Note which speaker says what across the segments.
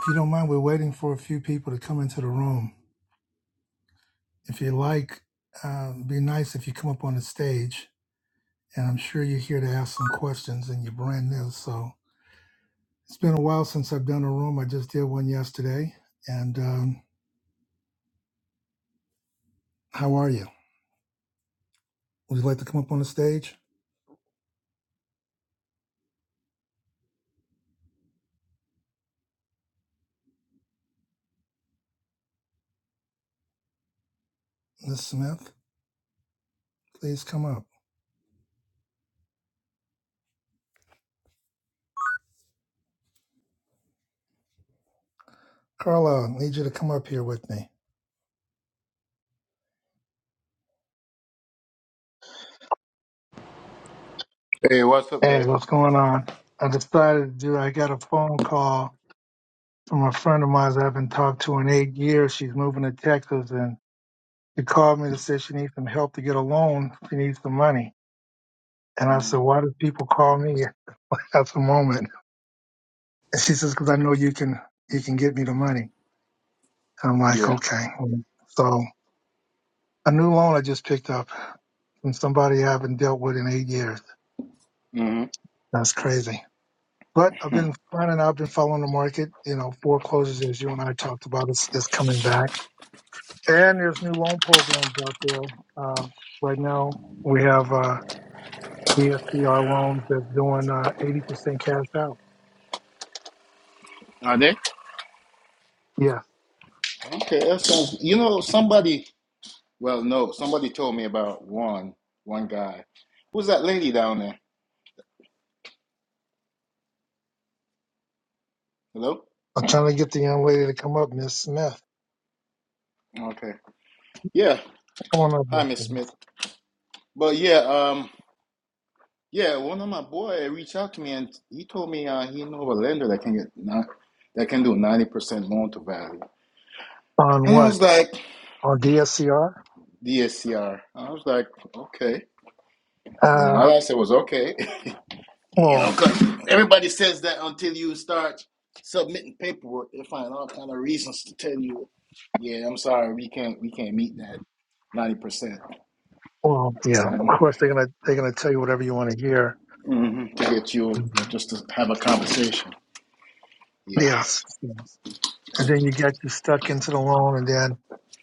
Speaker 1: If you don't mind, we're waiting for a few people to come into the room. If you like, uh, it'd be nice if you come up on the stage. And I'm sure you're here to ask some questions and you're brand new. So it's been a while since I've done a room. I just did one yesterday. And um, how are you? Would you like to come up on the stage? Ms. Smith, please come up. Carlo, I need you to come up here with me.
Speaker 2: Hey, what's up,
Speaker 1: Hey,
Speaker 2: Dave?
Speaker 1: what's going on? I decided to do, I got a phone call from a friend of mine that I haven't talked to in eight years. She's moving to Texas and she called me to say she needs some help to get a loan. She needs some money. And I said, why do people call me at the moment? And she says, cause I know you can, you can get me the money. And I'm like,
Speaker 2: Yeah.
Speaker 1: okay. So a new loan I just picked up from somebody I haven't dealt with in eight years.
Speaker 2: hmm
Speaker 1: That's crazy. But I've been finding out, I've been following the market. You know, foreclosures, as you and I talked about, is, is coming back. And there's new loan programs out there. Uh, right now, we have uh, ESPR loans that's doing uh, 80% cash out.
Speaker 2: Are they?
Speaker 1: Yeah.
Speaker 2: Okay, that sounds. You know, somebody. Well, no, somebody told me about one one guy. Who's that lady down there? Hello.
Speaker 1: I'm trying to get the young lady to come up, Miss Smith.
Speaker 2: Okay. Yeah.
Speaker 1: Come on up, Miss
Speaker 2: Hi, Miss Smith.
Speaker 1: Smith.
Speaker 2: But yeah, um, yeah, one of my boy reached out to me and he told me uh, he know of a lender that can get not that can do ninety percent loan to value.
Speaker 1: On
Speaker 2: And I
Speaker 1: what?
Speaker 2: was like,
Speaker 1: On DSCR?
Speaker 2: DSCR. I was like, okay. You know,
Speaker 1: Uh,
Speaker 2: all I said was okay. You know,
Speaker 1: well,
Speaker 2: 'cause everybody says that until you start submitting paperwork, they find all kind of reasons to tell you, "Yeah, I'm sorry, we can't, we can't meet that ninety percent."
Speaker 1: well, yeah.
Speaker 2: You
Speaker 1: Of
Speaker 2: know,
Speaker 1: course, they're gonna they're gonna tell you whatever you want to hear.
Speaker 2: hmm to get you just to have a conversation. Yeah,
Speaker 1: Yes. and then you get you stuck into the loan, and then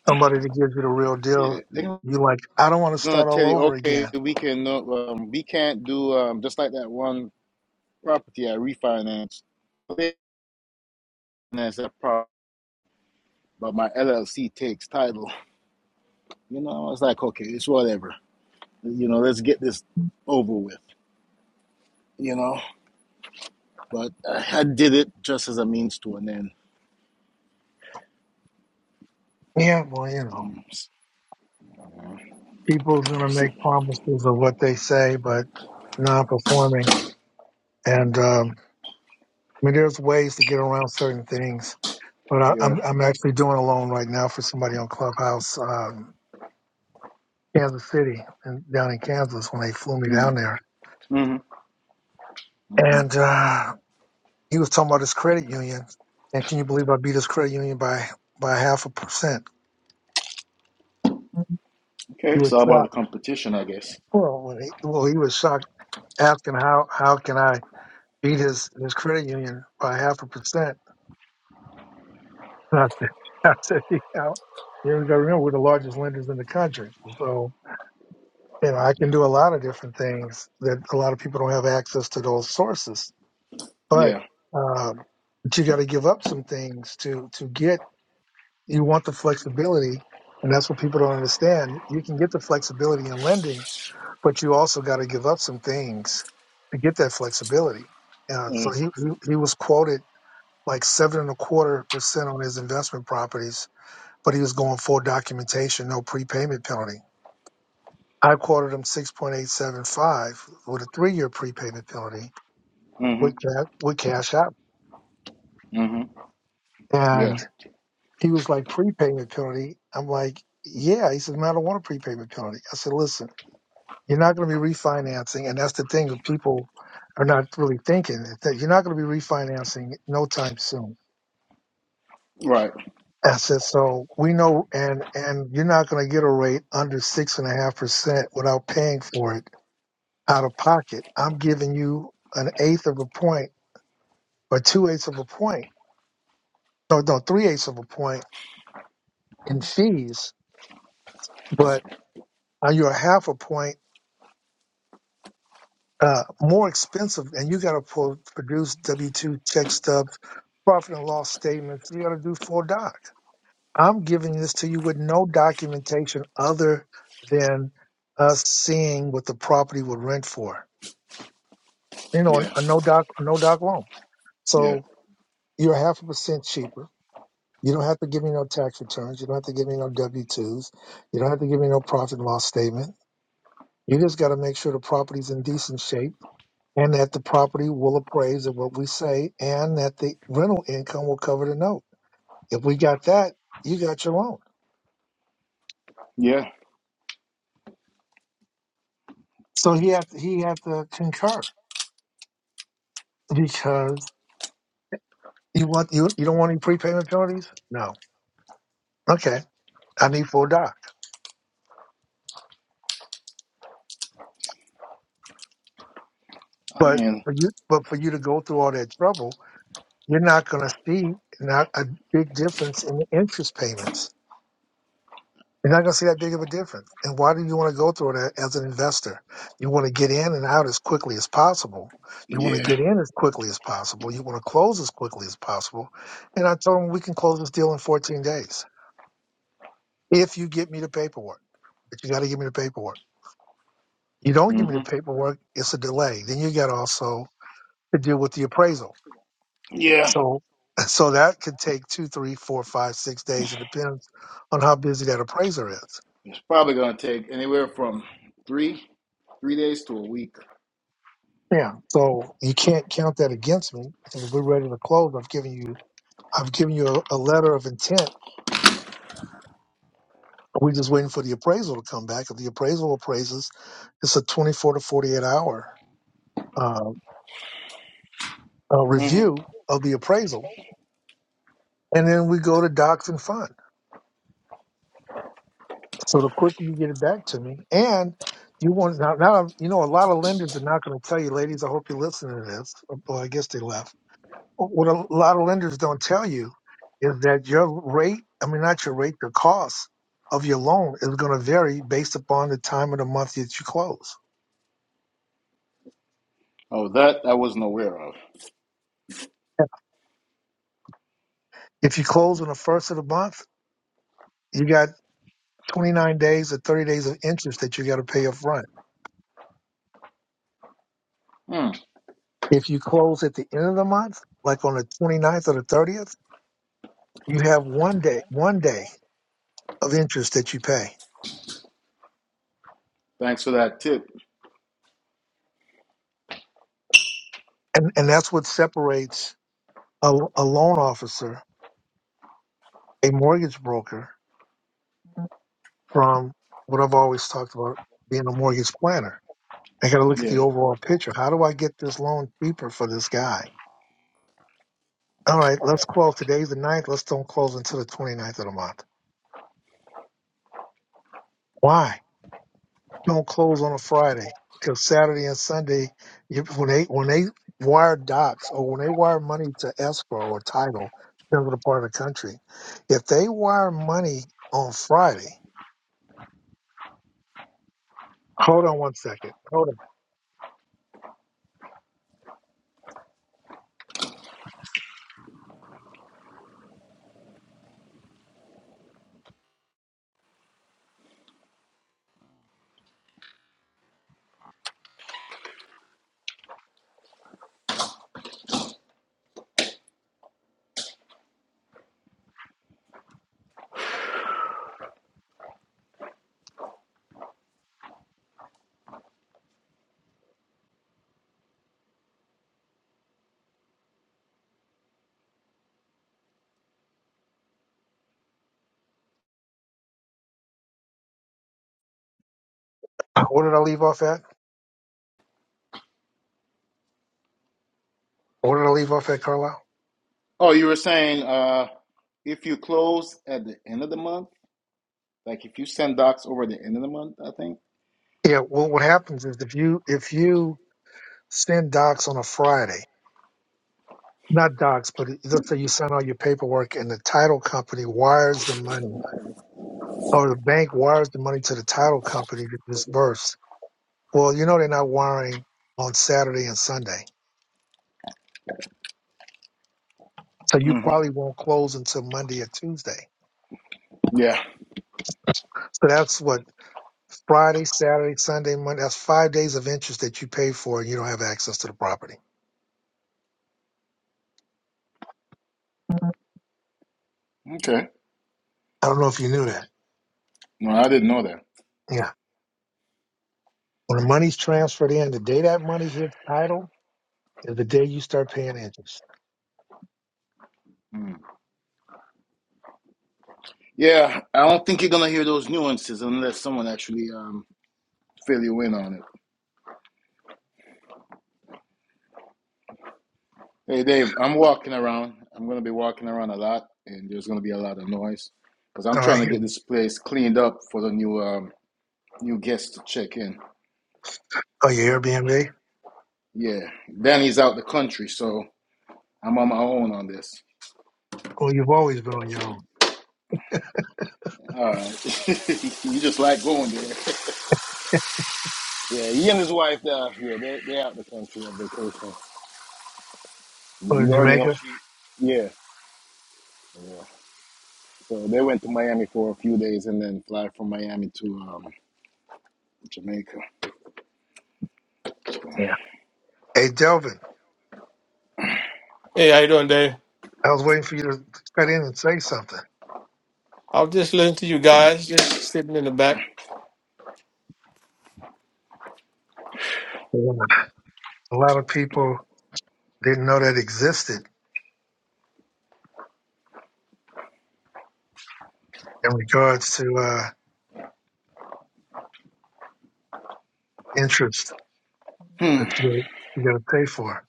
Speaker 1: somebody that gives you the real deal,
Speaker 2: yeah. They're
Speaker 1: you like, I don't want to
Speaker 2: gonna
Speaker 1: start all
Speaker 2: tell you,
Speaker 1: over again.
Speaker 2: "Okay, we can, uh, um, we can't do um, just like that one property I refinanced. They Refinance that property, but my LLC takes title." You know, it's like, okay, it's whatever. You know, let's get this over with. you know. But I, I did it just as a means to an end.
Speaker 1: Yeah, well, you know,
Speaker 2: Um, uh,
Speaker 1: people's gonna
Speaker 2: so-
Speaker 1: make promises of what they say, but non-performing. And um, I mean, there's ways to get around certain things. But I,
Speaker 2: yeah.
Speaker 1: I'm I'm actually doing a loan right now for somebody on Clubhouse, um, Kansas City, and down in Kansas when they flew me
Speaker 2: hmm
Speaker 1: down there,
Speaker 2: hmm hmm
Speaker 1: and uh, he was talking about his credit union. And can you believe I beat his credit union by by half a percent? He
Speaker 2: Okay,
Speaker 1: was
Speaker 2: so about the
Speaker 1: shocked.
Speaker 2: competition, I guess.
Speaker 1: Well, when he, well, he was shocked, asking how how can I beat his his credit union by half a percent? And I said, I said, you know, you got to remember we're the largest lenders in the country, so you know I can do a lot of different things that a lot of people don't have access to those sources. But
Speaker 2: Yeah.
Speaker 1: um, but you got to give up some things to to get. You want the flexibility, and that's what people don't understand. You can get the flexibility in lending but you also got to give up some things to get that flexibility. Uh, so he, he he was quoted like seven and a quarter percent on his investment properties, but he was going full documentation, no prepayment penalty. I quoted him six point eight seven five with a three year prepayment penalty
Speaker 2: Mm-hmm.
Speaker 1: with cash with cash out,
Speaker 2: hmm Yeah.
Speaker 1: and he was like prepayment penalty. I'm like, yeah. He said, man, I don't want a prepayment penalty. I said, listen. You're not going to be refinancing, and that's the thing that people are not really thinking is that you're not going to be refinancing no time soon.
Speaker 2: Right.
Speaker 1: I said So we know, and and you're not going to get a rate under six and a half percent without paying for it out of pocket. I'm giving you an eighth of a point or two eighths of a point, no, no, three eighths of a point in fees, but uh, you're a half a point uh, more expensive, and you got to produce W two check stubs profit and loss statements, you got to do full doc. I'm giving this to you with no documentation other than us seeing what the property would rent for. You know,
Speaker 2: Yeah.
Speaker 1: a no doc, a no doc loan.
Speaker 2: Yeah.
Speaker 1: So you're half a percent cheaper. You don't have to give me no tax returns. You don't have to give me no W twos. You don't have to give me no profit and loss statement. You just got to make sure the property's in decent shape and that the property will appraise at what we say and that the rental income will cover the note. If we got that, you got your loan.
Speaker 2: Yeah.
Speaker 1: So he had he had to concur because you want you you don't want any prepayment penalties. No, okay, I need full doc.
Speaker 2: I
Speaker 1: But
Speaker 2: mean,
Speaker 1: for you, but for you to go through all that trouble, you're not going to see not a big difference in the interest payments. You're not going to see that big of a difference. And why do you want to go through that as an investor? You want to get in and out as quickly as possible. You want to
Speaker 2: yeah.
Speaker 1: get in as quickly as possible. You want to close as quickly as possible. And I told him we can close this deal in 14 days. if you get me the paperwork. But you got to give me the paperwork. You don't give me the
Speaker 2: hmm
Speaker 1: paperwork, it's a delay. Then you got also to deal with the appraisal.
Speaker 2: Yeah.
Speaker 1: So, so that could take two, three, four, five, six days. It depends on how busy that appraiser is.
Speaker 2: It's probably gonna take anywhere from three three days to a week.
Speaker 1: Yeah. So you can't count that against me. If we're ready to close, I've given you, I've given you a, a letter of intent. We're just waiting for the appraisal to come back. If the appraisal appraises, it's a 24 to 48 hour uh, uh,
Speaker 2: hmm
Speaker 1: review of the appraisal and then we go to Docs and Fund. So the quicker you get it back to me, and you want now, now you know a lot of lenders are not going to tell you, ladies. I hope you're listening to this. Well, I guess they left. What a lot of lenders don't tell you is that your rate, I mean, not your rate, your cost of your loan is going to vary based upon the time of the month that you close.
Speaker 2: Oh, that I wasn't aware of.
Speaker 1: If you close on the first of the month, you got 29 days or 30 days of interest that you got to pay up front.
Speaker 2: Hmm.
Speaker 1: If you close at the end of the month, like on the 29th or the 30th, You have one day, one day of interest that you pay.
Speaker 2: Thanks for that tip.
Speaker 1: And, and that's what separates a, a loan officer, a mortgage broker from what I've always talked about being a mortgage planner. I got to look at the
Speaker 2: Yeah.
Speaker 1: overall picture. How do I get this loan cheaper for this guy? All right, let's close. Today's the ninth. Let's don't close until the twenty-ninth of the month. Why? don't close on a Friday because Saturday and Sunday, you- when they when they wire docs or when they wire money to escrow or title, depends on the part of the country. If they wire money on Friday, hold on one second. Hold on. What did I leave off at? What did I leave off at, Carlisle?
Speaker 2: Oh, you were saying uh, if you close at the end of the month, like if you send docs over the end of the month, I think.
Speaker 1: Yeah. Well, what happens is if you if you send docs on a Friday, not docs, but let's say you send all your paperwork and the title company wires the money or the bank wires the money to the title company to disburse Well, you know they're not wiring on Saturday and Sunday. So you
Speaker 2: hmm
Speaker 1: probably won't close until Monday or Tuesday.
Speaker 2: Yeah.
Speaker 1: So that's what Friday, Saturday, Sunday, Monday. That's five days of interest that you pay for and you don't have access to the property.
Speaker 2: Okay.
Speaker 1: I don't know if you knew that.
Speaker 2: No, I didn't know that.
Speaker 1: Yeah. When the money's transferred in, the day that money hits title is the day you start paying interest.
Speaker 2: Mm. Yeah, I don't think you're gonna hear those nuances unless someone actually um, fill you in on it. Hey, Dave, I'm walking around. I'm gonna be walking around a lot, and there's gonna be a lot of noise because I'm
Speaker 1: All
Speaker 2: trying
Speaker 1: right.
Speaker 2: to get this place cleaned up for the new um, new guests to check in.
Speaker 1: Oh, your Airbnb?
Speaker 2: Yeah, Danny's out the country, so I'm on my own on this.
Speaker 1: Well, you've always been on your own.
Speaker 2: All right. you just like going there. Yeah, he and his wife, they're They, they out the country on vacation.
Speaker 1: Oh, in
Speaker 2: You already know
Speaker 1: Jamaica?
Speaker 2: she. Yeah, yeah. So they went to Miami for a few days and then fly from Miami to um, Jamaica.
Speaker 1: Yeah. Hey, Delvin,
Speaker 3: Hey, how you doing, Dave?
Speaker 1: I was waiting for you to cut in and say something.
Speaker 3: I was just listening to you guys, just sitting in the back.
Speaker 1: Yeah. A lot of people didn't know that existed in regards to uh, interest
Speaker 2: Hmm.
Speaker 1: that you you got to pay for.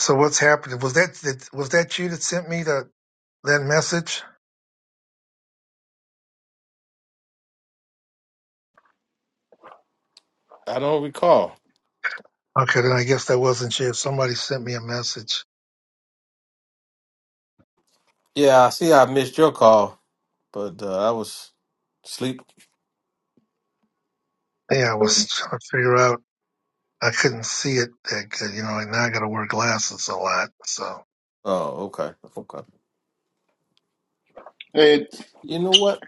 Speaker 1: So what's happening? Was that, that was that you that sent me the that message?
Speaker 3: I don't recall.
Speaker 1: Okay, then I guess that wasn't you. Somebody sent me a message.
Speaker 3: Yeah, I see I missed your call, but uh, I was asleep.
Speaker 1: Yeah, I was trying to figure out. I couldn't see it that good, you know. And now I got to wear glasses a lot. So
Speaker 3: Oh, okay. Okay.
Speaker 2: Hey,
Speaker 3: You know what?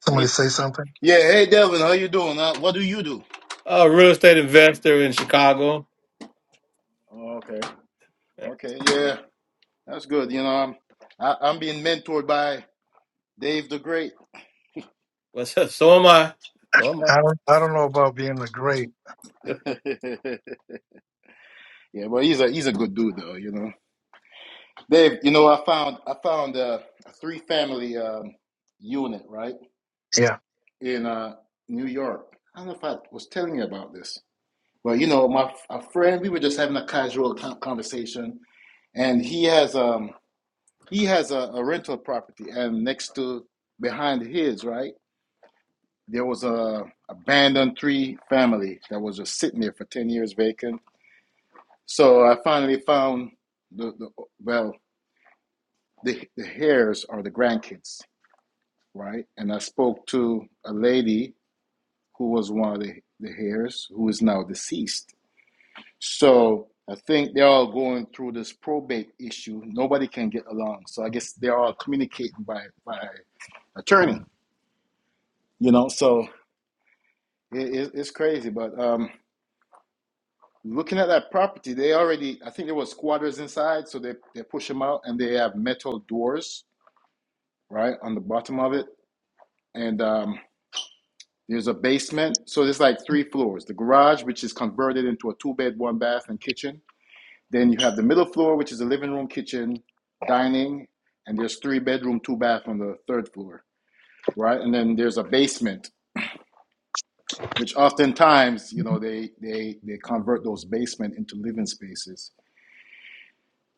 Speaker 1: somebody
Speaker 2: hey,
Speaker 1: say something.
Speaker 2: yeah. Hey, Devin, how you doing? Uh, what do you do?
Speaker 3: A real estate investor in Chicago.
Speaker 2: Oh, okay. Okay. Yeah, that's good. You know, I'm I, I'm being mentored by Dave the Great.
Speaker 3: What's up? So am I. So am I.
Speaker 1: I don't. I don't know about being a great.
Speaker 2: yeah, well, he's a he's a good dude though. You know. Dave, you know, I found I found uh, a three family um, unit right
Speaker 1: Yeah.
Speaker 2: in uh, New York. I don't know if I was telling you about this, but you know, my a friend, we were just having a casual con- conversation, and he has um he has a, a rental property, and next to behind his right there was a abandoned three family that was just sitting there for ten years vacant. So I finally found the, the well the the heirs or the grandkids right? And I spoke to a lady who was one of the, the heirs who is now deceased. So I think they're all going through this probate issue. Nobody can get along. So I guess they're all communicating by, by attorney, you know? So it, it, it's crazy. But um, looking at that property, they already, I think there was squatters inside. So they, they push them out and they have metal doors, right, on the bottom of it. And um, There's a basement. So there's like three floors. The garage, which is converted into a two bed, one bath, and kitchen. Then you have the middle floor, which is a living room, kitchen, dining, and there's three bedroom, two bath on the third floor, right? And then there's a basement, which oftentimes, you know, they they they convert those basement into living spaces.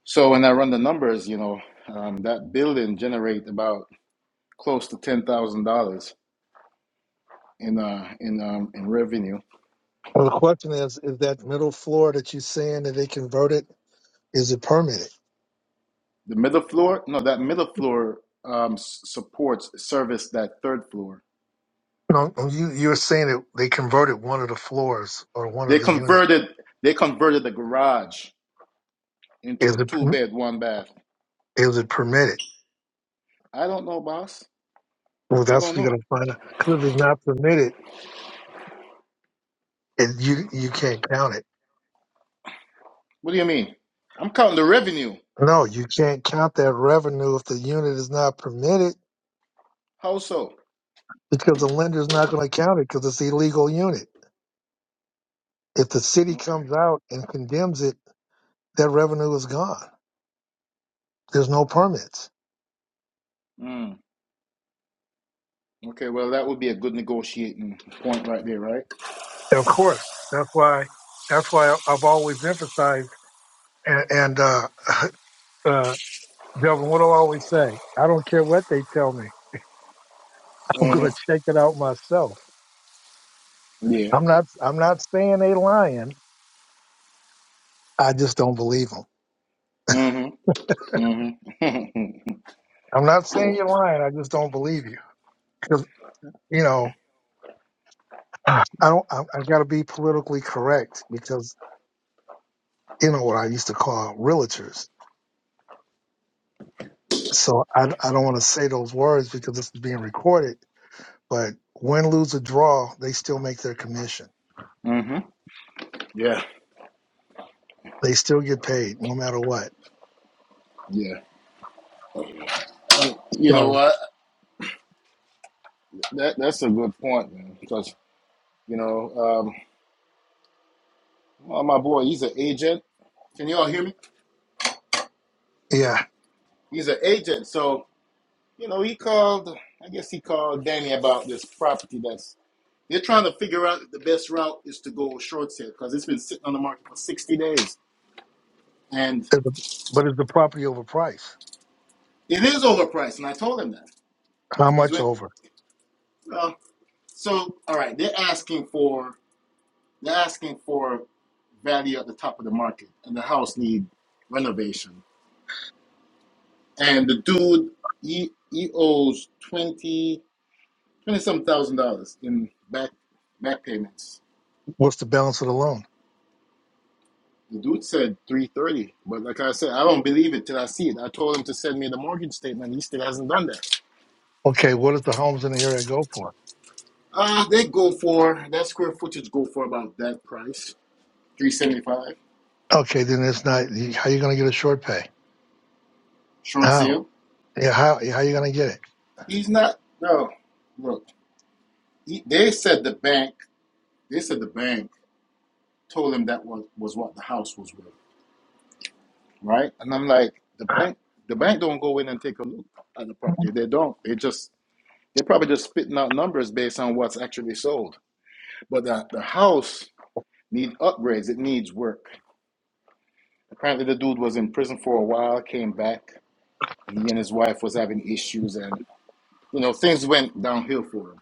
Speaker 2: So when I run the numbers, you know, um, that building generate about close to ten thousand dollars in uh in um in revenue
Speaker 1: Well, the question is: Is that middle floor that you're saying that they converted? Is it permitted?
Speaker 2: The middle floor, no, that middle floor um, s- supports service that third floor.
Speaker 1: No, oh, you you were saying that they converted one of the floors or one
Speaker 2: They
Speaker 1: of the units.
Speaker 2: converted they converted the garage into
Speaker 1: Is
Speaker 2: a
Speaker 1: it
Speaker 2: two
Speaker 1: per-
Speaker 2: bed, one bath.
Speaker 1: is it permitted?
Speaker 2: I don't know, boss.
Speaker 1: Well,
Speaker 2: I
Speaker 1: that's
Speaker 2: don't
Speaker 1: what you're
Speaker 2: know.
Speaker 1: gonna find out. 'Cause if it's not permitted, it, you you can't count it.
Speaker 2: What do you mean? I'm counting the revenue.
Speaker 1: No, you can't count that revenue if the unit is not permitted
Speaker 2: How so?
Speaker 1: because the lender's not going to count it because it's illegal unit. If the city
Speaker 2: Okay.
Speaker 1: comes out and condemns it, that revenue is gone. There's no permits.
Speaker 2: Mm. Okay. Well, that would be a good negotiating point right there, right?
Speaker 1: And of course, that's why that's why I've always emphasized and, and uh, Doug, what do I always say? I don't care what they tell me. I'm
Speaker 2: hmm
Speaker 1: going to check it out myself.
Speaker 2: Yeah.
Speaker 1: I'm not. I'm not saying they lying. I just don't believe them.
Speaker 2: hmm hmm
Speaker 1: I'm not saying you're lying. I just don't believe you. 'Cause, you know, I don't. I, I got to be politically correct because you know what I used to call realtors. So I, I don't want to say those words because this is being recorded. But win, lose, or draw, they still make their commission.
Speaker 2: hmm Yeah.
Speaker 1: They still get paid no matter what.
Speaker 2: Yeah. Um, you know
Speaker 1: So
Speaker 2: what? That that's a good point, man. Because you know. um, Oh, my boy, he's an agent. Can you all hear me?
Speaker 1: yeah,
Speaker 2: He's an agent. So, you know, he called, I guess he called Danny about this property that's, they're trying to figure out the best route is to go short sale because it's been sitting on the market for 60 days. And
Speaker 1: It's a- but it's the property over price.
Speaker 2: it is overpriced. And I told him that.
Speaker 1: How
Speaker 2: Because
Speaker 1: much
Speaker 2: when,
Speaker 1: over?
Speaker 2: well, so, all right, they're asking for, they're asking for value at the top of the market and the house need renovation. And the dude, he, he owes 20, twenty some thousand dollars in back back payments.
Speaker 1: What's the balance of the loan?
Speaker 2: The dude said three thirty, but like I said, I don't believe it till I see it. I told him to send me the mortgage statement. He still hasn't done that.
Speaker 1: Okay, what does the homes in the area go for?
Speaker 2: Uh they go for that square footage go for about that price, three seventy five.
Speaker 1: Okay, then it's not. How you going to get a short pay?
Speaker 2: Short
Speaker 1: How?
Speaker 2: sale.
Speaker 1: Yeah, how? How you going to get it?
Speaker 2: He's not. No, look. He, they said the bank. They said the bank told him that was was what the house was worth, right? And I'm like, the bank. The bank don't go in and take a look at the property. They don't. They just They're probably just spitting out numbers based on what's actually sold. But the, the house needs upgrades. It needs work. Apparently, the dude was in prison for a while, came back. He and his wife was having issues, and you know things went downhill for him.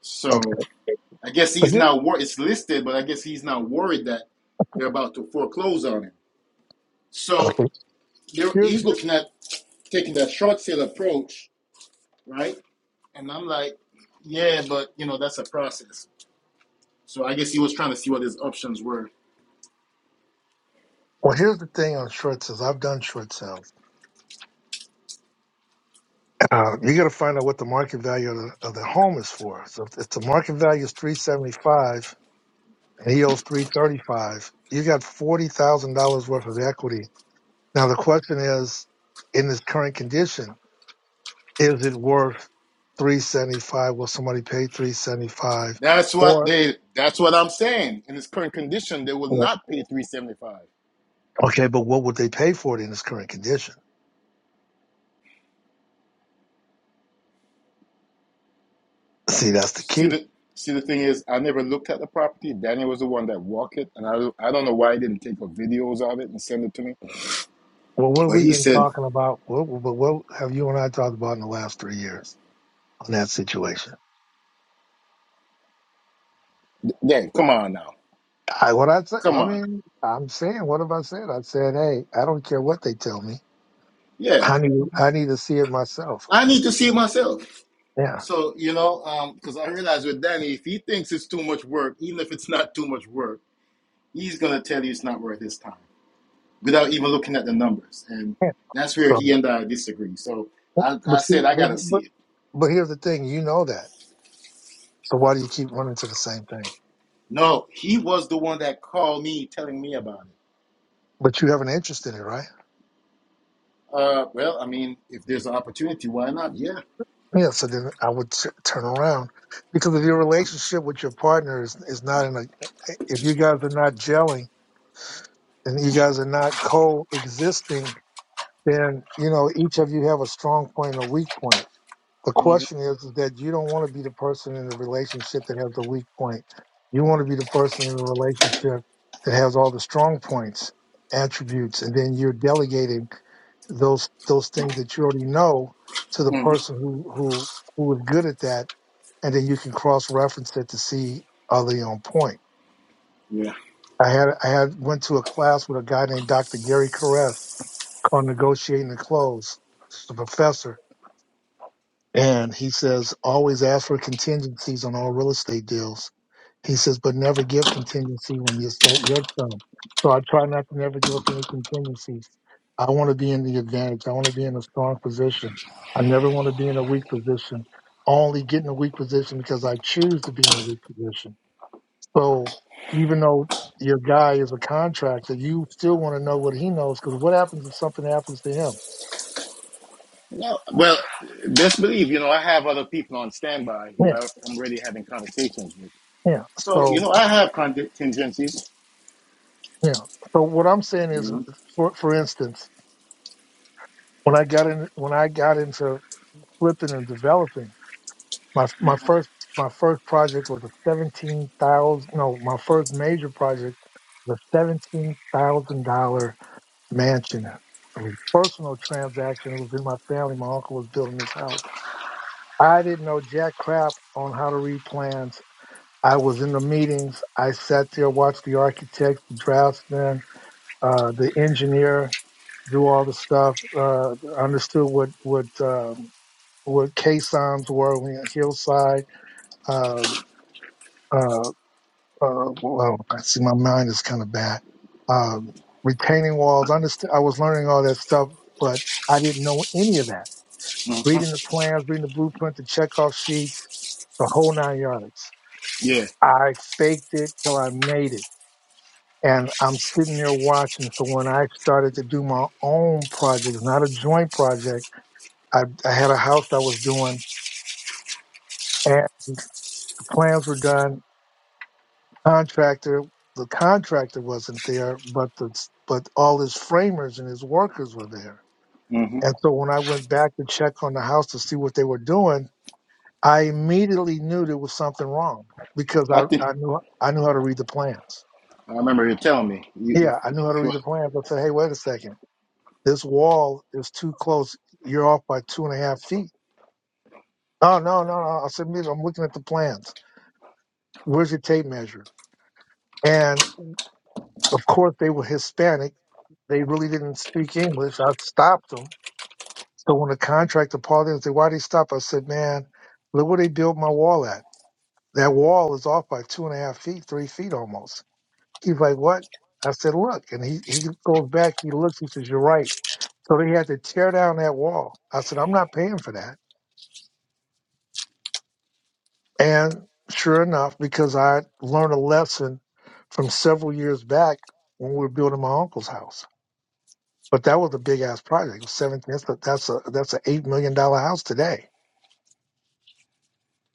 Speaker 2: So
Speaker 1: Okay.
Speaker 2: I guess
Speaker 1: But
Speaker 2: he's
Speaker 1: here,
Speaker 2: now wor- it's listed, but I guess he's now worried that they're about to foreclose on him. So
Speaker 1: okay.
Speaker 2: there-
Speaker 1: Here,
Speaker 2: he's
Speaker 1: here-
Speaker 2: looking at taking that short sale approach, right? And I'm like, yeah, but you know that's a process. So I guess he was trying to see what his options were
Speaker 1: well, here's the thing on short sales. I've done short sales. Uh, you got to find out what the market value of the, of the home is for. So if, if the market value is three seventy five and he owes three thirty five, you got forty thousand dollars worth of equity. Now the question is, in this current condition is it worth 375 will somebody pay 375
Speaker 2: That's what
Speaker 1: or
Speaker 2: they. That's what I'm saying. In its current condition, they will not pay three seventy five.
Speaker 1: okay but what would they pay for it in its current condition see that's the
Speaker 2: See
Speaker 1: key
Speaker 2: the see the thing is, I never looked at the property. Daniel was the one that walked it, and I I don't know why he didn't take the videos of it and send it to me.
Speaker 1: well what have
Speaker 2: But
Speaker 1: we
Speaker 2: he
Speaker 1: been
Speaker 2: said,
Speaker 1: talking about what, what, what have you and i talked about in the last three years on that situation
Speaker 2: "Dang, come on now,
Speaker 1: I, what i say
Speaker 2: come
Speaker 1: i
Speaker 2: on,
Speaker 1: mean i'm saying what have i said i said hey i don't care what they tell me
Speaker 2: yeah,
Speaker 1: i need i need to see it myself
Speaker 2: I need to see it myself."
Speaker 1: yeah
Speaker 2: So you know, because I realize with Danny, if he thinks it's too much work, even if it's not too much work, he's gonna tell you it's not worth his time. without even looking at the numbers. And
Speaker 1: Yeah.
Speaker 2: that's where
Speaker 1: so
Speaker 2: he and I disagree. So I,
Speaker 1: but
Speaker 2: I
Speaker 1: see
Speaker 2: said, I got
Speaker 1: but
Speaker 2: to see
Speaker 1: but
Speaker 2: it.
Speaker 1: but here's the thing you know that so why do you keep running to the same thing
Speaker 2: No, he was the one that called me telling me about it.
Speaker 1: but you have an interest in it, right?
Speaker 2: Uh, well, I mean, if there's an opportunity, why not? Yeah.
Speaker 1: Yeah. So then I would t- turn around because if your relationship with your partner is, is not in a, if you guys are not gelling and you guys are not coexisting, then, you know, each of you have a strong point and a weak point. The question is, is that you don't want to be the person in the relationship that has the weak point. You want to be the person in the relationship that has all the strong points, attributes, and then you're delegating those those things that you already know to the
Speaker 2: hmm
Speaker 1: person who who who is good at that, and then you can cross reference it to see are they on point.
Speaker 2: Yeah.
Speaker 1: I had I had went to a class with a guy named Dr. Gary Caress called Negotiating the Close. He's a professor And he says, always ask for contingencies on all real estate deals. He says, but never give contingency when you start your term. So I try not to never give up any contingencies. I want to be in the advantage. I want to be in a strong position. I never want to be in a weak position. I Only get in a weak position because I choose to be in a weak position. So even though your guy is a contractor, you still want to know what he knows because what happens if something happens to him?
Speaker 2: No, well, best believe, you know, I have other people on standby who
Speaker 1: Yeah,
Speaker 2: I- I'm already having conversations with.
Speaker 1: yeah.
Speaker 2: So,
Speaker 1: So
Speaker 2: you know, I have contingencies.
Speaker 1: Yeah. So what I'm saying is,
Speaker 2: hmm
Speaker 1: for for instance, when I got in, when I got into flipping and developing, my my first my first project was a seventeen thousand. No, my first major project was a seventeen thousand dollar mansion. It was a personal transaction. It was in my family. My uncle was building this house. I didn't know jack crap on how to read plans. I was in the meetings. I sat there, watched the architect, the draftsman, uh, the engineer, do all the stuff. Uh, understood what what um, what K were when you're hillside. Uh, uh, uh, well, I see my mind is kind of bad. Um, retaining walls. Understand. I was learning all that stuff, but I didn't know any of that.
Speaker 2: hmm
Speaker 1: Reading the plans, reading the blueprint, the checkoff sheets, the whole nine yards.
Speaker 2: Yeah.
Speaker 1: I faked it till I made it. And I'm sitting there watching. So when I started to do my own project, not a joint project, I, I had a house I was doing, and the plans were done. Contractor, the contractor wasn't there, but the but all his framers and his workers were there.
Speaker 2: hmm
Speaker 1: And so when I went back to check on the house to see what they were doing, I immediately knew there was something wrong because
Speaker 2: I
Speaker 1: I,
Speaker 2: think
Speaker 1: I knew I knew how to read the plans.
Speaker 2: I remember you telling me. You, the,
Speaker 1: Yeah, I knew how to
Speaker 2: you
Speaker 1: read the plans. I said, hey, wait a second, this wall is too close. You're off by two and a half feet. Oh no, no, no! I said, "Mira, I'm looking at the plans. Where's your tape measure? And Of course, they were Hispanic. They really didn't speak English. I stopped them. So when the contractor called in and said, why they stop? I said, man, look where they built my wall at. That wall is off by two and a half feet, three feet almost. He's like, what? I said, look. And he, he goes back, he looks, he says, you're right. So they had to tear down that wall. I said, I'm not paying for that. And sure enough, because I learned a lesson from several years back when we were building my uncle's house But that was a big ass project. It was seven. That's a, that's a that's a eight million dollar house today.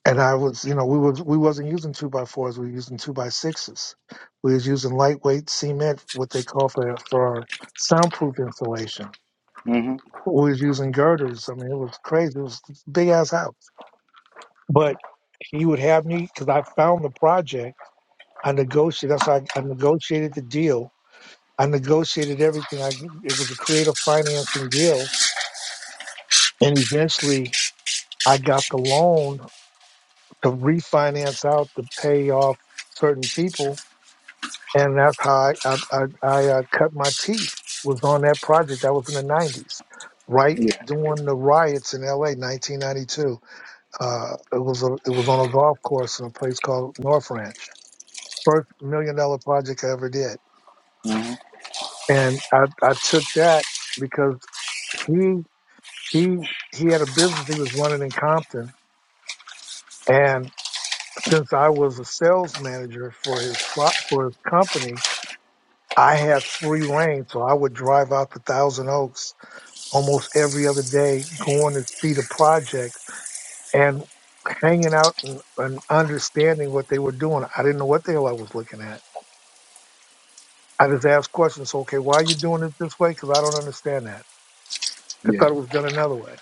Speaker 1: And I was, you know, we was we wasn't using two by fours. We were using two by sixes. We was using lightweight cement, what they call for for soundproof insulation.
Speaker 2: were, hmm
Speaker 1: We was using girders. I mean, it was crazy. It was a big ass house. But he would have me because I found the project. I negotiated. That's how I, I negotiated the deal. I negotiated everything. I it was a creative financing deal, and eventually I got the loan to refinance out to pay off certain people, and that's how I I, I, I uh, cut my teeth was on that project. That was in the '90s, right
Speaker 2: Yeah.
Speaker 1: during the riots in LA, 1992. Uh, it was a, it was on a golf course in a place called North Ranch. First million dollar project I ever did,
Speaker 2: hmm
Speaker 1: and I I took that because he he he had a business he was running in Compton, and since I was a sales manager for his plot for his company, I had free reign, so I would drive out to Thousand Oaks almost every other day, going to see the project and hanging out and, and understanding what they were doing. I didn't know what the hell I was looking at. I just asked questions. so, Okay, why are you doing it this way? Because I don't understand that. I
Speaker 2: Yeah.
Speaker 1: thought it was done another way.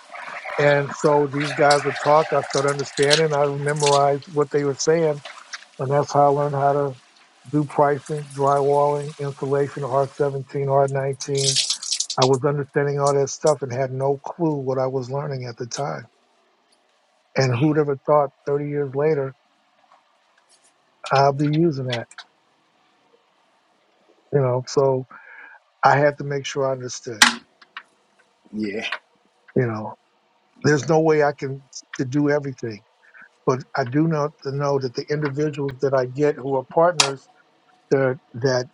Speaker 1: And so these guys would talk. I started understanding. I memorized what they were saying, and that's how I learned how to do pricing, drywalling, insulation, R17, R19 I was understanding all that stuff and had no clue what I was learning at the time. And who'd ever thought 30 years later I'll be using that, you know? So I had to make sure I understood,
Speaker 2: Yeah.
Speaker 1: you know, there's
Speaker 2: Yeah.
Speaker 1: no way I can to do everything, but I do know to know that the individuals that I get who are partners that, that,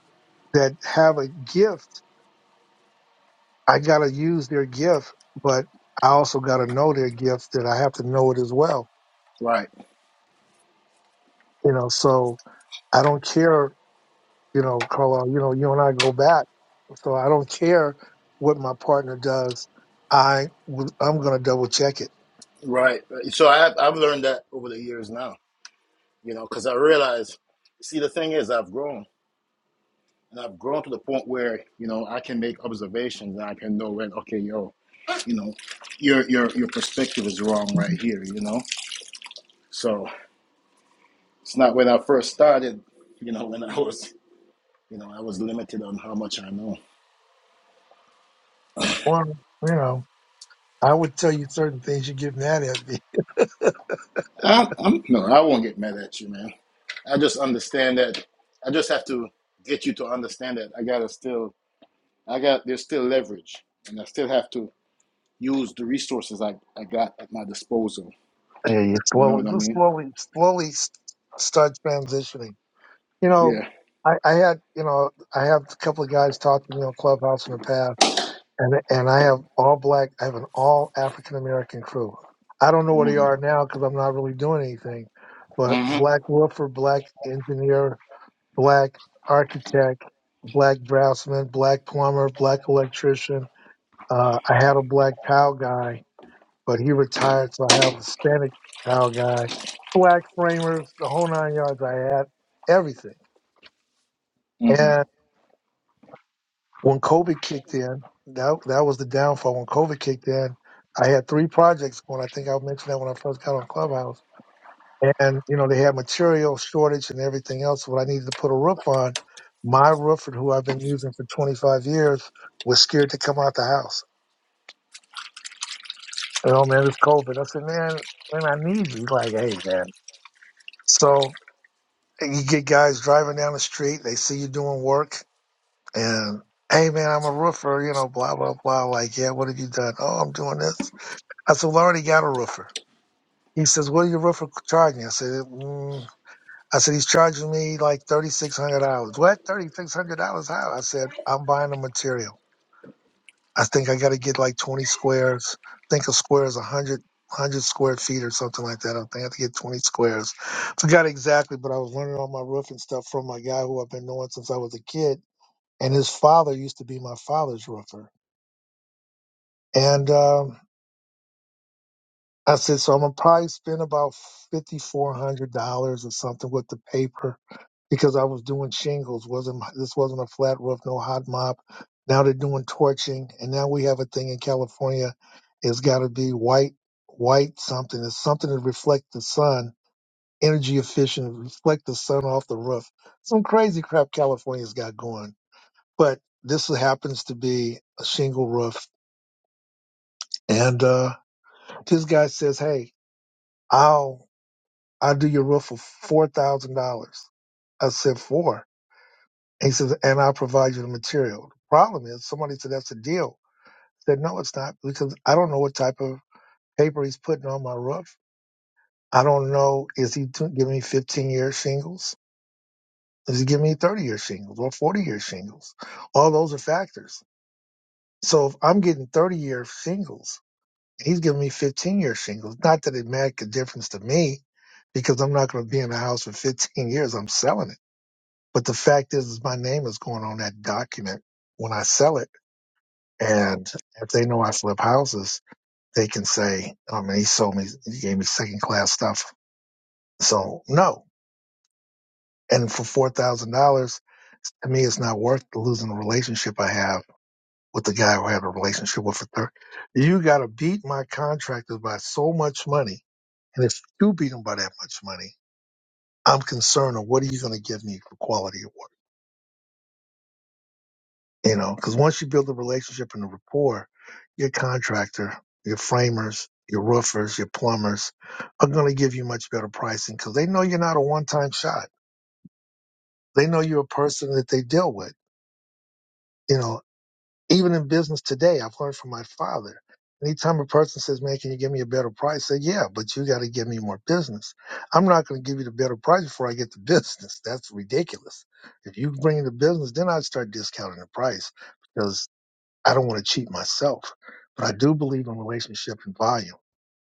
Speaker 1: that have a gift, I got to use their gift, but I also got to know their gift that I have to know it as well,
Speaker 2: Right.
Speaker 1: you know? So I don't care you know, Carlisle, you know, you and I go back. So I don't care what my partner does. I would- I'm going to double check it.
Speaker 2: Right. So I have, I've learned that over the years now, you know, because I realize, see, the thing is, I've grown and I've grown to the point where you know I can make observations and I can know when, okay, yo, you know, your your your perspective is wrong right here, you know. So it's not when I first started, you know, when I was, you know, I was limited on how much I know.
Speaker 1: Or, you know, I would tell you certain things you get mad at me.
Speaker 2: I'm, I'm no, I won't get mad at you, man. I just understand that. I just have to get you to understand that I gotta still I got there's still leverage, and I still have to use the resources I, I got at my disposal.
Speaker 1: Yeah, you
Speaker 2: You know
Speaker 1: slowly,
Speaker 2: what I
Speaker 1: just
Speaker 2: mean?
Speaker 1: slowly, slowly s- start transitioning. You know,
Speaker 2: Yeah.
Speaker 1: I, I had, you know, I had a couple of guys talk to me on Clubhouse in the past and and I have all black. I have an all African American crew. I don't know where they
Speaker 2: hmm
Speaker 1: are now because I'm not really doing anything. But
Speaker 2: hmm
Speaker 1: black woofer, black engineer, black architect, black draftsman, black plumber, black electrician. Uh, I had a black tile guy, but he retired, so I have a Hispanic tile guy, black framers, the whole nine yards. I had everything,
Speaker 2: hmm
Speaker 1: when COVID kicked in, that that was the downfall. When COVID kicked in, I had three projects going. I think I mentioned that when I first got on Clubhouse. And you know, they had material shortage and everything else. What I needed to put a roof on, my roofer who I've been using for 25 years was scared to come out the house. Oh man, it's COVID. I said, man, man, I need you. He's Like, hey, man. So you get guys driving down the street, they see you doing work, and hey, man, I'm a roofer. You know, blah blah blah. Like, yeah, what have you done? Oh, I'm doing this I said, well, I already got a roofer. He says, what are your roofer charging? I said, mm. I said, he's charging me like $3,600. What? $3,600 how? I said, I'm buying the material. I think I got to get like 20 squares. I think a square is 100, 100 square feet or something like that. I think I have to get 20 squares. Forgot exactly, but I was learning all my roofing stuff from my guy who I've been knowing since I was a kid. And his father used to be my father's roofer. And, um, I said, so I'm gonna probably spend about fifty four hundred dollars or something with the paper because I was doing shingles. wasn't This wasn't a flat roof, no hot mop. Now they're doing torching, and now we have a thing in California. It's got to be white, white something. It's something to reflect the sun, energy efficient, reflect the sun off the roof. Some crazy crap California's got going, but this happens to be a shingle roof. And uh, this guy says, "Hey, I'll." I'll do your roof for four thousand dollars. I said four. And he says, and I'll provide you the material. The problem is somebody said that's a deal. I said, no, it's not because I don't know what type of paper he's putting on my roof. I don't know. Is he t- giving me 15 year shingles? Is he giving me 30 year shingles or 40 year shingles? All those are factors. So if I'm getting 30 year shingles, he's giving me 15 year shingles. Not that it make a difference to me because I'm not going to be in the house for 15 years. I'm selling it. But the fact is, is my name is going on that document when I sell it. And if they know I flip houses, they can say, I mean, he sold me, he gave me second class stuff. So no. And for $4,000, to me, it's not worth losing the relationship I have with the guy who I had a relationship with for 30. You got to beat my contractors by so much money. And if you beat them by that much money, I'm concerned of what are you going to give me for quality of work? You know, because once you build a relationship and a rapport, your contractor, your framers, your roofers, your plumbers are going to give you much better pricing because they know you're not a one time shot. They know you're a person that they deal with. You know, even in business today, I've learned from my father. Anytime a person says, man, can you give me a better price? I say, yeah, but you got to give me more business. I'm not going to give you the better price before I get the business. That's ridiculous. If you bring in the business, then I'd start discounting the price because." I don't want to cheat myself, but I do believe in relationship and volume.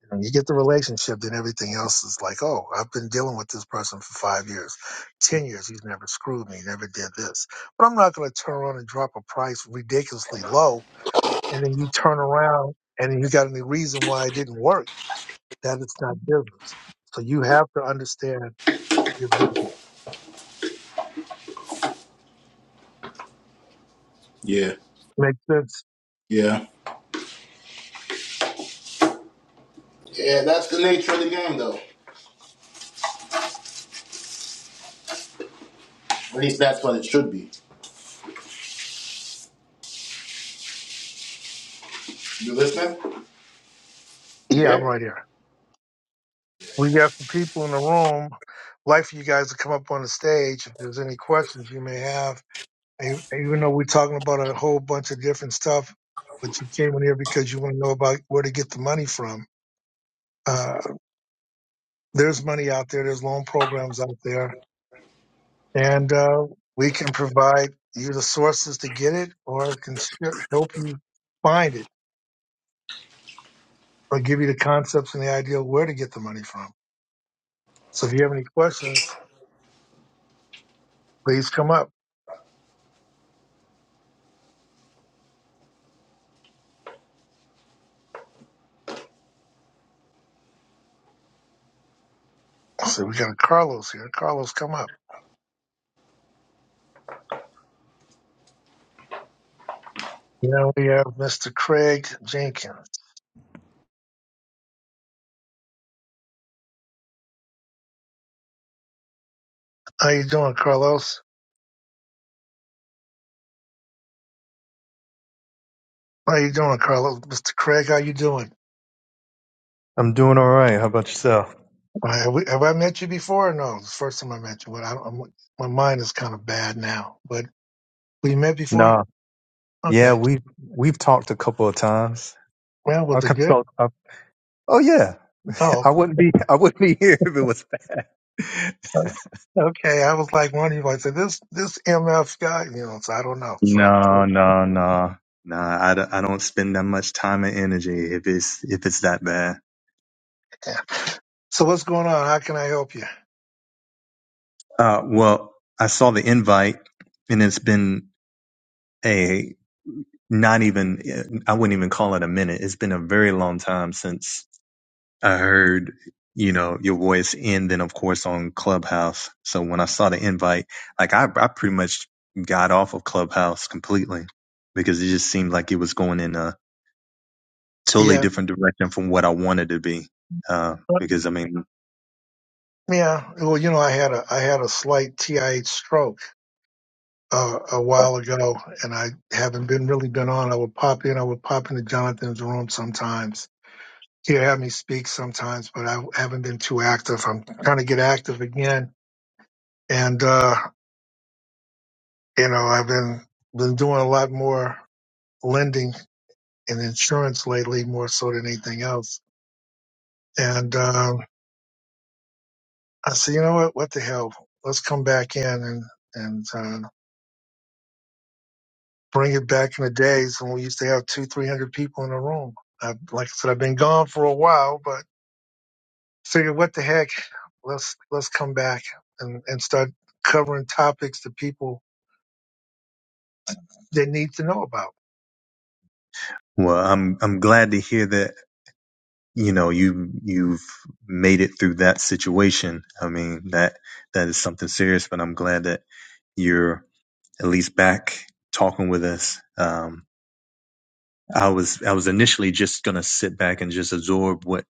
Speaker 1: When you get the relationship, then everything else is like, oh, I've been dealing with this person for five years, ten years. He's never screwed me, never did this. But I'm not going to turn around and drop a price ridiculously low, and then you turn around and then you got any reason why it didn't work. That it's not business. So you have to understand your business.
Speaker 2: Yeah.
Speaker 1: Makes sense?
Speaker 2: Yeah. Yeah. That's the nature of the game, though. At least that's what it should be. You listening? You
Speaker 1: Yeah, I'm
Speaker 2: there?
Speaker 1: right here. We got some people in the room. Like for you guys to come up on the stage if there's any questions you may have. And Even though we're talking about a whole bunch of different stuff, but you came in here because you want to know about where to get the money from. Uh, there's money out there. There's loan programs out there, and uh, we can provide you the sources to get it, or can sh- help you find it, or give you the concepts and the idea of where to get the money from. So if you have any questions, please come up. So we got Carlos here. Carlos, come up. Now we have Mr. Craig Jenkins. How you doing, Carlos? How you doing, Carlos? Mr. Craig, how you doing?
Speaker 4: I'm doing all right. How about yourself?
Speaker 1: Uh, Have, we, have I met you before? Or no, it's the first time I met you. But I, I'm, my mind is kind of bad now. But we met before.
Speaker 4: Nah. Yeah,
Speaker 1: Okay.
Speaker 4: we we've talked a couple of times.
Speaker 1: Well,
Speaker 4: I
Speaker 1: was it
Speaker 4: can
Speaker 1: good?
Speaker 4: talk. I, oh yeah,
Speaker 1: Oh,
Speaker 4: I wouldn't be I wouldn't be here if it was bad.
Speaker 1: uh, okay. I was like one of you. I said this this MF guy. You know, so I don't know. So so
Speaker 4: No, no, no, no. I, d- I don't spend that much time and energy if it's if it's that bad.
Speaker 1: so what's going on? How can I help you?
Speaker 4: Uh, well, I saw the invite, and it's been a not even I wouldn't even call it a minute. It's been a very long time since I heard, you know, your voice and then of course on Clubhouse. So when I saw the invite, like I, I pretty much got off of Clubhouse completely because it just seemed like it was going in a totally
Speaker 1: Yeah.
Speaker 4: different direction from what I wanted to be. Uh,
Speaker 1: uh,
Speaker 4: because I mean,
Speaker 1: Yeah. Well, you know, I had a I had a slight TIH stroke uh, a while ago, and I haven't been really been on. I would pop in. I would pop into Jonathan's room sometimes. He'd have me speak sometimes, but I haven't been too active. I'm trying to get active again, and uh, you know, I've been been doing a lot more lending and insurance lately, more so than anything else. And um, I said, you know what? What the hell? Let's come back in and and uh, bring it back in the days when we used to have two, three hundred people in a room. I, like I said, I've been gone for a while, but figured what the heck, let's let's come back and, and start covering topics that people they need to know about.
Speaker 4: well, I'm, I'm glad to hear that, you know, you, you've made it through that situation. I mean, that, that is something serious, but I'm glad that you're at least back talking with us. Um, I was I was initially just gonna sit back and just absorb what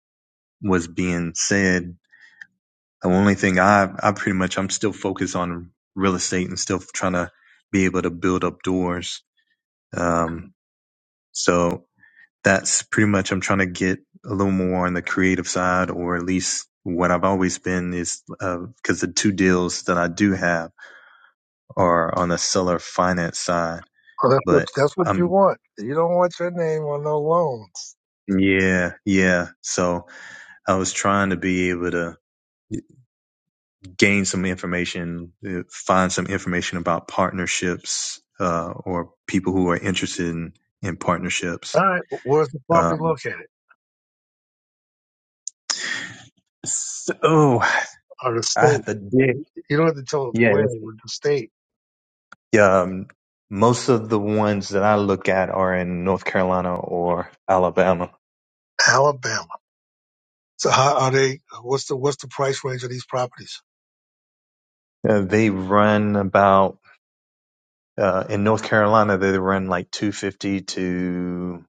Speaker 4: was being said. The only thing I I pretty much I'm still focused on real estate and still trying to be able to build up doors. Um, so that's pretty much I'm trying to get a little more on the creative side, or at least what I've always been is uh, because the two deals that I do have are on the seller finance side,
Speaker 1: So that's what
Speaker 4: but
Speaker 1: that's what you
Speaker 4: um
Speaker 1: want. You don't want your name on no loans.
Speaker 4: yeah yeah so I was trying to be able to. gain some information, uh, find some information about partnerships uh, or people who are interested in, in partnerships.
Speaker 1: All right, where's the property
Speaker 4: Um,
Speaker 1: located?
Speaker 4: so, oh,
Speaker 1: Or the
Speaker 4: I have
Speaker 1: state?
Speaker 4: to dig.
Speaker 1: You don't have to tell us
Speaker 4: Yeah,
Speaker 1: where. With the state,
Speaker 4: yeah, um, most of the ones that I look at are in North Carolina or Alabama.
Speaker 1: Alabama. So how are they? What's the what's the price range of these properties?
Speaker 4: Uh, they run about uh, in North Carolina. They run like two fifty to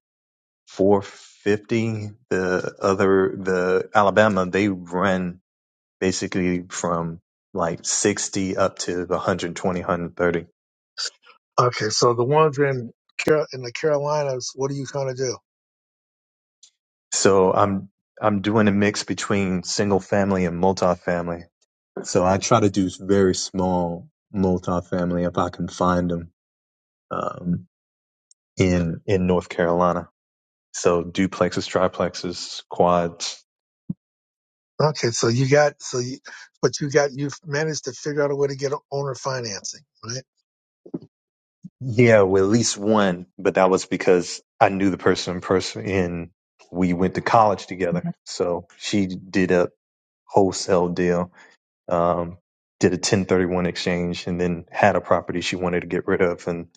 Speaker 4: four fifty. The other the Alabama they run basically from like 60 up to 120,
Speaker 1: Okay, so the ones in Car- in the Carolinas, what are you trying to do?
Speaker 4: So I'm I'm doing a mix between single family and multifamily. So I try to do very small multifamily if I can find them um, in in North Carolina. So duplexes, triplexes, quads.
Speaker 1: Okay, so you got so you, but you got you've managed to figure out a way to get owner financing, right?
Speaker 4: Yeah, well, at least one, but that was because I knew the person in person in we went to college together. So she did a wholesale deal um, did a 1031 exchange and then had a property she wanted to get rid of and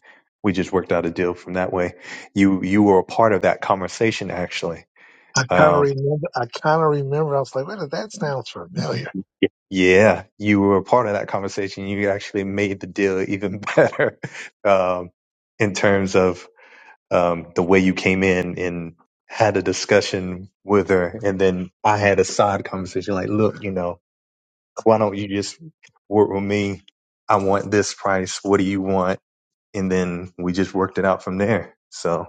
Speaker 4: we just worked out a deal from that way you you were a part of that conversation actually
Speaker 1: I kind of
Speaker 4: um,
Speaker 1: remember. I kind of remember. I was like, wait, a- that sounds familiar.
Speaker 4: yeah you were a part of that conversation you actually made the deal even better um, in terms of um, the way you came in and had a discussion with her and then i had a side conversation like look you know why don't you just work with me i want this price what do you want and then we just worked it out from there. So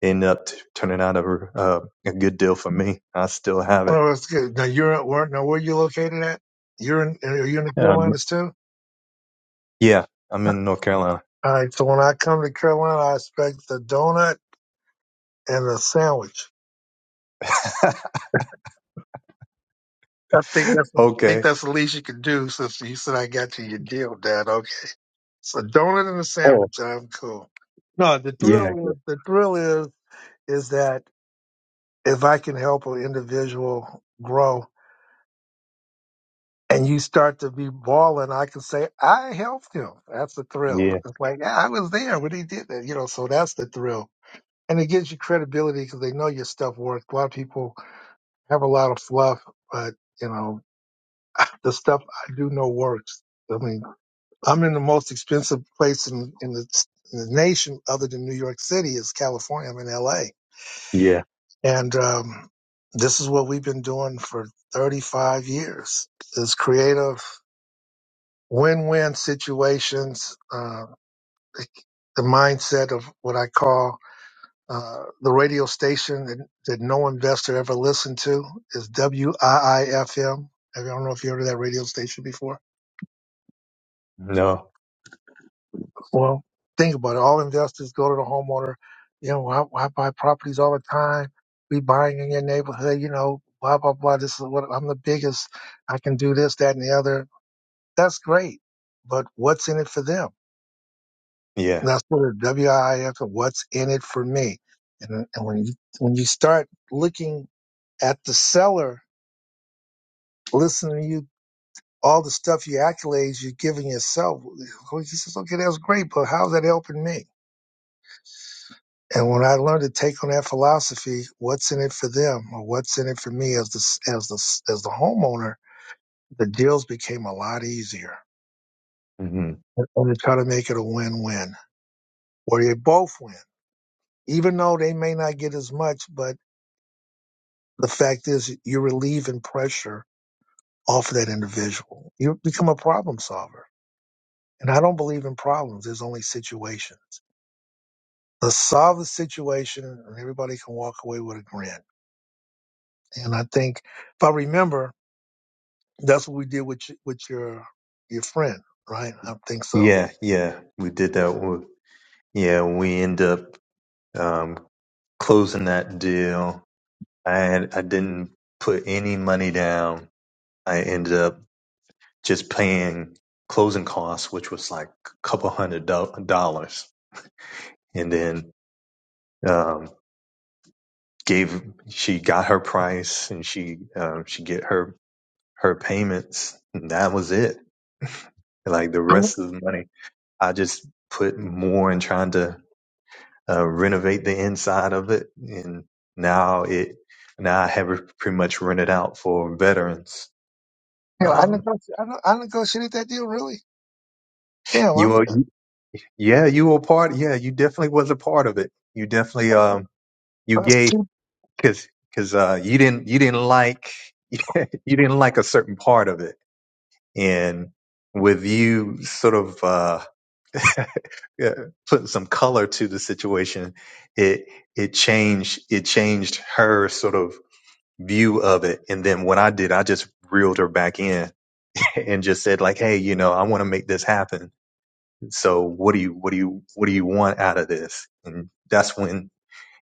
Speaker 4: it ended up t- turning out a uh, a good deal for me. I still have it.
Speaker 1: Well, that's good. Now you're at work. Now where you located at? You're in. Are you in the
Speaker 4: Um,
Speaker 1: Carolinas too?
Speaker 4: yeah, I'm in North Carolina.
Speaker 1: All right. So when I come to Carolina, I expect the donut and the sandwich. I think that's I think
Speaker 4: okay.
Speaker 1: that's the least you can do since you said I got you your deal, Dad. Okay. So donut and a
Speaker 4: Oh,
Speaker 1: sandwich, I'm cool. No, the
Speaker 4: yeah,
Speaker 1: thrill
Speaker 4: yeah,
Speaker 1: is the thrill is is that if I can help an individual grow and you start to be balling, I can say I helped him. That's the thrill.
Speaker 4: yeah,
Speaker 1: It's like "Yeah, I was there when he did that, you know. So that's the thrill, and it gives you credibility because they know your stuff works. A lot of people have a lot of fluff, but you know the stuff I do know works. I mean. I'm in the most expensive place in, in, the, in the nation other than New York City is California. I'm in LA.
Speaker 4: yeah.
Speaker 1: And um, this is what we've been doing for 35 years is creative win-win situations, uh, the mindset of what I call uh, the radio station that, that no investor ever listened to is WIIFM. I I F M. I don't know if you heard of that radio station before
Speaker 4: No,
Speaker 1: Well, think about it. All investors go to the homeowner. You know, "Well, I, I buy properties all the time. We buying in your neighborhood. You know, blah blah blah. This is what I'm the biggest. I can do this, that, and the other. That's great, but what's in it for them?
Speaker 4: yeah,
Speaker 1: And that's what a WIF. What's in it for me? And, and when you when you start looking at the seller, listening to you, all the stuff you accolades you're giving yourself. He says, okay, that's great, but how's that helping me? And when I learned to take on that philosophy, what's in it for them or what's in it for me as the as the as the homeowner, the deals became a lot easier.
Speaker 4: hmm
Speaker 1: And to try to make it a win-win, where you both win, even though they may not get as much. But the fact is, you're relieving pressure off of that individual. You become a problem solver. And I don't believe in problems. There's only situations. Let's solve the situation, and everybody can walk away with a grin. And I think, if I remember, That's what we did with your- with your your friend, right? I think so.
Speaker 4: yeah, yeah. We did that. With, yeah, we end up um, closing that deal. I had, I didn't put any money down. I ended up just paying closing costs, which was like a couple hundred do- dollars, and then um, gave she got her price and she um, she get her her payments, and that was it. Like the
Speaker 1: I, you
Speaker 4: rest of the money, I just put more in trying to uh, renovate the inside of it, and now it now I have it pretty much rented out for veterans.
Speaker 1: know, I,
Speaker 4: Um,
Speaker 1: negotiated, I, ne- I negotiated that deal. Really? Damn,
Speaker 4: you
Speaker 1: I'm,
Speaker 4: were, yeah, you were part. Yeah, you definitely was a part of it. You definitely um, you
Speaker 1: that's
Speaker 4: gave.
Speaker 1: two.
Speaker 4: because because uh, you didn't you didn't like you didn't like a certain part of it, and with you sort of uh, yeah, putting some color to the situation, it it changed it changed her sort of view of it. And then what I did, I just reeled her back in and just said like, hey, you know, I want to make this happen. So what do you what do you what do you want out of this? And that's when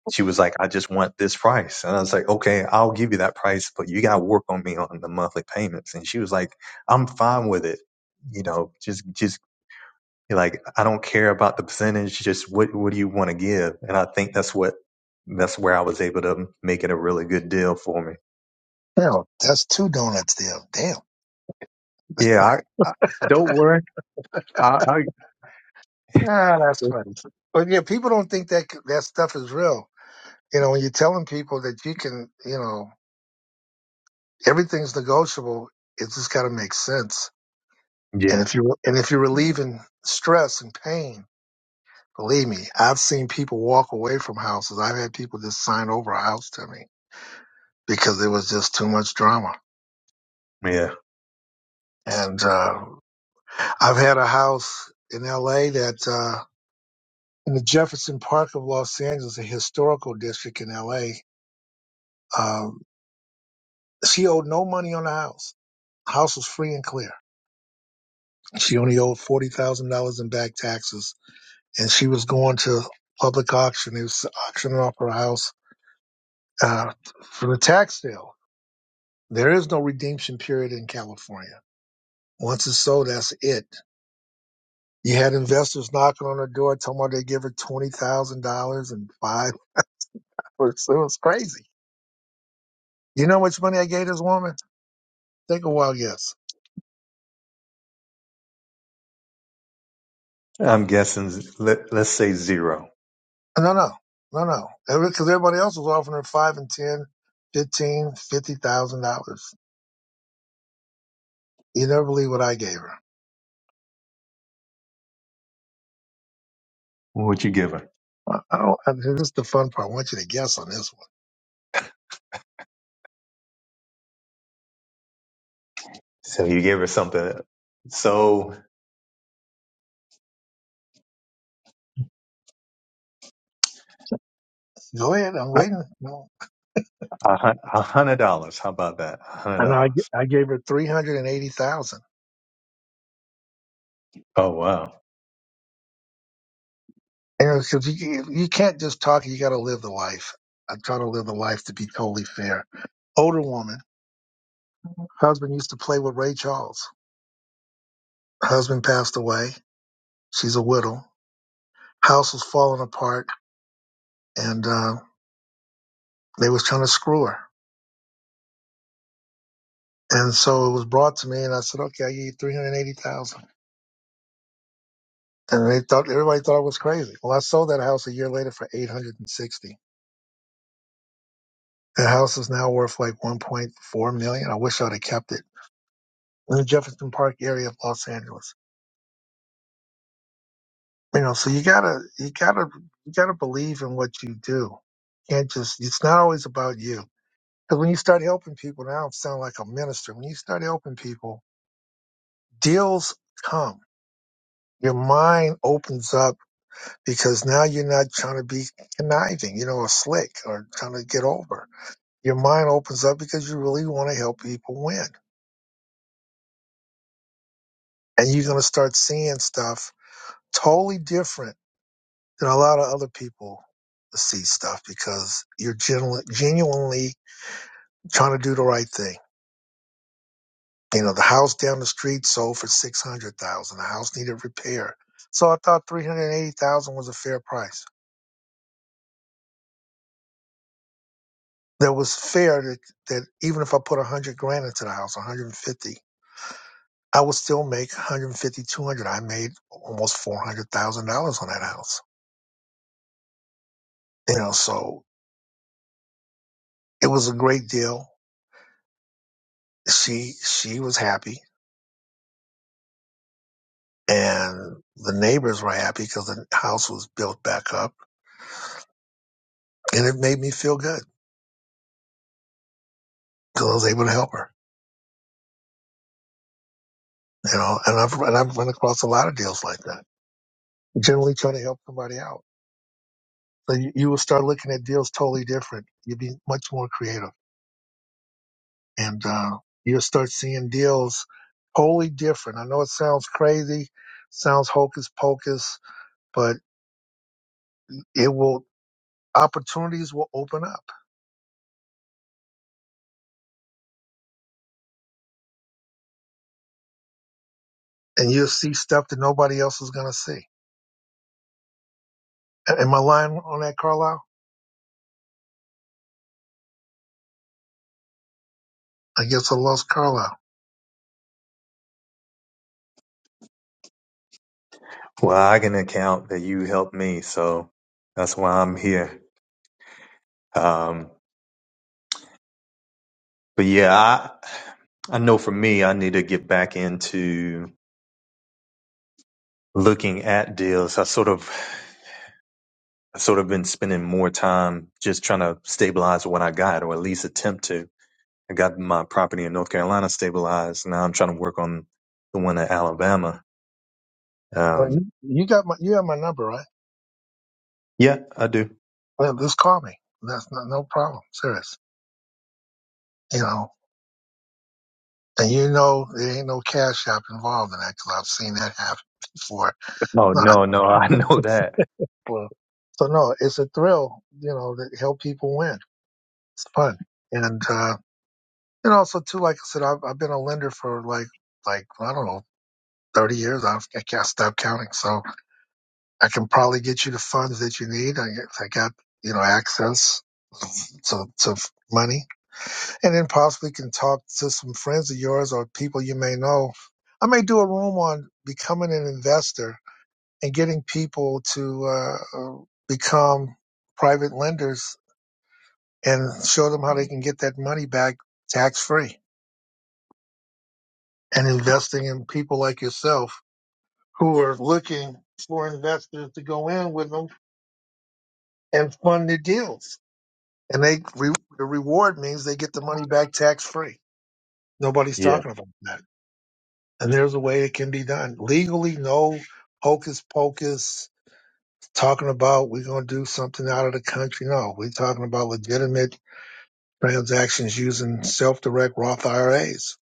Speaker 4: she was like, I just want this price. And I was like, okay, I'll give you that price, but you got to work on me on the monthly payments. And she was like, I'm fine with it. You know, just, just like, I don't care about the percentage. Just what, what do you want to give? And I think that's what, that's where I was able to make it a really good deal for me.
Speaker 1: Damn, that's two donuts deal. Damn.
Speaker 4: Yeah. I, I don't worry. I, I,
Speaker 1: Ah, that's funny. But yeah, people don't think that c- that stuff is real. You know, when you're telling people that you can, you know, everything's negotiable. It's just got to make sense. And
Speaker 4: yeah.
Speaker 1: if you and if you're relieving stress and pain, believe me, I've seen people walk away from houses. I've had people just sign over a house to me because it was just too much drama.
Speaker 4: Yeah.
Speaker 1: And uh, I've had a house in L.A. that uh, in the Jefferson Park of Los Angeles, a historical district in L.A. Um, she owed no money on the house. House was free and clear. She only owed forty thousand dollars in back taxes, and she was going to public auction. It was auctioning off her house uh, for the tax sale. There is no redemption period in California. Once it's sold, that's it You had investors knocking on the door, talking about they give her twenty thousand dollars and five. It was crazy. You know how much money I gave this woman? Take a wild guess.
Speaker 4: I'm guessing, let, let's say zero.
Speaker 1: Uh, No, no, no, no. Because everybody else was offering her five and ten, fifteen, fifty thousand dollars. You never believe what I gave her.
Speaker 4: What would you give her?
Speaker 1: I I don't, I, this is the fun part. I want you to guess on this one.
Speaker 4: So you gave her something. So
Speaker 1: Go ahead. I'm waiting. No.
Speaker 4: A hun- a hundred dollars. How about that? A hundred
Speaker 1: And I, g-
Speaker 4: dollars.
Speaker 1: I gave her three hundred and eighty thousand.
Speaker 4: Oh wow.
Speaker 1: Aaron, because you, you can't just talk, you got to live the life. I'm trying to live the life to be totally fair. Older woman, husband used to play with Ray Charles. Husband passed away. She's a widow. House was falling apart, and uh, they was trying to screw her. And so it was brought to me, and I said, "Okay, I give you three hundred eighty thousand." And they thought everybody thought I was crazy. Well, I sold that house a year later for eight hundred and sixty. The house is now worth like one point four million. I wish I'd have kept it in the Jefferson Park area of Los Angeles. You know, so you gotta you gotta you gotta believe in what you do. Can't just it's not always about you. Because when you start helping people, now I sound like a minister. When you start helping people, deals come. Your mind opens up because now you're not trying to be conniving, you know, or slick or trying to get over. Your mind opens up because you really want to help people win. And you're going to start seeing stuff totally different than a lot of other people see stuff because you're genu- genuinely trying to do the right thing. You know, the house down the street sold for six hundred thousand. The house needed repair, so I thought three hundred eighty thousand was a fair price. That was fair. That that even if I put a hundred grand into the house, one hundred fifty, I would still make 150, 200. I made almost four hundred thousand dollars on that house. You know, so it was a great deal. She she was happy, and the neighbors were happy because the house was built back up, and it made me feel good because I was able to help her. You know, and I've and I've run across a lot of deals like that. Generally trying to help somebody out. So you, you will start looking at deals totally different. You'll be much more creative, and uh, you'll start seeing deals totally different. I know it sounds crazy, sounds hocus pocus, but it will opportunities will open up, and you'll see stuff that nobody else is going to see. A- Am I lying on that, Carlisle? I guess I lost Carlisle.
Speaker 4: Well, I can account that you helped me, so that's why I'm here. Um, but yeah, I I know for me, I need to get back into looking at deals. I sort of I sort of been spending more time just trying to stabilize what I got, or at least attempt to. I got my property in North Carolina stabilized. Now I'm trying to work on the one in Alabama.
Speaker 1: Well,
Speaker 4: Um,
Speaker 1: you, you got my you have my number, right?
Speaker 4: yeah, I do.
Speaker 1: Well, just call me. That's not, no problem. Serious. You know. And you know there ain't no cash app involved in that 'cause I've seen that happen before.
Speaker 4: Oh
Speaker 1: No, I-
Speaker 4: no, no, I know that.
Speaker 1: well, so no, it's a thrill, you know, to help people win. It's fun, and uh, and also too, like I said, I've, I've been a lender for like like I don't know thirty years. I've, I can't stop counting, so I can probably get you the funds that you need. I, I got you know access to to money, and then possibly can talk to some friends of yours or people you may know. I may do a room on becoming an investor and getting people to uh, uh, become private lenders and show them how they can get that money back tax free and investing in people like yourself who are looking for investors to go in with them and fund their deals. And they re- the reward means they get the money back tax free. Nobody's talking about that. And there's a way it can be done legally. No hocus pocus talking about we're going to do something out of the country. No, we're talking about legitimate transactions using self-direct Roth IRAs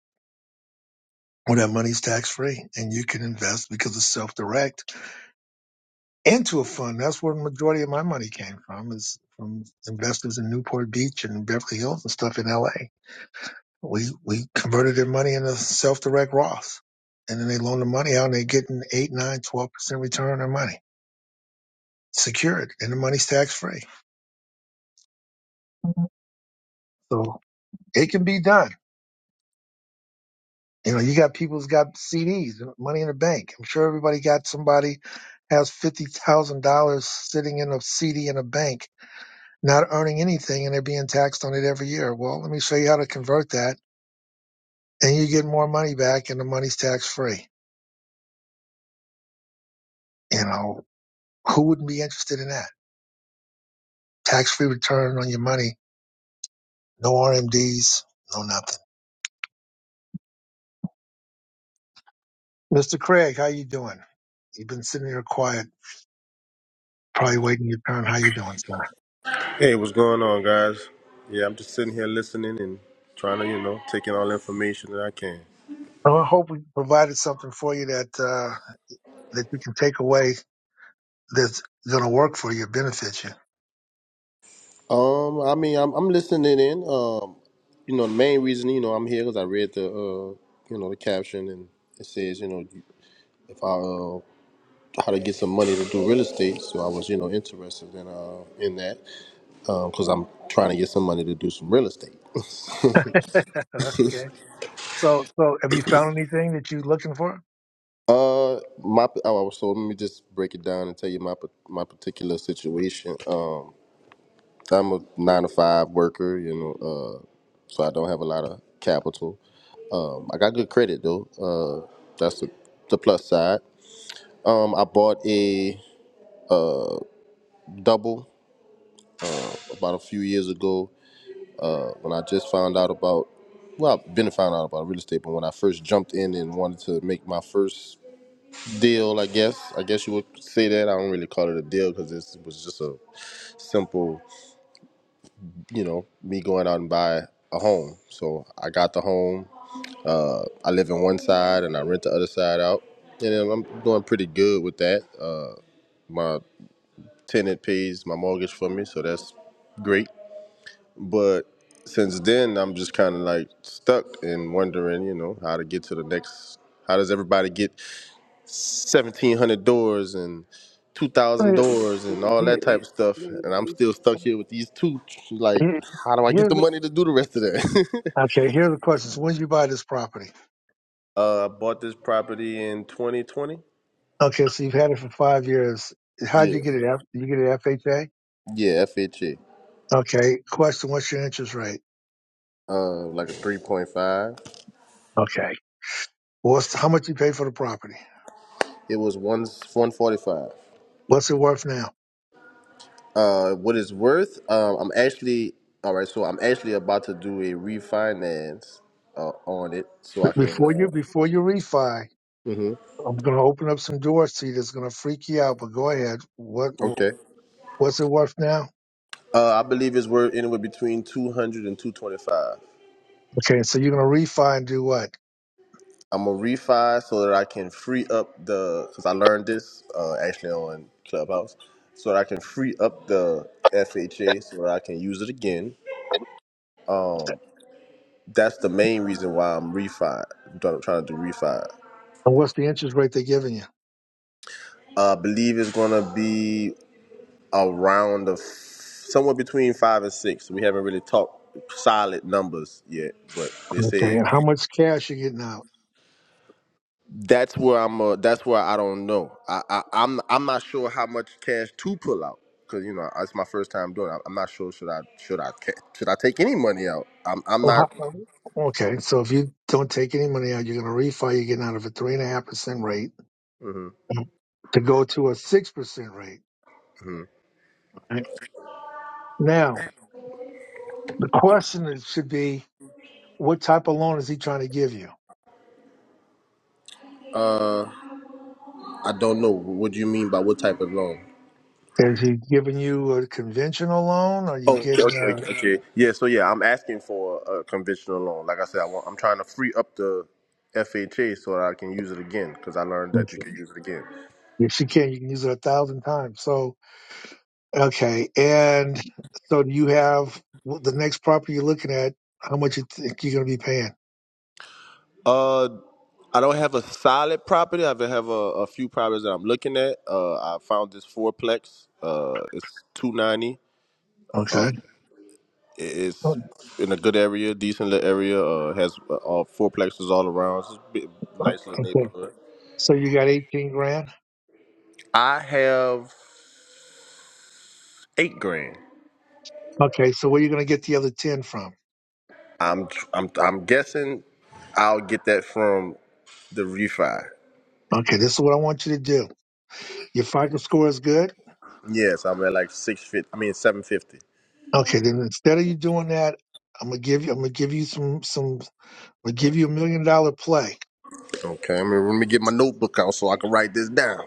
Speaker 1: where that money's tax-free and you can invest because it's self-direct into a fund. That's where the majority of my money came from is from investors in Newport Beach and Beverly Hills and stuff in LA. We we converted their money into self-direct Roth. And then they loan the money out and they get an 8, nine, twelve percent return on their money. Secured and the money's tax-free. So it can be done You know, you got people who's got CDs, money in the bank. I'm sure everybody got somebody has fifty thousand dollars sitting in a CD in a bank, not earning anything, and they're being taxed on it every year. Well, let me show you how to convert that, and you get more money back, and the money's tax free. You know, who wouldn't be interested in that? Tax free return on your money, no RMDs, no nothing. Mr. Craig, how you doing? You've been sitting here quiet, probably waiting your turn. How you doing, sir?
Speaker 5: Hey, what's going on, guys? Yeah, I'm just sitting here listening and trying to, you know, taking all the information that I can.
Speaker 1: Well, I hope we provided something for you that. uh, that you can take away that's going to work for you, benefit you.
Speaker 5: Um, I mean, I'm I'm listening in. Um, you know, the main reason, you know, I'm here because I read the, uh, you know, the caption and it says, you know, if I uh, how to get some money to do real estate. So I was, you know, interested in uh in that because I'm trying to get some money to do some real estate.
Speaker 1: okay. So, so have you found anything that you're looking for?
Speaker 5: Uh, my oh, so let me just break it down and tell you my pa- my particular situation. Um. I'm a nine to five worker, you know, uh, so I don't have a lot of capital. Um, I got good credit though. Uh, that's the, the plus side. Um, I bought a double about a few years ago uh, when I just found out about. Well, I've been found out about real estate, but when I first jumped in and wanted to make my first deal, I guess, I guess you would say that. I don't really call it a deal because this was just a simple, you know, me going out and buy a home. So I got the home Uh, I live in one side and I rent the other side out. And then I'm doing pretty good with that. Uh, my tenant pays my mortgage for me, so that's great. But since then, I'm just kind of like stuck and wondering, you know, how to get to the next. How does everybody get 1,700 doors and 2,000
Speaker 1: Here-
Speaker 5: doors and all that type of stuff? And I'm still stuck here with these two. Like, how do I get
Speaker 1: Here's
Speaker 5: the
Speaker 1: the,
Speaker 5: money to do the rest of that?
Speaker 1: okay. Here are the questions. When did you buy this property?
Speaker 5: uh, I bought this property in 2020.
Speaker 1: Okay, so you've had it for five years. How'd you
Speaker 5: Yeah.
Speaker 1: get it? F- Did you get it FHA?
Speaker 5: Yeah, FHA.
Speaker 1: Okay. Question: What's your interest rate?
Speaker 5: Uh, like a three point five.
Speaker 1: Okay. What's how much you pay for the property?
Speaker 5: It was one one forty five.
Speaker 1: What's it worth now?
Speaker 5: Uh, what it's worth? Um, I'm actually all right. So I'm actually about to do a refinance uh, on it, so
Speaker 1: B-
Speaker 5: I can.
Speaker 1: Before
Speaker 5: Uh,
Speaker 1: you before you refi,
Speaker 5: hmm
Speaker 1: I'm going to open up some doors to you that's going to freak you out, but go ahead. What
Speaker 5: Okay.
Speaker 1: What's it worth now?
Speaker 5: Uh, I believe it's worth anywhere between 200 and 225.
Speaker 1: Okay, so you're going to refi and do what?
Speaker 5: I'm gonna refi so that I can free up the because I learned this uh, actually on Clubhouse, so that I can free up the FHA so that I can use it again. That's the main reason why I'm refi. I'm trying trying to do refi.
Speaker 1: And what's the interest rate they're giving you?
Speaker 5: I believe it's gonna be around the f- somewhere between five and six. We haven't really talked solid numbers yet, but they
Speaker 1: Okay,
Speaker 5: said
Speaker 1: and how much cash you getting out?
Speaker 5: that's where I'm. Uh, that's where I don't know. I, I I'm I'm not sure how much cash to pull out because you know it's my first time doing. It. I'm not sure should I should I ca- should I take any money out. I'm I'm
Speaker 1: Oh,
Speaker 5: not.
Speaker 1: how- Okay, so if you don't take any money out, you're going to refi. You're getting out of a three and a half percent rate
Speaker 5: hmm
Speaker 1: to go to a six percent rate.
Speaker 5: hmm
Speaker 1: Right. Now the question is- should be, what type of loan is he trying to give you?
Speaker 5: Uh, I don't know. What do you mean by what type of loan?
Speaker 1: Is he giving you a conventional loan? Or are you
Speaker 5: Oh, okay,
Speaker 1: getting
Speaker 5: okay,
Speaker 1: a?
Speaker 5: okay. okay. Yeah, so yeah, I'm asking for a conventional loan. Like I said, I want, I'm trying to free up the FHA so that I can use it again because I learned that you can use it again.
Speaker 1: Yes, you can. You can use it a thousand times. So, okay. And so do you have well, the next property you're looking at, how much you think you're going to be paying?
Speaker 5: Uh, I don't have a solid property. I have a, a few properties that I'm looking at. Uh, I found this fourplex. Uh, it's two ninety. Uh,
Speaker 1: Okay.
Speaker 5: it-
Speaker 1: Oh,
Speaker 5: it's in a good area, decent little area. Uh, has uh, all fourplexes all around. It's a bit,
Speaker 1: oh,
Speaker 5: nice little
Speaker 1: Okay.
Speaker 5: neighborhood.
Speaker 1: So you got 18 grand.
Speaker 5: I have eight grand.
Speaker 1: Okay. So where are you going to get the other 10 from?
Speaker 5: I'm I'm I'm guessing I'll get that from the refi.
Speaker 1: Okay. This is what I want you to do. Your FICO score is good.
Speaker 5: Yes, I'm at like six fifty. I mean seven fifty.
Speaker 1: Okay. Then instead of you doing that, I'm going to give you, I'm going to give you some, some, I'm going to give you a million dollar play.
Speaker 5: Okay, I mean, let me get my notebook out so I can write this down.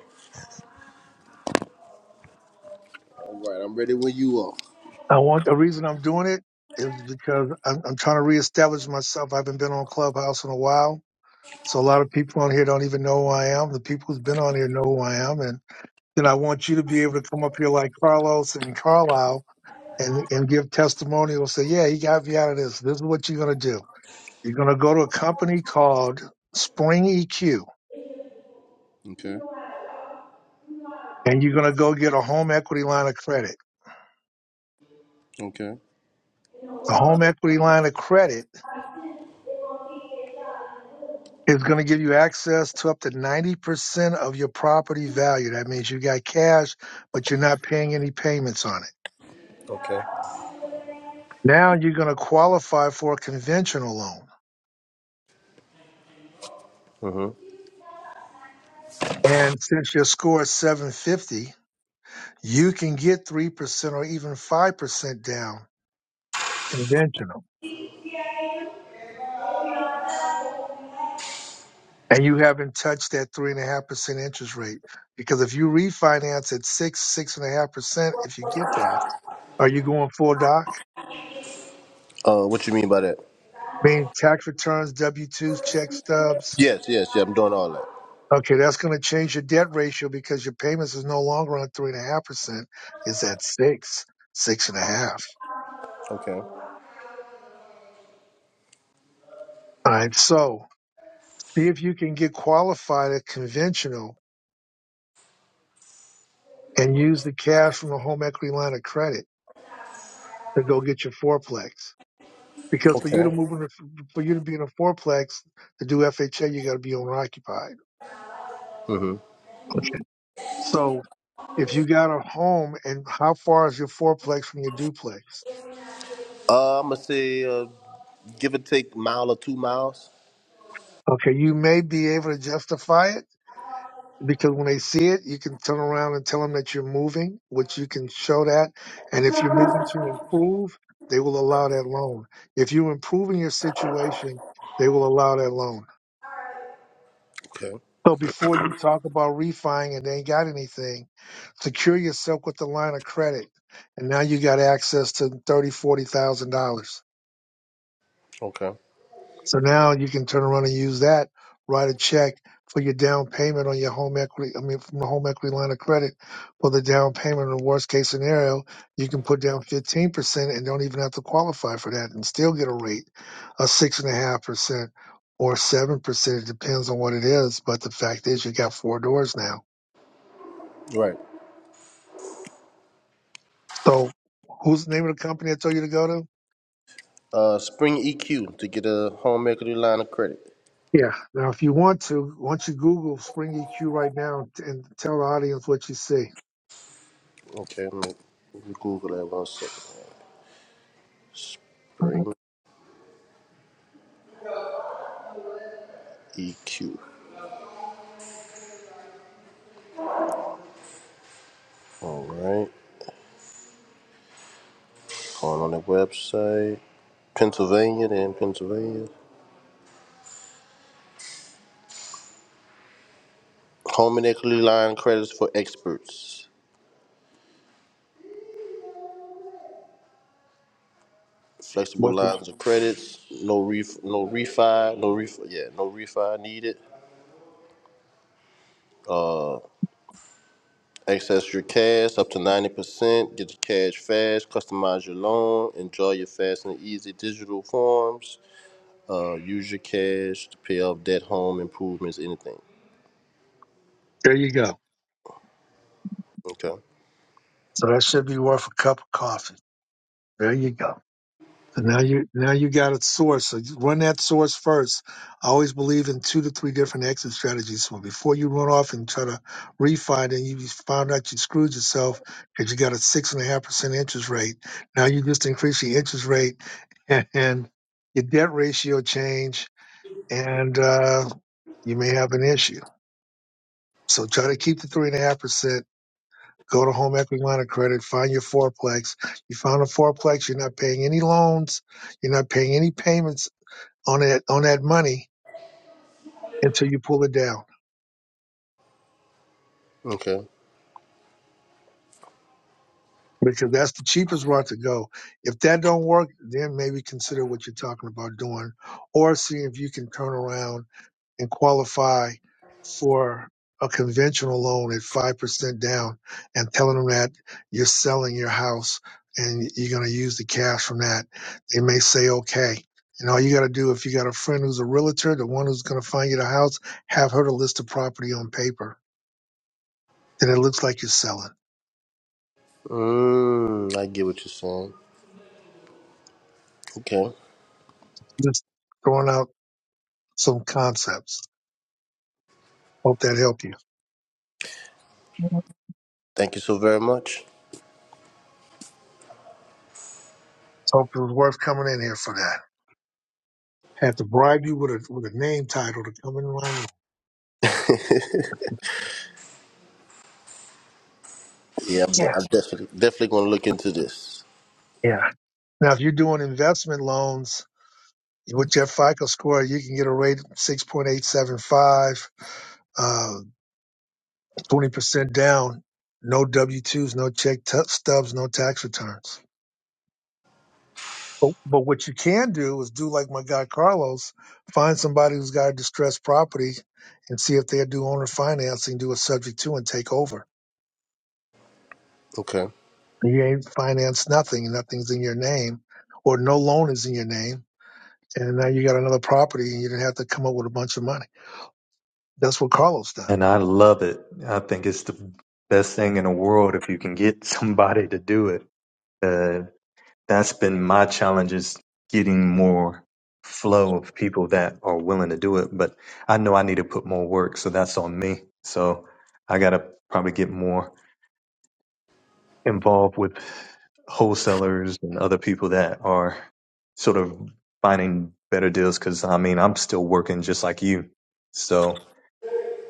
Speaker 5: All right, I'm ready when you are.
Speaker 1: I want, the reason I'm doing it is because I'm, I'm trying to reestablish myself. I haven't been on Clubhouse in a while So a lot of people on here don't even know who I am. The people who's been on here know who I am, and then I want you to be able to come up here like Carlos and Carlisle and and give testimonials. Say, yeah, he got me out of this. This is what you're gonna do. You're gonna go to a company called Spring EQ,
Speaker 5: Okay.
Speaker 1: and you're gonna go get a home equity line of credit.
Speaker 5: Okay.
Speaker 1: The home equity line of credit is going to give you access to up to 90% of your property value. That means you got cash, but you're not paying any payments on it
Speaker 5: Okay.
Speaker 1: Now you're going to qualify for a conventional loan.
Speaker 5: Mhm.
Speaker 1: And since your score is 750, you can get 3% or even 5% down conventional. And you haven't touched that 3.5% interest rate. Because if you refinance at 6, 6.5%, if you get that, are you going full doc?
Speaker 5: Uh, what you mean by that?
Speaker 1: I mean, tax returns, W 2s, check stubs.
Speaker 5: Yes, yes, yeah. I'm doing all that.
Speaker 1: Okay, that's going to change your debt ratio because your payments is no longer on 3.5%, it's at 6, 6.5.
Speaker 5: Okay.
Speaker 1: All right, so. See if you can get qualified at conventional and use the cash from a home equity line of credit to go get your fourplex. Because for you to
Speaker 5: Okay.
Speaker 1: move in, a- for you to be in a fourplex to do FHA, you got to be owner occupied.
Speaker 5: Mhm.
Speaker 1: Okay. So if you got a home and how far is your fourplex from your duplex?
Speaker 5: Uh, I'm gonna say uh, give or take mile or two miles.
Speaker 1: Okay, you may be able to justify it because when they see it, you can turn around and tell them that you're moving, which you can show that. And if you're moving to improve, they will allow that loan. If you're improving your situation, they will allow that loan.
Speaker 5: Okay.
Speaker 1: So before you talk about refining and they ain't got anything, secure yourself with the line of credit. And now you got access to thirty, forty thousand dollars.
Speaker 5: Okay.
Speaker 1: So now you can turn around and use that, write a check for your down payment on your home equity. I mean, from the home equity line of credit for the down payment. In the worst case scenario, you can put down 15% and don't even have to qualify for that and still get a rate of six and a half percent or seven percent. It depends on what it is. But the fact is you got four doors now.
Speaker 5: Right.
Speaker 1: So who's the name of the company I told you to go to?
Speaker 5: Uh, spring EQ to get a home equity line of credit.
Speaker 1: Yeah. Now, if you want to, once you Google Spring EQ right now and tell the audience what you see.
Speaker 5: Okay, let me let me Google that one second. Uh, Spring EQ. All right. Going on the website. Pennsylvania, then Pennsylvania. Home and equity line credits for experts. Flexible
Speaker 1: What?
Speaker 5: lines of credits. No ref, no refi, no refi. Yeah, no refi needed. Access your cash up to ninety percent. Get your cash fast. Customize your loan. Enjoy your fast and easy digital forms. Uh, use your cash to pay off debt, home improvements, anything.
Speaker 1: There you go.
Speaker 5: Okay.
Speaker 1: So that should be worth a cup of coffee. There you go. So now you now you got a source. So you run that source first. I always believe in two to three different exit strategies. So before you run off and try to refi, and you found out you screwed yourself because you got a six and a half percent interest rate. Now you just increase your interest rate and, and your debt ratio change, and uh, you may have an issue. So try to keep the three and a half percent Go to home equity line of credit, find your fourplex. You found a fourplex, you're not paying any loans, you're not paying any payments on that on that money until you pull it down.
Speaker 5: Okay.
Speaker 1: Because that's the cheapest route to go. If that don't work, then maybe consider what you're talking about doing or see if you can turn around and qualify for a conventional loan at 5% down and telling them that you're selling your house and you're going to use the cash from that, they may say, okay. And all you got to do, if you got a friend who's a realtor, the one who's going to find you the house, have her to list the property on paper. Then it looks like you're selling.
Speaker 5: Mm, I get what you're saying. Okay.
Speaker 1: Just throwing out some concepts. Hope that helped you.
Speaker 5: Thank you so very much.
Speaker 1: Hope it was worth coming in here for that. Had to bribe you with a with a name title to come in my room.
Speaker 5: Yeah, I'm, de-
Speaker 1: Yeah,
Speaker 5: I'm definitely definitely gonna look into this.
Speaker 1: yeah. Now, if you're doing investment loans with your FICO score, you can get a rate of 6.875, uh, 20% down, no W-2s, no check t- stubs, no tax returns. But, but what you can do is do like my guy Carlos, find somebody who's got a distressed property and see if they do owner financing, do a subject to and take over.
Speaker 5: Okay.
Speaker 1: You ain't financed nothing and nothing's in your name or no loan is in your name. And now you got another property and you didn't have to come up with a bunch of money. That's what Carlos done.
Speaker 4: And I love it. I think it's the best thing in the world if you can get somebody to do it. Uh, that's been my challenge is getting more flow of people that are willing to do it. But I know I need to put more work, so that's on me. So I got to probably get more involved with wholesalers and other people that are sort of finding better deals. Cause I mean, I'm still working just like you. So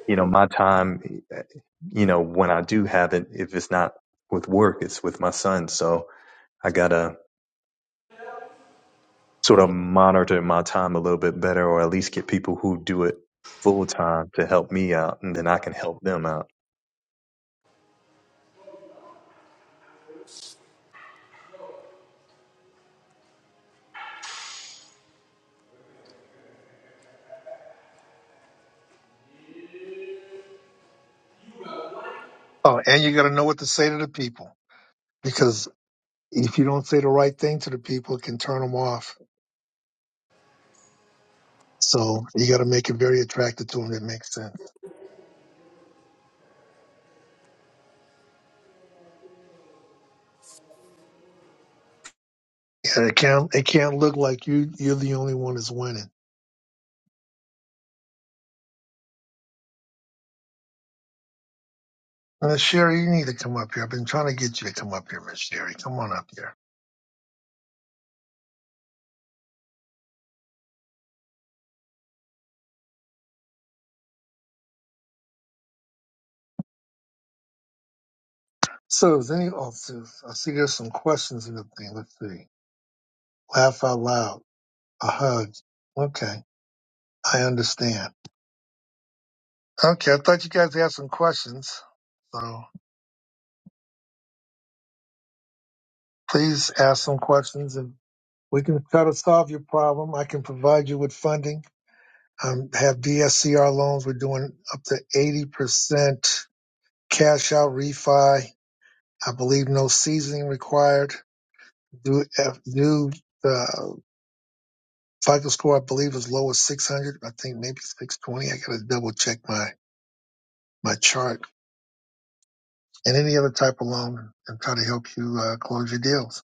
Speaker 4: you know, my time, you know, when I do have it, if it's not with work, it's with my son. So I gotta sort of monitor my time a little bit better, or at least get people who do it full time to help me out, and then I can help them out.
Speaker 1: Oh, and you got to know what to say to the people because if you don't say the right thing to the people, it can turn them off. So you got to make it very attractive to them. That makes sense. Yeah, it can't. It can't look like you. You're the only one that's winning. Uh, Sherry, you need to come up here. I've been trying to get you to come up here, Miss Sherry. Come on up here. So, is any? Oh, so I see there's some questions in the thing. Let's see. Laugh out loud. A hug. Okay, I understand. Okay, I thought you guys had some questions. So. Please ask some questions and we can try to solve your problem. I can provide you with funding. Um, have DSCR loans. We're doing up to 80% cash out refi. I believe no seasoning required. Do, F- do the FICO score, I believe, is low as 600. I think maybe 620. I got to double check my, my chart and any other type of loan and try to help you uh, close your deals.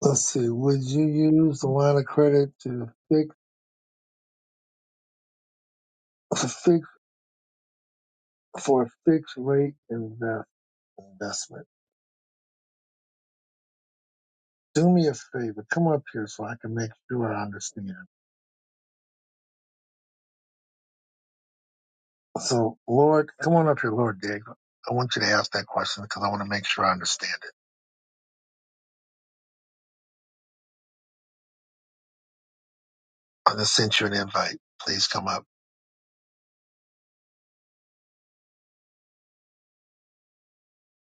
Speaker 1: Let's see. Would you use the line of credit to fix? for a fixed rate invest, investment. Do me a favor. Come up here so I can make sure I understand. So, Lord, come on up here, Lord Dig. I want you to ask that question because I want to make sure I understand it. I just sent you an invite. Please come up.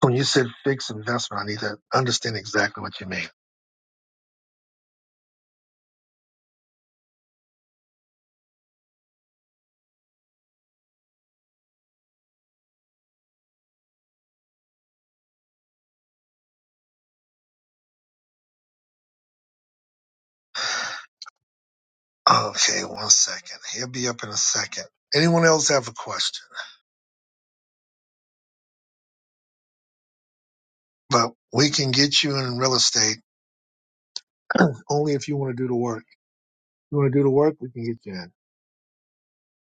Speaker 1: When you said fixed investment, I need to understand exactly what you mean. Okay, one second. He'll be up in a second. Anyone else have a question? But we can get you in real estate only if you want to do the work. If You want to do the work, we can get you in.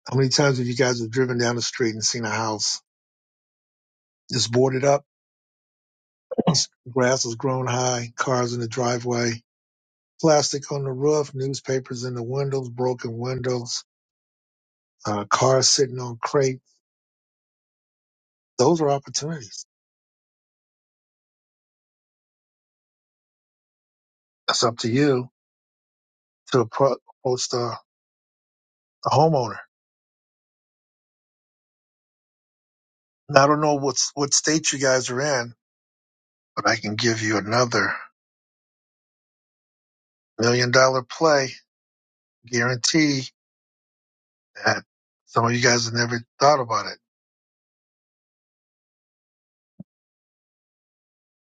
Speaker 1: How many times have you guys have driven down the street and seen a house just boarded up? Grass has grown high, cars in the driveway, plastic on the roof, newspapers in the windows, broken windows, uh, cars sitting on crates. Those are opportunities. It's up to you to appro- approach the, the homeowner. Now, I don't know what's, what state you guys are in, but I can give you another million dollar play guarantee that some of you guys have never thought about it.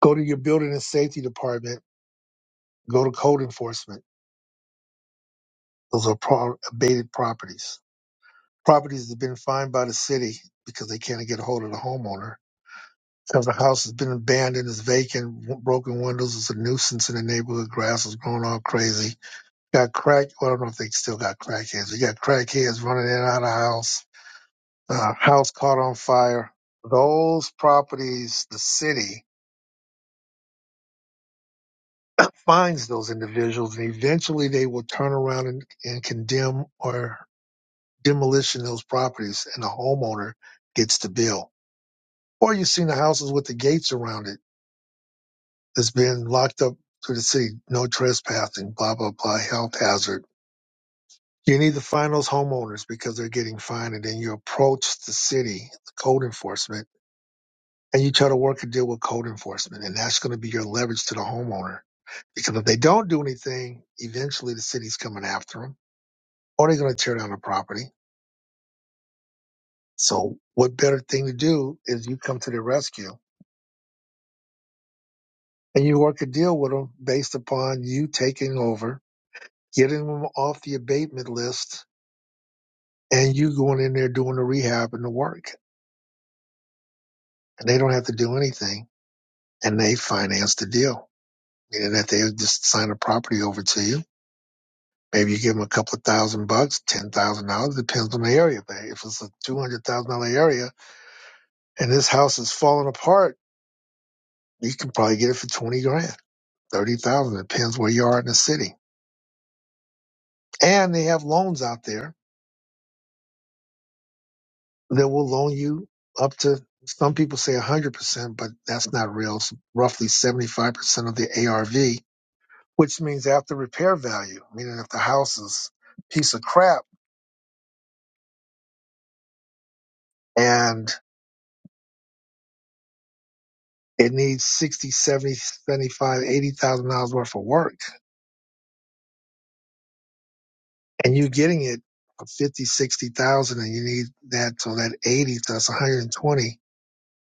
Speaker 1: Go to your building and safety department Go to code enforcement. Those are pro- abated properties. Properties that have been fined by the city because they can't get a hold of the homeowner. Because the house has been abandoned, is vacant, w- broken windows, is a nuisance in the neighborhood, grass is growing all crazy. Got crack, well, I don't know if they still got crackheads. You got crackheads running in and out of the house, uh, house caught on fire. Those properties, the city finds those individuals and eventually they will turn around and, and condemn or demolition of those properties and the homeowner gets the bill. Or you've seen the houses with the gates around it that's been locked up to the city, no trespassing, blah, blah, blah, health hazard. You need to find those homeowners because they're getting fined and then you approach the city, the code enforcement, and you try to work a deal with code enforcement. And that's going to be your leverage to the homeowner because if they don't do anything, eventually the city's coming after them or they're going to tear down the property. So what better thing to do is you come to their rescue and you work a deal with them based upon you taking over, getting them off the abatement list, and you going in there doing the rehab and the work. And they don't have to do anything, and they finance the deal, meaning that they just sign a property over to you. Maybe you give them a couple of thousand bucks, ten thousand dollars, depends on the area. But if it's a two hundred thousand dollar area and this house is falling apart, you can probably get it for twenty grand, thirty thousand. Depends where you are in the city. And they have loans out there that will loan you up to some people say 100%, but that's not real. It's roughly 75% of the ARV, which means after repair value, meaning if the house is a piece of crap and it needs 60, 70, 75, 80,000 dollars worth of work and you're getting it for 50, 60,000, and you need that so that 80, so that's 120.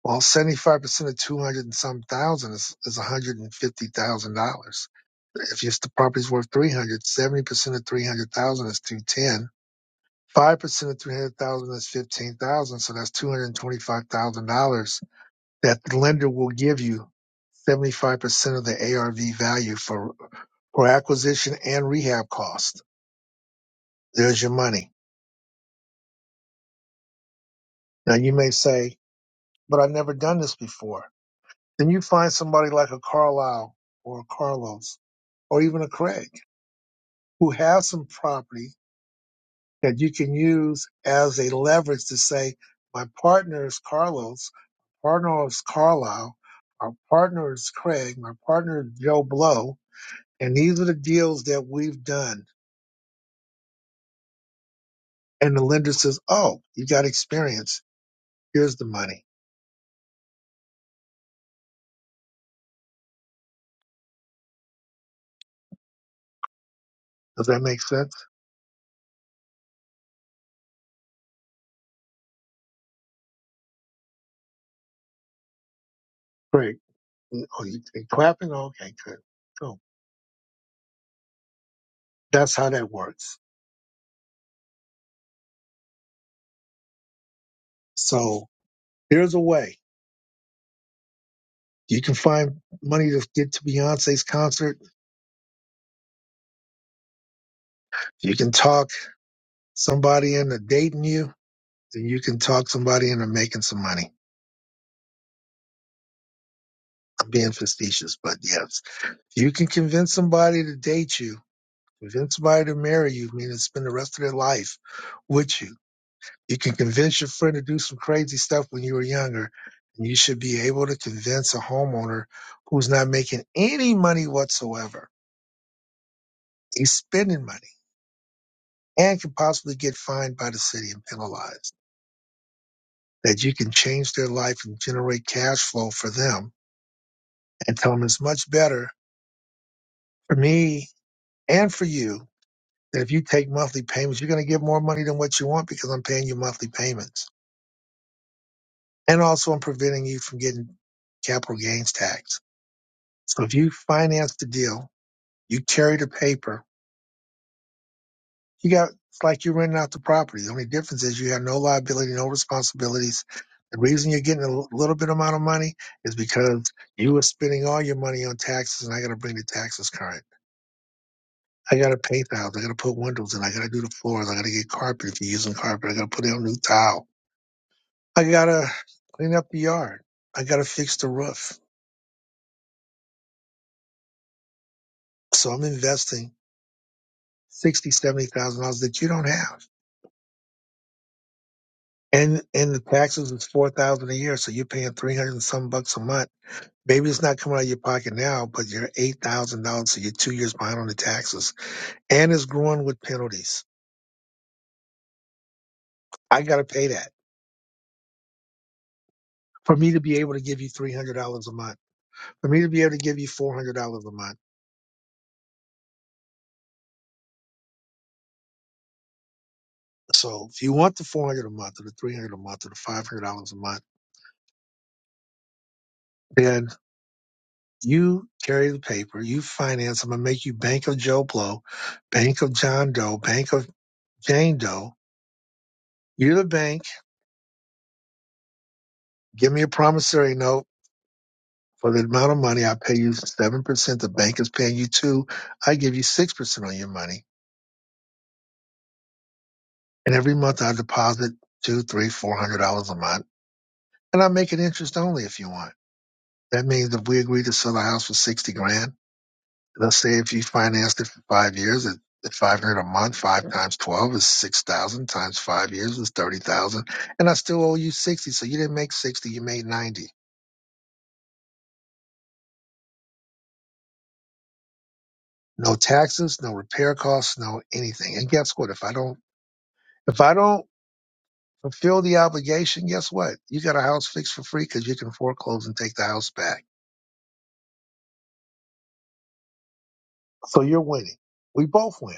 Speaker 1: Well, seventy-five percent of two hundred and some thousand is is one hundred and fifty thousand dollars. If your the property's worth three hundred, seventy percent of three hundred thousand is two ten. Five percent of three hundred thousand is fifteen thousand, so that's two hundred and twenty-five thousand dollars that the lender will give you seventy-five percent of the ARV value for for acquisition and rehab cost. There's your money. Now you may say, "But I've never done this before." Then you find somebody like a Carlisle or a Carlos or even a Craig who have some property that you can use as a leverage to say, my partner is Carlos, partner is Carlisle, our partner is Craig, my partner is Joe Blow, and these are the deals that we've done. And the lender says, oh, you got experience. Here's the money. Does that make sense? Great. Oh, you you clapping? Okay, good. Cool. That's how that works. So here's a way. You can find money to get to Beyonce's concert. You can talk somebody into dating you. Then you can talk somebody into making some money. I'm being facetious, but yes. If you can convince somebody to date you, convince somebody to marry you, meaning spend the rest of their life with you. You can convince your friend to do some crazy stuff when you were younger. And you should be able to convince a homeowner who's not making any money whatsoever. He's spending money and can possibly get fined by the city and penalized that you can change their life and generate cash flow for them and tell them it's much better for me and for you that if you take monthly payments, you're going to get more money than what you want because I'm paying you monthly payments. And also I'm preventing you from getting capital gains tax. So if you finance the deal, you carry the paper You got it's like you're renting out the property. The only difference is you have no liability, no responsibilities. The reason you're getting a l- little bit amount of money is because you were spending all your money on taxes, and I got to bring the taxes current. I got to paint the house. I got to put windows in. I got to do the floors. I got to get carpet if you're using carpet. I got to put in a new tile. I got to clean up the yard. I got to fix the roof. So I'm investing sixty, seventy thousand dollars that you don't have, and and the taxes is four thousand a year. So you're paying three hundred and some bucks a month Maybe it's not coming out of your pocket now, but you're eight thousand dollars, so you're two years behind on the taxes, and it's growing with penalties. I got to pay that for me to be able to give you three hundred dollars a month, for me to be able to give you four hundred dollars a month. So if you want the four hundred dollars a month, or the three hundred dollars a month, or the five hundred dollars a month, then you carry the paper, you finance. I'm gonna make you Bank of Joe Blow, Bank of John Doe, Bank of Jane Doe. You're the bank. Give me a promissory note For the amount of money I pay you 7%, the bank is paying you 2 I give you 6% on your money. And every month I deposit two, three, four hundred dollars a month. And I make it interest only if you want. That means if we agree to sell the house for 60 grand, let's say if you financed it for five years at 500 a month, five times 12 is 6,000 times five years is 30,000. And I still owe you 60. So you didn't make 60, you made 90. No taxes, no repair costs, no anything. And guess what? If I don't, if I don't fulfill the obligation, guess what? You got a house fixed for free because you can foreclose and take the house back. So you're winning. We both win.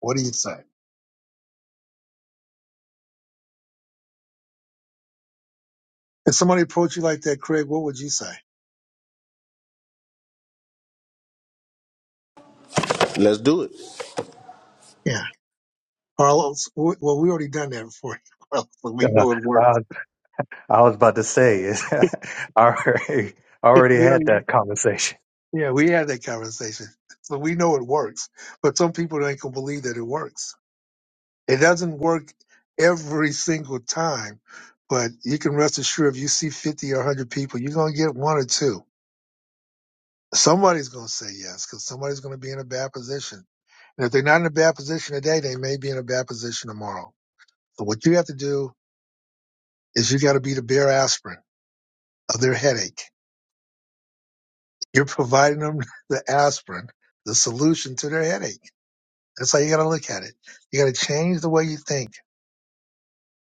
Speaker 1: What do you say? If somebody approached you like that, Craig, what would you say?
Speaker 5: Let's do it.
Speaker 1: Yeah. Carlos, w- well, we already done that before. Carlos, so we
Speaker 4: Uh,
Speaker 1: know it works.
Speaker 4: uh, I was about to say, I already, I already
Speaker 1: we
Speaker 4: had
Speaker 1: already,
Speaker 4: that conversation.
Speaker 1: yeah, we had that conversation. So we know it works. But some people ain't going to believe that it works. It doesn't work every single time, but you can rest assured if you see 50 or 100 people, you're going to get one or two Somebody's going to say yes because somebody's going to be in a bad position. And if they're not in a bad position today, they may be in a bad position tomorrow. So what you have to do is you got to be the bare aspirin of their headache. You're providing them the aspirin, the solution to their headache. That's how you got to look at it. You got to change the way you think.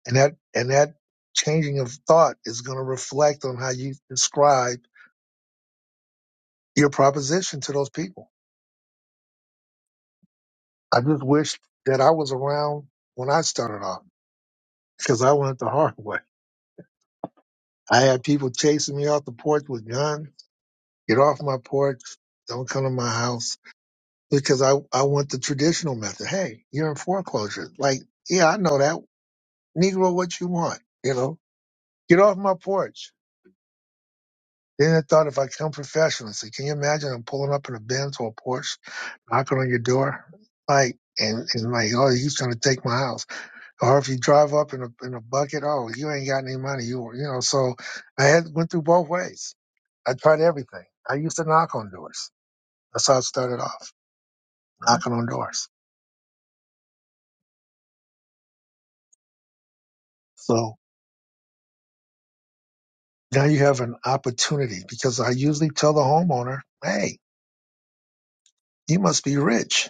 Speaker 1: And that, and that changing of thought is going to reflect on how you describe your proposition to those people. I just wish that I was around when I started off because I went the hard way. I had people chasing me off the porch with guns. Get off my porch. Don't come to my house because I, I want the traditional method. Hey, you're in foreclosure. Like, yeah, I know that. Negro, what you want? You know, get off my porch. Then I thought if I come professional, say, can you imagine I'm pulling up in a Benz or a Porsche, knocking on your door? Like, and, and like, oh, he's trying to take my house. or if you drive up in a in a bucket, oh, you ain't got any money. You you know, so I had went through both ways. I tried everything. I used to knock on doors. That's how I started off, knocking on doors. So now you have an opportunity because I usually tell the homeowner, hey, you must be rich.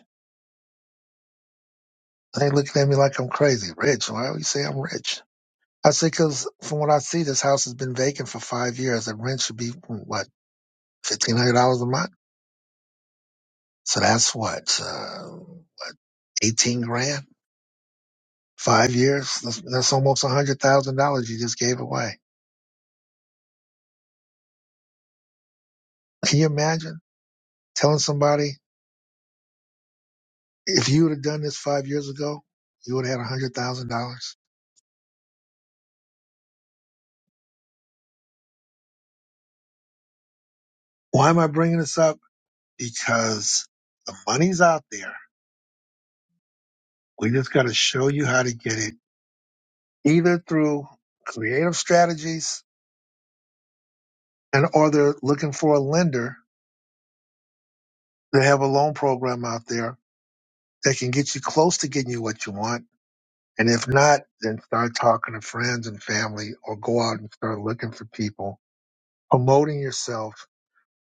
Speaker 1: And They looking at me like I'm crazy. Rich? Why would you say I'm rich? I say, because from what I see, this house has been vacant for five years. The rent should be, what, $1,500 a month? So that's what, uh, 18 grand? Five years, that's, that's almost $100,000 you just gave away. Can you imagine telling somebody, if you would have done this five years ago, you would have had $100,000? Why am I bringing this up? Because the money's out there. We just got to show you how to get it either through creative strategies and or they're looking for a lender. They have a loan program out there that can get you close to getting you what you want And if not, then start talking to friends and family or go out and start looking for people. Promoting yourself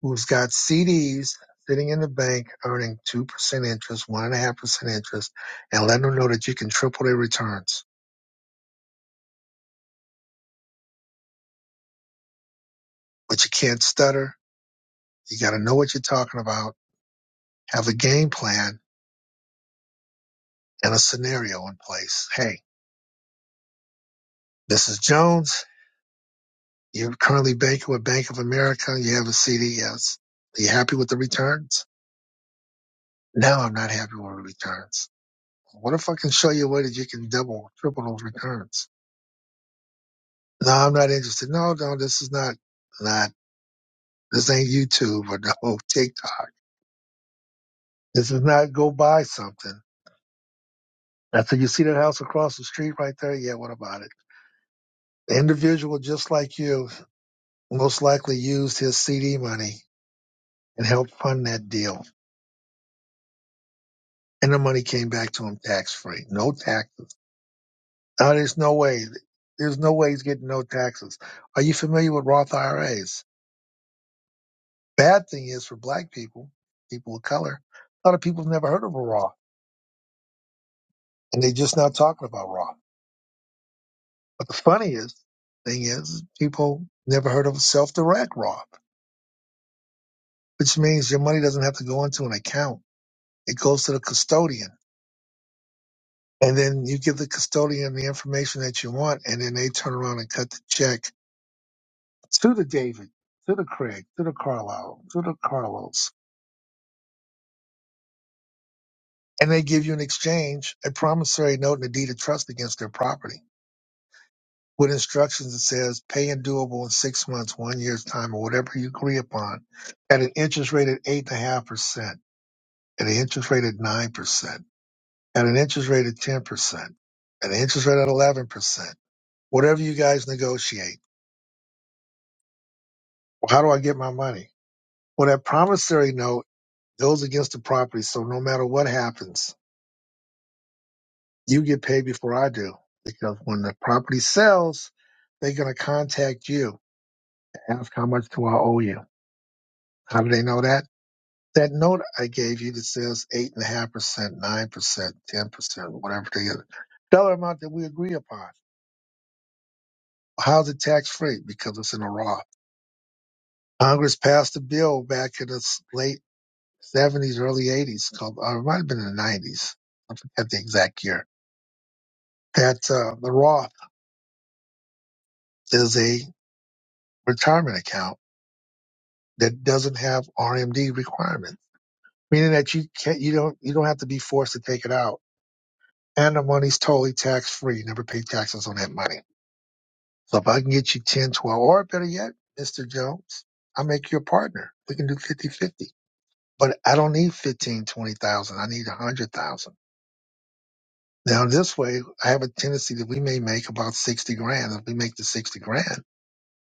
Speaker 1: who's got CDs sitting in the bank earning 2% interest, 1.5% interest, and let them know that you can triple their returns. But you can't stutter. You got to know what you're talking about, have a game plan and a scenario in place. Hey, this is Jones. You're currently banking with Bank of America. You have a CD. Yes. Are you happy with the returns? No, I'm not happy with the returns. What if I can show you a way that you can double, triple those returns? No, I'm not interested. No, no, this is not, not, this ain't YouTube or no TikTok. This is not go buy something. That's it. You see that house across the street right there? Yeah, what about it? The individual just like you most likely used his CD money and helped fund that deal. And the money came back to him tax free. No taxes. Now there's no way. There's no way he's getting no taxes. Are you familiar with Roth IRAs? Bad thing is for black people, people of color, a lot of people have never heard of a Raw, and they're just now talking about Raw. But the funniest thing is people never heard of self-direct Raw, which means your money doesn't have to go into an account. It goes to the custodian. And then you give the custodian the information that you want, and then they turn around and cut the check to the David, to the Craig, to the Carlisle, to the Carlos. And they give you in exchange a promissory note and a deed of trust against their property. with instructions that says pay and doable in six months, one year's time, or whatever you agree upon, at an interest rate at eight and a half percent, at an interest rate at nine percent, at an interest rate at ten percent, at an interest rate at eleven percent, whatever you guys negotiate. Well, how do I get my money? Well, that promissory note goes against the property, so no matter what happens, you get paid before I do. Because when the property sells, they're gonna contact you to ask how much do I owe you. How do they know that? That note I gave you that says eight and a half percent, nine percent, ten percent, whatever the dollar amount that we agree upon. How's it tax free? Because it's in a Roth. Congress passed a bill back in the s- late seventies, early eighties, called or it might have been in the nineties. I forget the exact year. That uh, the Roth is a retirement account that doesn't have RMD requirements, meaning that you can't, you don't, you don't have to be forced to take it out, and the money's totally tax free. You never pay taxes on that money. So if I can get you 10, 12, or better yet, Mr. Jones, I'll make you a partner. We can do fifty-fifty. But I don't need 15, 20,000. I need 100,000. Now, this way, I have a tendency that we may make about 60 grand. If we make the 60 grand,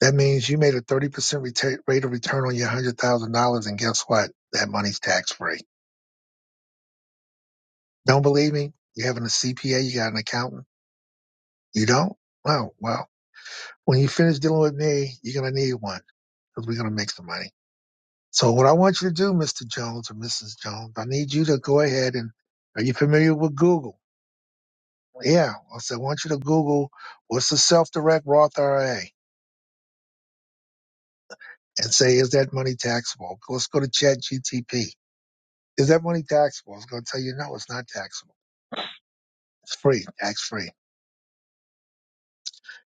Speaker 1: that means you made a 30% reta- rate of return on your $100,000. And guess what? That money's tax free. Don't believe me? You having a CPA? You got an accountant? You don't? Well, well, when you finish dealing with me, you're going to need one because we're going to make some money. So what I want you to do, Mr. Jones or Mrs. Jones, I need you to go ahead and are you familiar with Google? Yeah. I said, I want you to Google what's a self-direct Roth IRA and say, is that money taxable? Let's go to chat GTP. Is that money taxable? It's going to tell you, no, it's not taxable. It's free, tax free.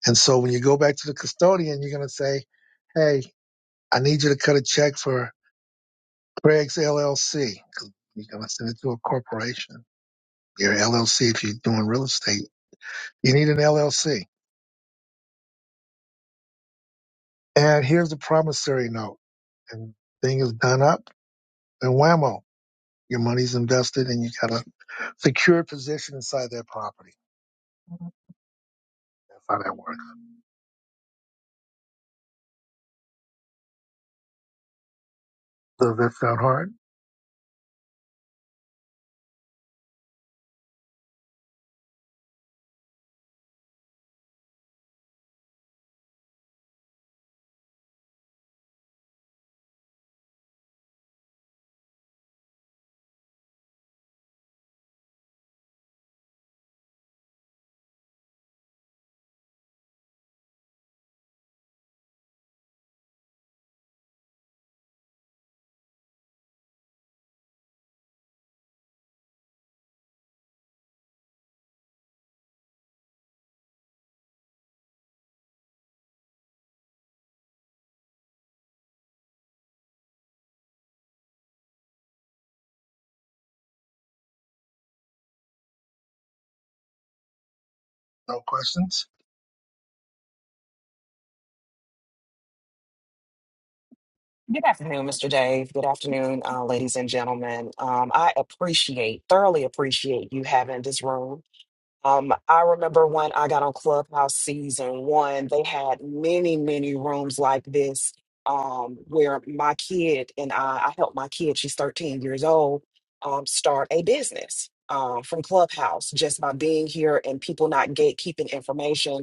Speaker 1: And so when you go back to the custodian, you're going to say, Hey, I need you to cut a check for Craig's LLC. 'Cause You're going to send it to a corporation, your LLC. If you're doing real estate, you need an LLC And here's the promissory note. And thing is done up and whammo. Your money's invested and you got a secure position inside that property. That's how that works. Does that sound hard? No questions?
Speaker 6: Good afternoon, Mr. Dave. Good afternoon, uh, ladies and gentlemen. Um, I appreciate, thoroughly appreciate you having this room. Um, I remember when I got on Clubhouse season one, they had many, many rooms like this um, where my kid and I, I helped my kid, she's 13 years old, um, start a business um, from Clubhouse just by being here and people not gatekeeping information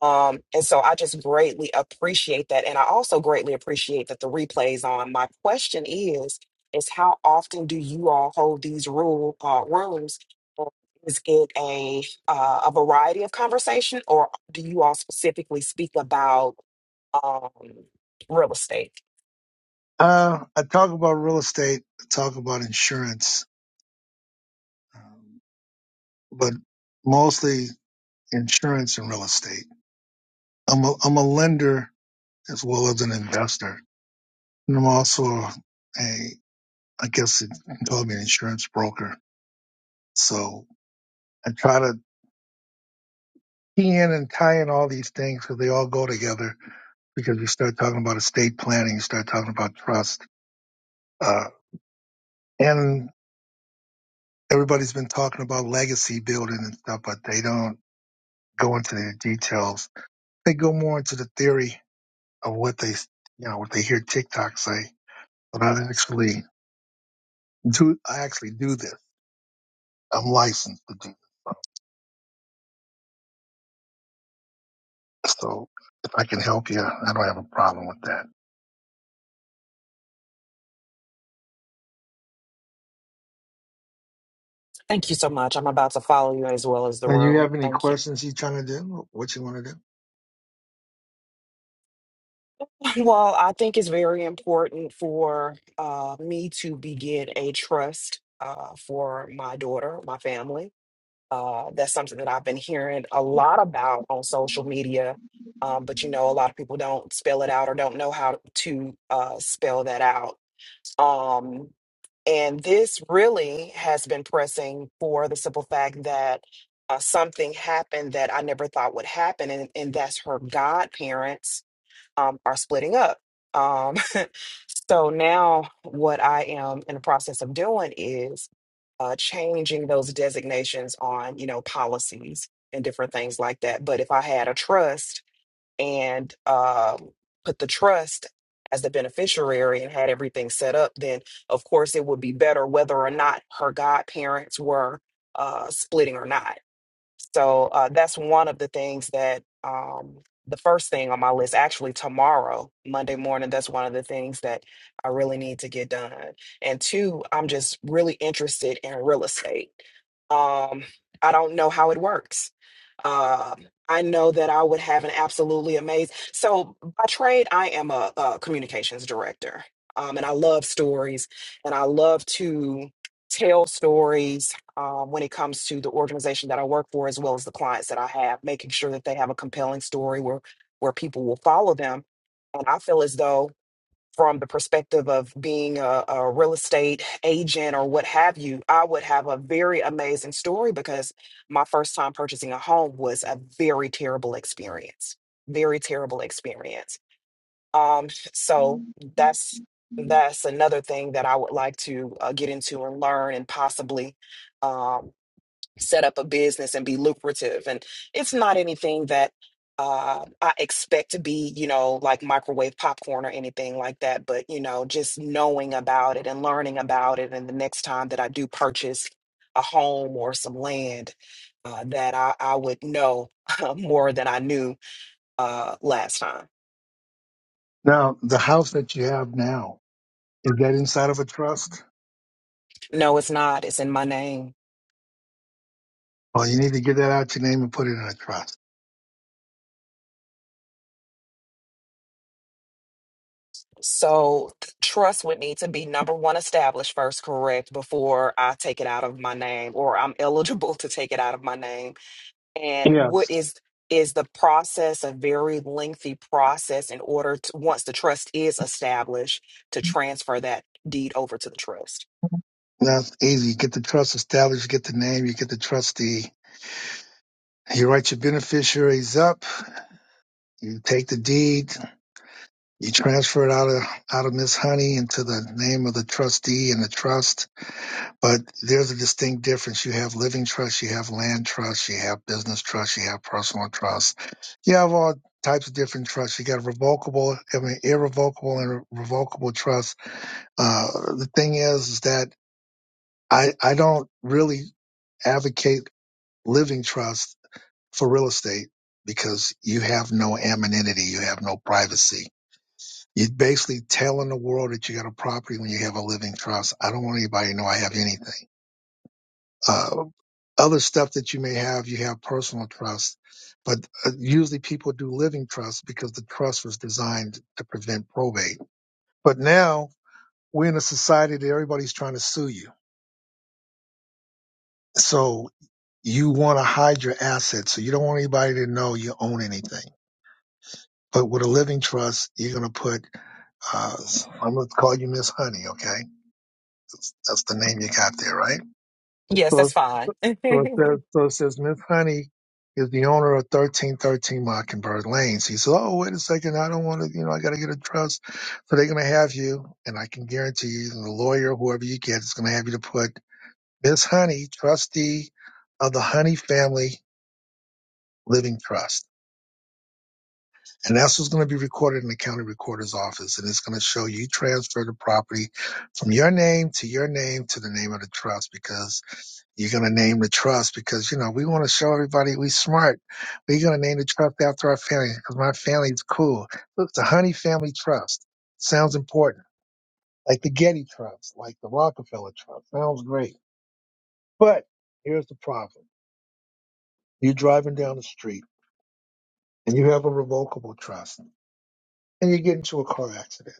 Speaker 6: um, and so I just greatly appreciate that. And I also greatly appreciate that the replays on. My question is, is how often do you all hold these rule uh, rooms? Or Is it a uh, a variety of conversation, or do you all specifically speak about um, real estate?
Speaker 1: Uh, I talk about real estate, I talk about insurance, um, but mostly insurance and real estate. I'm a, I'm a lender as well as an investor. And I'm also a, I guess you can call me an insurance broker. So I try to key in and tying all these things because they all go together. Because you start talking about estate planning, you start talking about trust, uh, and everybody's been talking about legacy building and stuff, but they don't go into the details. They go more into the theory of what they, you know, what they hear TikTok say. But I actually do, I actually do this. I'm licensed to do this. So if I can help you, I don't have a problem with that.
Speaker 6: Thank you so much. I'm about to follow you as well as the
Speaker 1: Now, you
Speaker 6: room.
Speaker 1: have any
Speaker 6: Thank you.
Speaker 1: questions you trying to do? What you want to do?
Speaker 6: Well, I think it's very important for uh, me to begin a trust uh, for my daughter, my family. Uh, that's something that I've been hearing a lot about on social media. Um, but you know, a lot of people don't spell it out or don't know how to uh, spell that out. Um, and this really has been pressing for the simple fact that uh, something happened that I never thought would happen, and, and that's her godparents um, are splitting up. Um, so now, what I am in the process of doing is uh, changing those designations on, you know, policies and different things like that. But if I had a trust and um, put the trust as the beneficiary and had everything set up, then of course it would be better whether or not her godparents were uh, splitting or not so uh, that's one of the things that um, the first thing on my list, actually tomorrow, Monday morning, that's one of the things that I really need to get done. And two, I'm just really interested in real estate. Um, I don't know how it works. Um I know that I would have an absolutely amazing. So by trade, I am a, a communications director, um, and I love stories, and I love to tell stories um, when it comes to the organization that I work for, as well as the clients that I have, making sure that they have a compelling story where where people will follow them. And I feel as though, from the perspective of being a, a real estate agent or what have you, I would have a very amazing story because my first time purchasing a home was a very terrible experience. Very terrible experience. Um, so that's that's another thing that I would like to uh, get into and learn and possibly um, set up a business and be lucrative. And it's not anything that uh, I expect to be, you know, like microwave popcorn or anything like that. But, you know, just knowing about it and learning about it. And the next time that I do purchase a home or some land, uh, that I, I would know more than I knew uh, last time.
Speaker 1: Now, the house that you have now, is that inside of a trust?
Speaker 6: No, it's not. It's in my name.
Speaker 1: Well, you need to get that out your name and put it in a trust.
Speaker 6: So th- trust would need to be number one established first, correct, before I take it out of my name or I'm eligible to take it out of my name. And what
Speaker 1: Yes.
Speaker 6: is is the process a very lengthy process in order to once the trust is established to transfer that deed over to the trust?
Speaker 1: That's easy. You get the trust established, you get the name, you get the trustee. You write your beneficiaries up, you take the deed, you transfer it out of out of Miss Honey into the name of the trustee and the trust. But there's a distinct difference. You have living trust, you have land trust, you have business trust, you have personal trust. You have all types of different trusts. You got revocable, I mean, irrevocable and revocable trust. Uh, the thing is, is that I, I don't really advocate living trust for real estate because you have no anonymity. You have no privacy. You're basically telling the world that you got a property when you have a living trust. I don't want anybody to know I have anything Uh, other stuff that you may have, you have personal trust, but uh, usually people do living trust because the trust was designed to prevent probate. But now we're in a society that everybody's trying to sue you. So you want to hide your assets. So you don't want anybody to know you own anything. But with a living trust, you're going to put, uh, I'm going to call you Miss Honey, okay? That's that's the name you got there, right?
Speaker 6: Yes,
Speaker 1: So.
Speaker 6: that's fine.
Speaker 1: So it says, so it says Miss Honey is the owner of 1313 Mockingbird Lane. She says, oh, wait a second. I don't want to, you know, I got to get a trust. So they're going to have you. And I can guarantee you, the lawyer, whoever you get, is going to have you to put Miss Honey, trustee of the Honey Family Living Trust. And that's what's going to be recorded in the county recorder's office. And it's going to show you transfer the property from your name to your name to the name of the trust because you're going to name the trust because, you know, we want to show everybody we smart. We're going to name the trust after our family because my family's cool. Look, the Honey Family Trust sounds important, like the Getty Trust, like the Rockefeller Trust. Sounds great. But here's the problem you're driving down the street and you have a revocable trust and you get into a car accident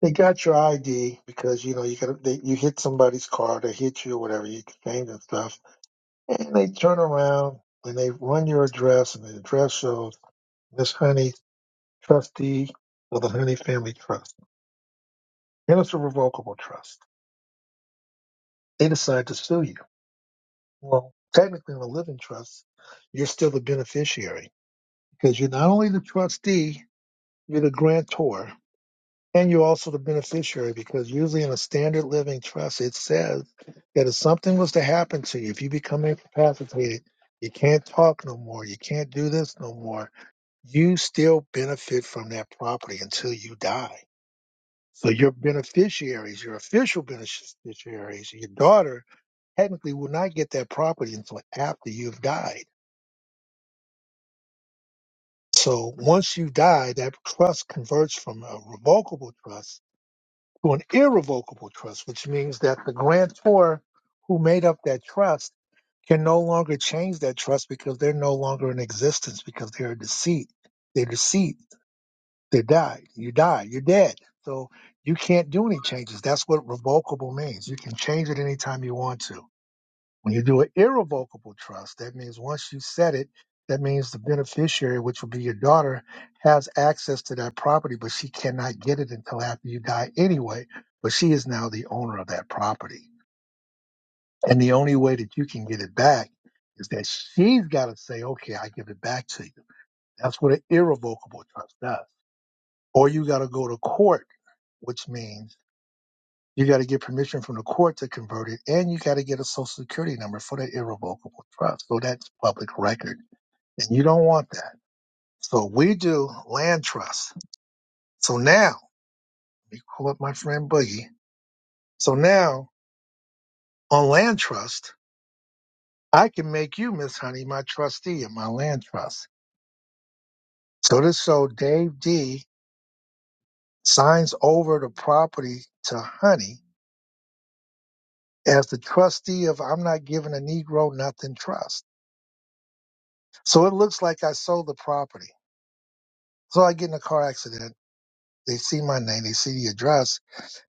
Speaker 1: They got your ID because you know you got they, you hit somebody's car, they hit you or whatever, you exchange and stuff, and they turn around and they run your address, and the address shows Miss Honey, trustee of the Honey Family Trust, and it's a revocable trust. They decide to sue you. Well, technically, in a living trust, you're still the beneficiary because you're not only the trustee, you're the grantor, And you're also the beneficiary because usually in a standard living trust, it says that if something was to happen to you, if you become incapacitated, you can't talk no more, you can't do this no more, you still benefit from that property until you die. So your beneficiaries, your official beneficiaries, your daughter technically will not get that property until after you've died. So once you die, that trust converts from a revocable trust to an irrevocable trust, which means that the grantor who made up that trust can no longer change that trust because they're no longer in existence because they're deceased, They're deceased, They died. You die. You're dead. So you can't do any changes. That's what revocable means. You can change it anytime you want to. When you do an irrevocable trust, that means once you set it, that means the beneficiary, which would be your daughter, has access to that property, but she cannot get it until after you die anyway. But she is now the owner of that property. And the only way that you can get it back is that she's got to say, okay, I give it back to you. That's what an irrevocable trust does. Or you got to go to court, which means You got to get permission from the court to convert it, and you got to get a social security number for the irrevocable trust. So that's public record, and you don't want that. So we do land trust. So now, let me call up my friend Boogie. So now on land trust, I can make you, Miss Honey, my trustee in my land trust. So this so Dave D signs over the property to Honey as the trustee of I'm not giving a Negro nothing trust. So it looks like I sold the property So I get in a car accident. They see my name. They see the address.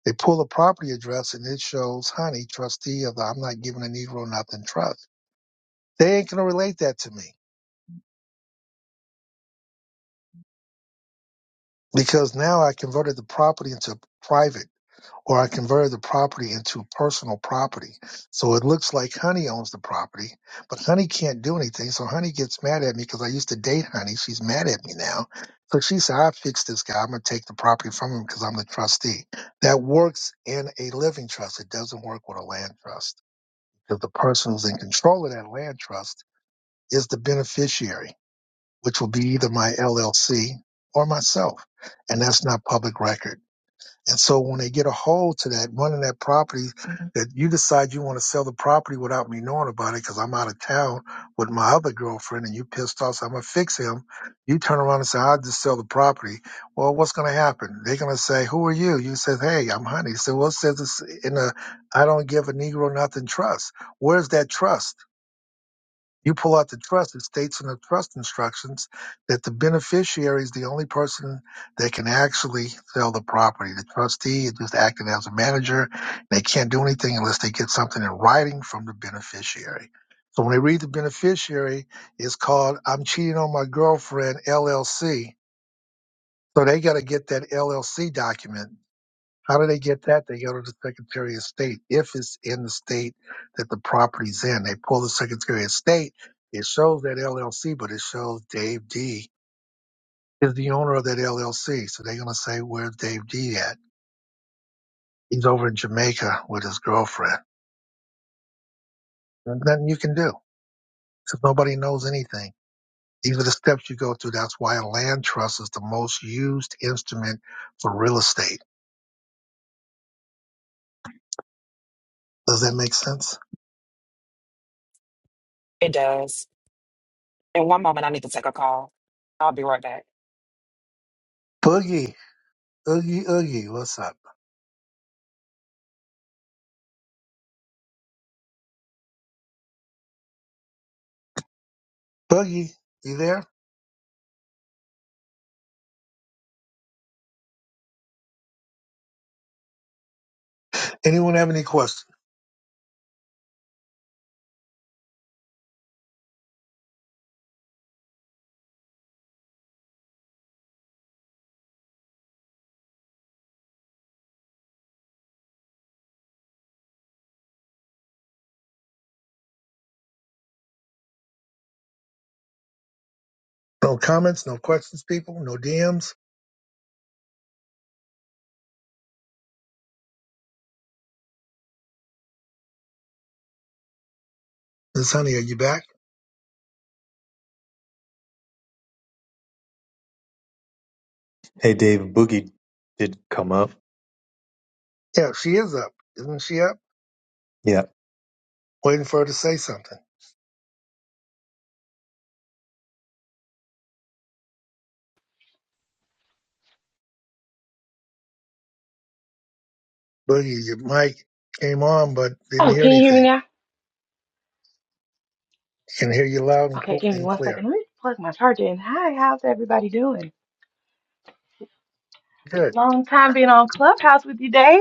Speaker 1: They pull the property address, and it shows Honey, trustee of the I'm not giving a Negro nothing trust. They ain't gonna relate that to me because now I converted the property into private. or I converted the property into personal property. So it looks like Honey owns the property, but Honey can't do anything. So Honey gets mad at me because I used to date Honey. She's mad at me now. So she said, I fixed this guy. I'm going to take the property from him because I'm the trustee. That works in a living trust. It doesn't work with a land trust because the person who's in control of that land trust is the beneficiary, which will be either my LLC or myself. And that's not public record. And so when they get a hold to that, running that property, Mhm. that you decide you want to sell the property without me knowing about it because I'm out of town with my other girlfriend and you pissed off, so I'm going to fix him. You turn around and say, I'll just sell the property. Well, what's going to happen? They're going to say, who are you? You said, hey, I'm honey. So well, it says it's in a, I don't give a Negro nothing trust. Where's that trust? You pull out the trust, it states in the trust instructions that the beneficiary is the only person that can actually sell the property. The trustee is just acting as a manager. They can't do anything unless they get something in writing from the beneficiary. So when they read the beneficiary, it's called I'm Cheating on My Girlfriend LLC. So they got to get that LLC document how do they get that? They go to the Secretary of State. If it's in the state that the property's in, they pull the Secretary of State. It shows that LLC, but it shows Dave D is the owner of that LLC. So they're going to say, where's Dave D at? He's over in Jamaica with his girlfriend. There's nothing you can do because nobody knows anything. These are the steps you go through. That's why a land trust is the most used instrument for real estate. Does that make sense?
Speaker 6: It does. In one moment, I need to take a call. I'll be right back.
Speaker 1: Boogie, Oogie, Oogie, what's up? Boogie, you there? Anyone have any questions? No comments, no questions, people, no DMs. Miss Honey, are you back?
Speaker 4: Hey, Dave, Boogie did come up.
Speaker 1: Yeah, she is up. Isn't she up?
Speaker 4: Yeah,
Speaker 1: Waiting for her to say something. Boogie, your mic came on but didn't
Speaker 7: Oh,
Speaker 1: hear
Speaker 7: can you hear me
Speaker 1: anything.
Speaker 7: now?
Speaker 1: Can hear you loud and,
Speaker 7: Okay,
Speaker 1: cl-
Speaker 7: give me
Speaker 1: and
Speaker 7: one
Speaker 1: clear.
Speaker 7: second. Let me plug my charger in. Hi, how's everybody doing?
Speaker 1: Good.
Speaker 7: Long time being on Clubhouse with you, Dave.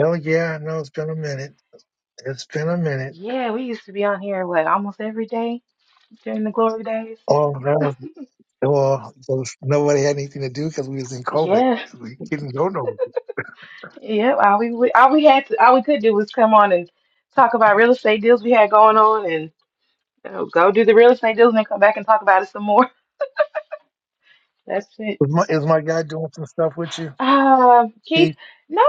Speaker 1: Oh yeah, I know it's been a minute. It's been a minute.
Speaker 7: Yeah, we used to be on here what almost every day during the glory days.
Speaker 1: Oh, that was, well, those- nobody had anything to do because we was in COVID.
Speaker 7: Yeah,
Speaker 1: We couldn't go nowhere.
Speaker 7: yeah. All we we- all we had to all we could do was come on and talk about real estate deals we had going on, and you know, go do the real estate deals, and then come back and talk about it some more. That's it.
Speaker 1: Is my, is my guy doing some stuff with
Speaker 7: Uh,
Speaker 1: you?
Speaker 7: Keith, no,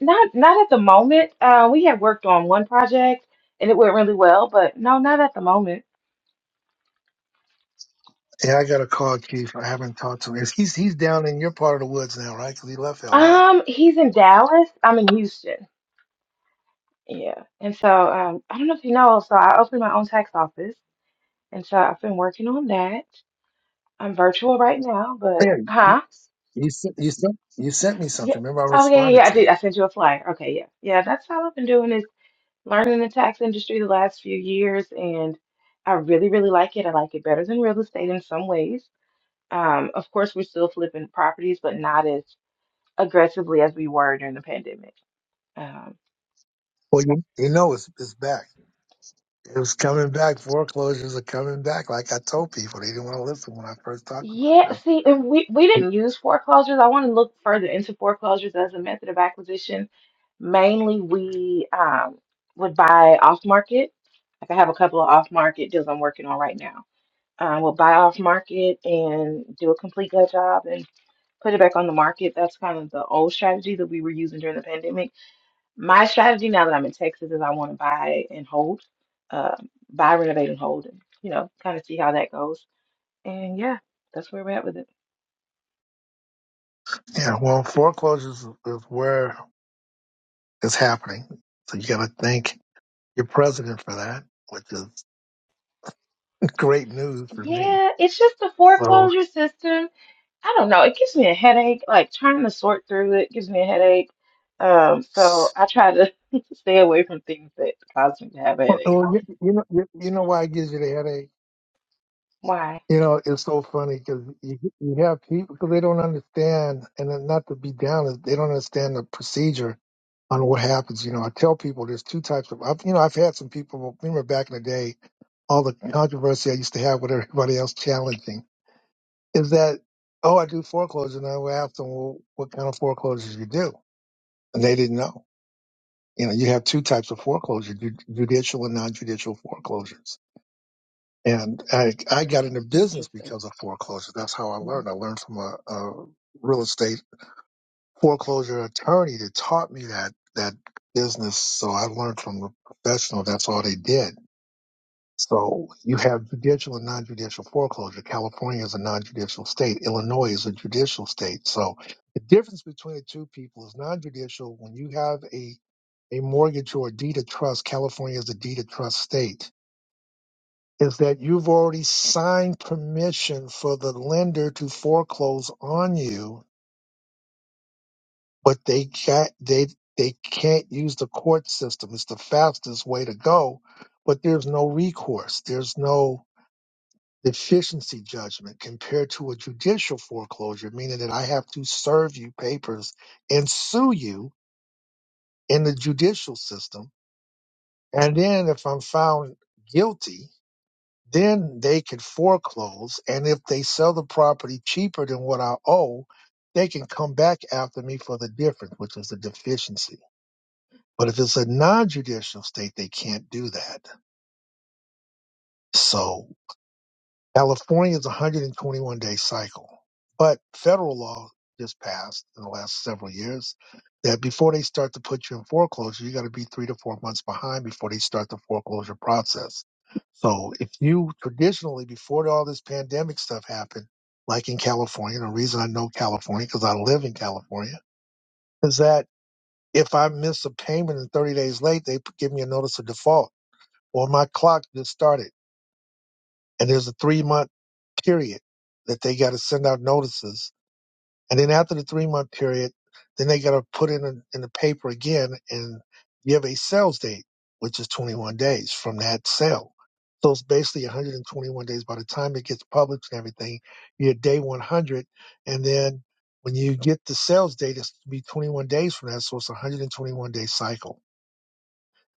Speaker 7: not not not at the moment. Uh, we had worked on one project and it went really well, but no, not at the moment.
Speaker 1: Yeah, I got a call Keith. I haven't talked to him. He's he's down in your part of the woods now, right? Because he left L.A.
Speaker 7: Um, he's in Dallas. I'm in Houston. Yeah. And so um, I don't know if you know, so I opened my own tax office, and so I've been working on that. I'm virtual right now, but
Speaker 1: Yeah,
Speaker 7: huh?
Speaker 1: you sent you sent you sent me
Speaker 7: Yeah.
Speaker 1: something. Remember, I
Speaker 7: Oh yeah, yeah.
Speaker 1: responded
Speaker 7: yeah, I
Speaker 1: to you.
Speaker 7: did. I sent you a flyer. Okay, yeah, yeah. That's all I've been doing learning the tax industry the last few years, and I really, really like it. I like it better than real estate in some ways. Um, of course, we're still flipping properties, but not as aggressively as we were during the pandemic. Um,
Speaker 1: Well, you you know it's it's back. It was coming back. Foreclosures are coming back. Like I told people, they didn't want to listen when I first talked about
Speaker 7: yeah,
Speaker 1: this.
Speaker 7: see, and we, we didn't use foreclosures. I want to look further into foreclosures as a method of acquisition. Mainly, we um, would buy off market. Like I have a couple of off market deals I'm working on right now. Um, we'll buy off market and do a complete gut job put it back on the market. That's kind of the old strategy that we were using during the pandemic. My strategy now that I'm in Texas is I want to buy and hold, uh, buy, renovate, and hold, and you know, kind of see how that goes. And yeah, that's where we're at with it.
Speaker 1: Yeah, well, foreclosures is where it's happening. So you got to thank your president for that, which is great news for me.
Speaker 7: Yeah, it's just the
Speaker 1: So,
Speaker 7: foreclosure system. I don't know. It gives me a headache. Like trying to sort through it gives me a headache. Um, so I try to stay away from things that cause me to have a
Speaker 1: well,
Speaker 7: headache.
Speaker 1: well, you, you know you, you know why it gives you the headache
Speaker 7: Why?
Speaker 1: You know, it's so funny because you, you have people because they don't understand, and then not to be down, is they don't understand the procedure on what happens. You know, I tell people there's two types of, I've, you know, I've had some people. well, Remember back in the day, all the controversy I used to have with everybody else challenging is that, oh, I do foreclosure, and I would ask them, well, what kind of foreclosures you do, and they didn't know. You know, you have two types of foreclosure: ju- judicial and non-judicial foreclosures and I, I got into business
Speaker 7: Interesting.
Speaker 1: because of foreclosure. That's how I learned. I learned from a, a real estate foreclosure attorney that taught me that, that business. So I learned from a professional. That's all they did. So you have judicial and non-judicial foreclosure. California is a non-judicial state. Illinois is a judicial state. So the difference between the two people is non-judicial. When you have a, a mortgage or a deed of trust, California is a deed of trust state is that you've already signed permission for the lender to foreclose on you, but they can't they they can't use the court system. It's the fastest way to go, but there's no recourse. There's no deficiency judgment compared to a judicial foreclosure, meaning that I have to serve you papers and sue you in the judicial system. And then if I'm found guilty, Then they can foreclose, and if they sell the property cheaper than what I owe, they can come back after me for the difference, which is the deficiency. But if it's a non-judicial state, they can't do that. So California's 121 day cycle. But federal law just passed in the last several years that before they start to put you in foreclosure, you got to be three to four months behind before they start the foreclosure process. So if you traditionally, before all this pandemic stuff happened, like in California, the reason I know California because I live in California is that if I miss a payment and 30 days late, they give me a notice of default or my clock just started and there's a three month period that they got to send out notices. And then after the three month period, then they got to put in a, in the paper again and give a sales date, which is 21 days from that sale. So it's basically 121 days by the time it gets published and everything. You're at day 100, and then when you get the sales date, it's to be 21 days from that. So it's a 121 day cycle.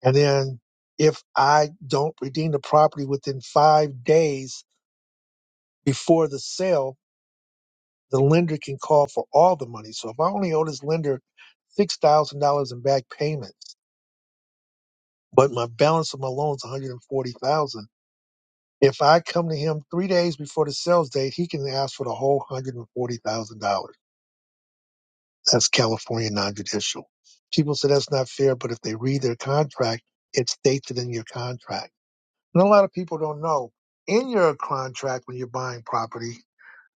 Speaker 1: And then if I don't redeem the property within five days before the sale, the lender can call for all the money. So if I only owe this lender six thousand dollars in back payments, but my balance of my loan is one hundred and forty thousand, if I come to him three days before the sales date, he can ask for the whole hundred and forty thousand dollars. That's California non-judicial. People say that's not fair, but if they read their contract, it's stated in your contract. And a lot of people don't know in your contract when you're buying property.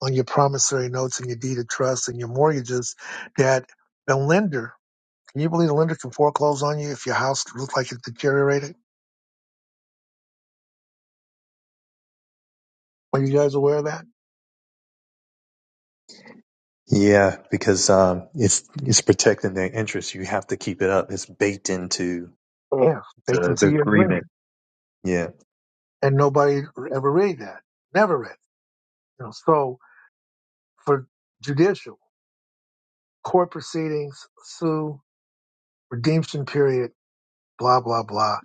Speaker 1: on your promissory notes and your deed of trust and your mortgages that a lender, can you believe a lender can foreclose on you if your house looks like it deteriorated? Are you guys aware of that?
Speaker 4: yeah, because um, it's it's protecting their interests. You have to keep it up. It's baked into
Speaker 1: Yeah. They can
Speaker 4: the, the
Speaker 1: see your
Speaker 4: agreement
Speaker 1: agreement.
Speaker 4: Yeah,
Speaker 1: And nobody ever read that. Never read. it. You know, so for judicial, court proceedings, sue, redemption period, blah, blah, blah.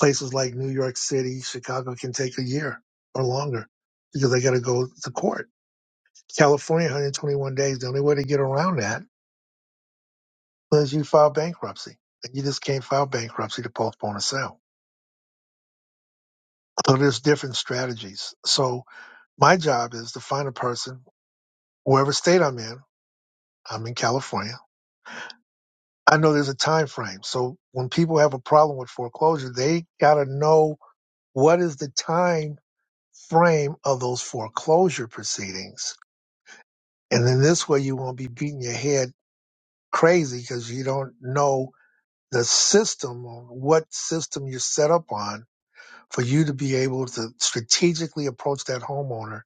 Speaker 1: Places like New York City, Chicago can take a year or longer because they got to go to court. California, 121 days. The only way to get around that Because you file bankruptcy. And you just can't file bankruptcy to postpone a sale. So there's different strategies. So my job is to find a person, wherever state I'm in, I'm in California. I know there's a time frame. So when people have a problem with foreclosure, they gotta know what is the time frame of those foreclosure proceedings. And then this way you won't be beating your head crazy because you don't know the system, what system you're set up on for you to be able to strategically approach that homeowner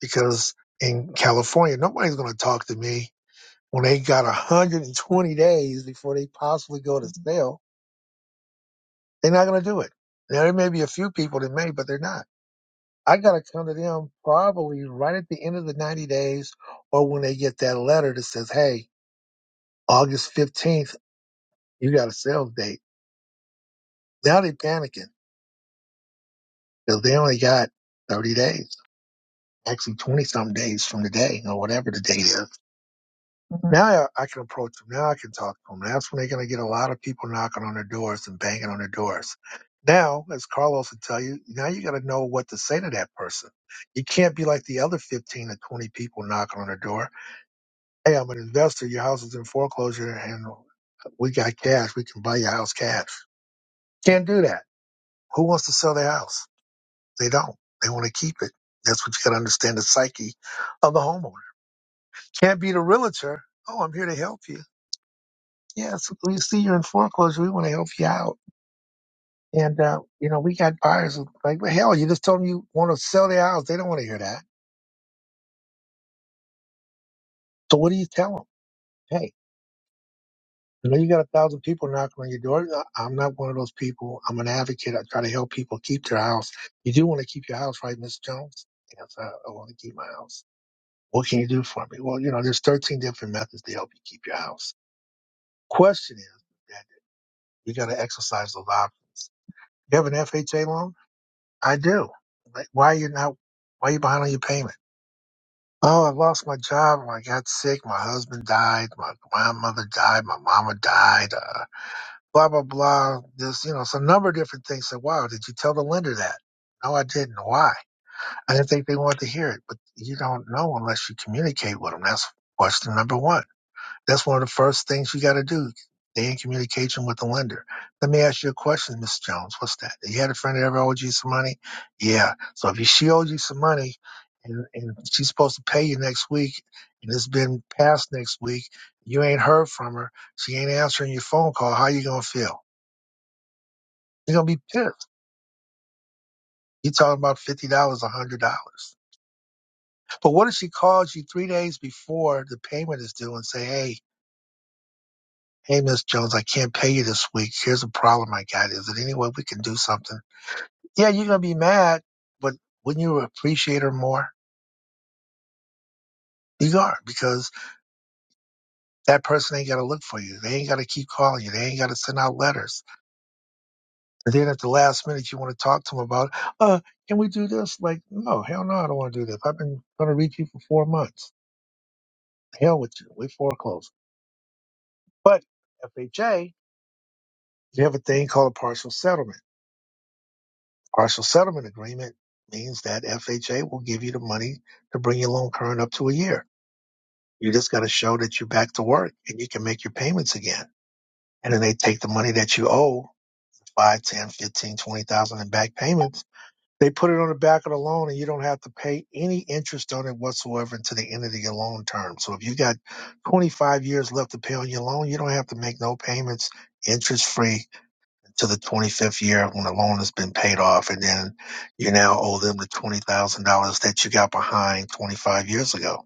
Speaker 1: because in California, nobody's going to talk to me when they got 120 days before they possibly go to sale. They're not going to do it. Now, there may be a few people that may, but they're not. I got to come to them probably right at the end of the 90 days or when they get that letter that says, hey, August 15th, you got a sales date. Now they're panicking because they only got 30 days, actually 20 some days from the day or whatever the date is Now I I can approach them. Now I can talk to them. That's when they're going to get a lot of people knocking on their doors and banging on their doors. Now, as Carlos would tell you, now you got to know what to say to that person. You can't be like the other 15 to 20 people knocking on their door. Hey, I'm an investor. Your house is in foreclosure and we got cash. We can buy your house cash. Can't do that. Who wants to sell their house? They don't. They want to keep it. That's what you got to understand the psyche of the homeowner. Can't be the realtor. Oh, I'm here to help you Yes, we see you're in foreclosure. We want to help you out. And, uh, you know, we got buyers who like, well, hell, you just told them you want to sell their house. They don't want to hear that. So what do you tell them? Hey, I know you got a thousand people knocking on your door. I- I'm not one of those people. I'm an advocate. I try to help people keep their house. You do want to keep your house, right, Miss Jones? Yes, I, I want to keep my house. What can you do for me? Well, you know, there's 13 different methods to help you keep your house. Question is that you got to exercise those options. You have an FHA loan? I do. Like, why are you not? Why are you behind on your payment? Oh, I lost my job. I got sick. My husband died. My grandmother died. My mama died. Uh, blah blah blah. There's you know it's a number of different things. So wow, did you tell the lender that? No, I didn't. Why? I didn't think they wanted to hear it. But you don't know unless you communicate with them. That's question number one. That's one of the first things you got to do. Stay in communication with the lender. Let me ask you a question, Miss Jones. What's that? You had a friend that ever owed you some money? Yeah. So if she owes you some money and, and she's supposed to pay you next week and it's been past next week, you ain't heard from her, she ain't answering your phone call, how you going to feel? You're going to be pissed. you talking about $50, $100. But what if she calls you three days before the payment is due and say, hey, Hey, Miss Jones, I can't pay you this week. Here's a problem I got. Is there any way we can do something? Yeah, you're going to be mad, but wouldn't you appreciate her more? You are, because that person ain't got to look for you. They ain't got to keep calling you. They ain't got to send out letters. And then at the last minute, you want to talk to them about, uh, can we do this? Like, no, hell no, I don't want to do this. I've been going to reach you for four months. Hell with you. We foreclose. But FHA, you have a thing called a partial settlement Partial settlement agreement means that FHA will give you the money to bring your loan current up to a year. You just got to show that you're back to work and you can make your payments again. And then they take the money that you owe, five, ten, fifteen, twenty thousand in back payments. They put it on the back of the loan and you don't have to pay any interest on it whatsoever until the end of your loan term. So if you got 25 years left to pay on your loan, you don't have to make no payments interest free to the 25th year when the loan has been paid off, and then you now owe them the $20,000 that you got behind 25 years ago.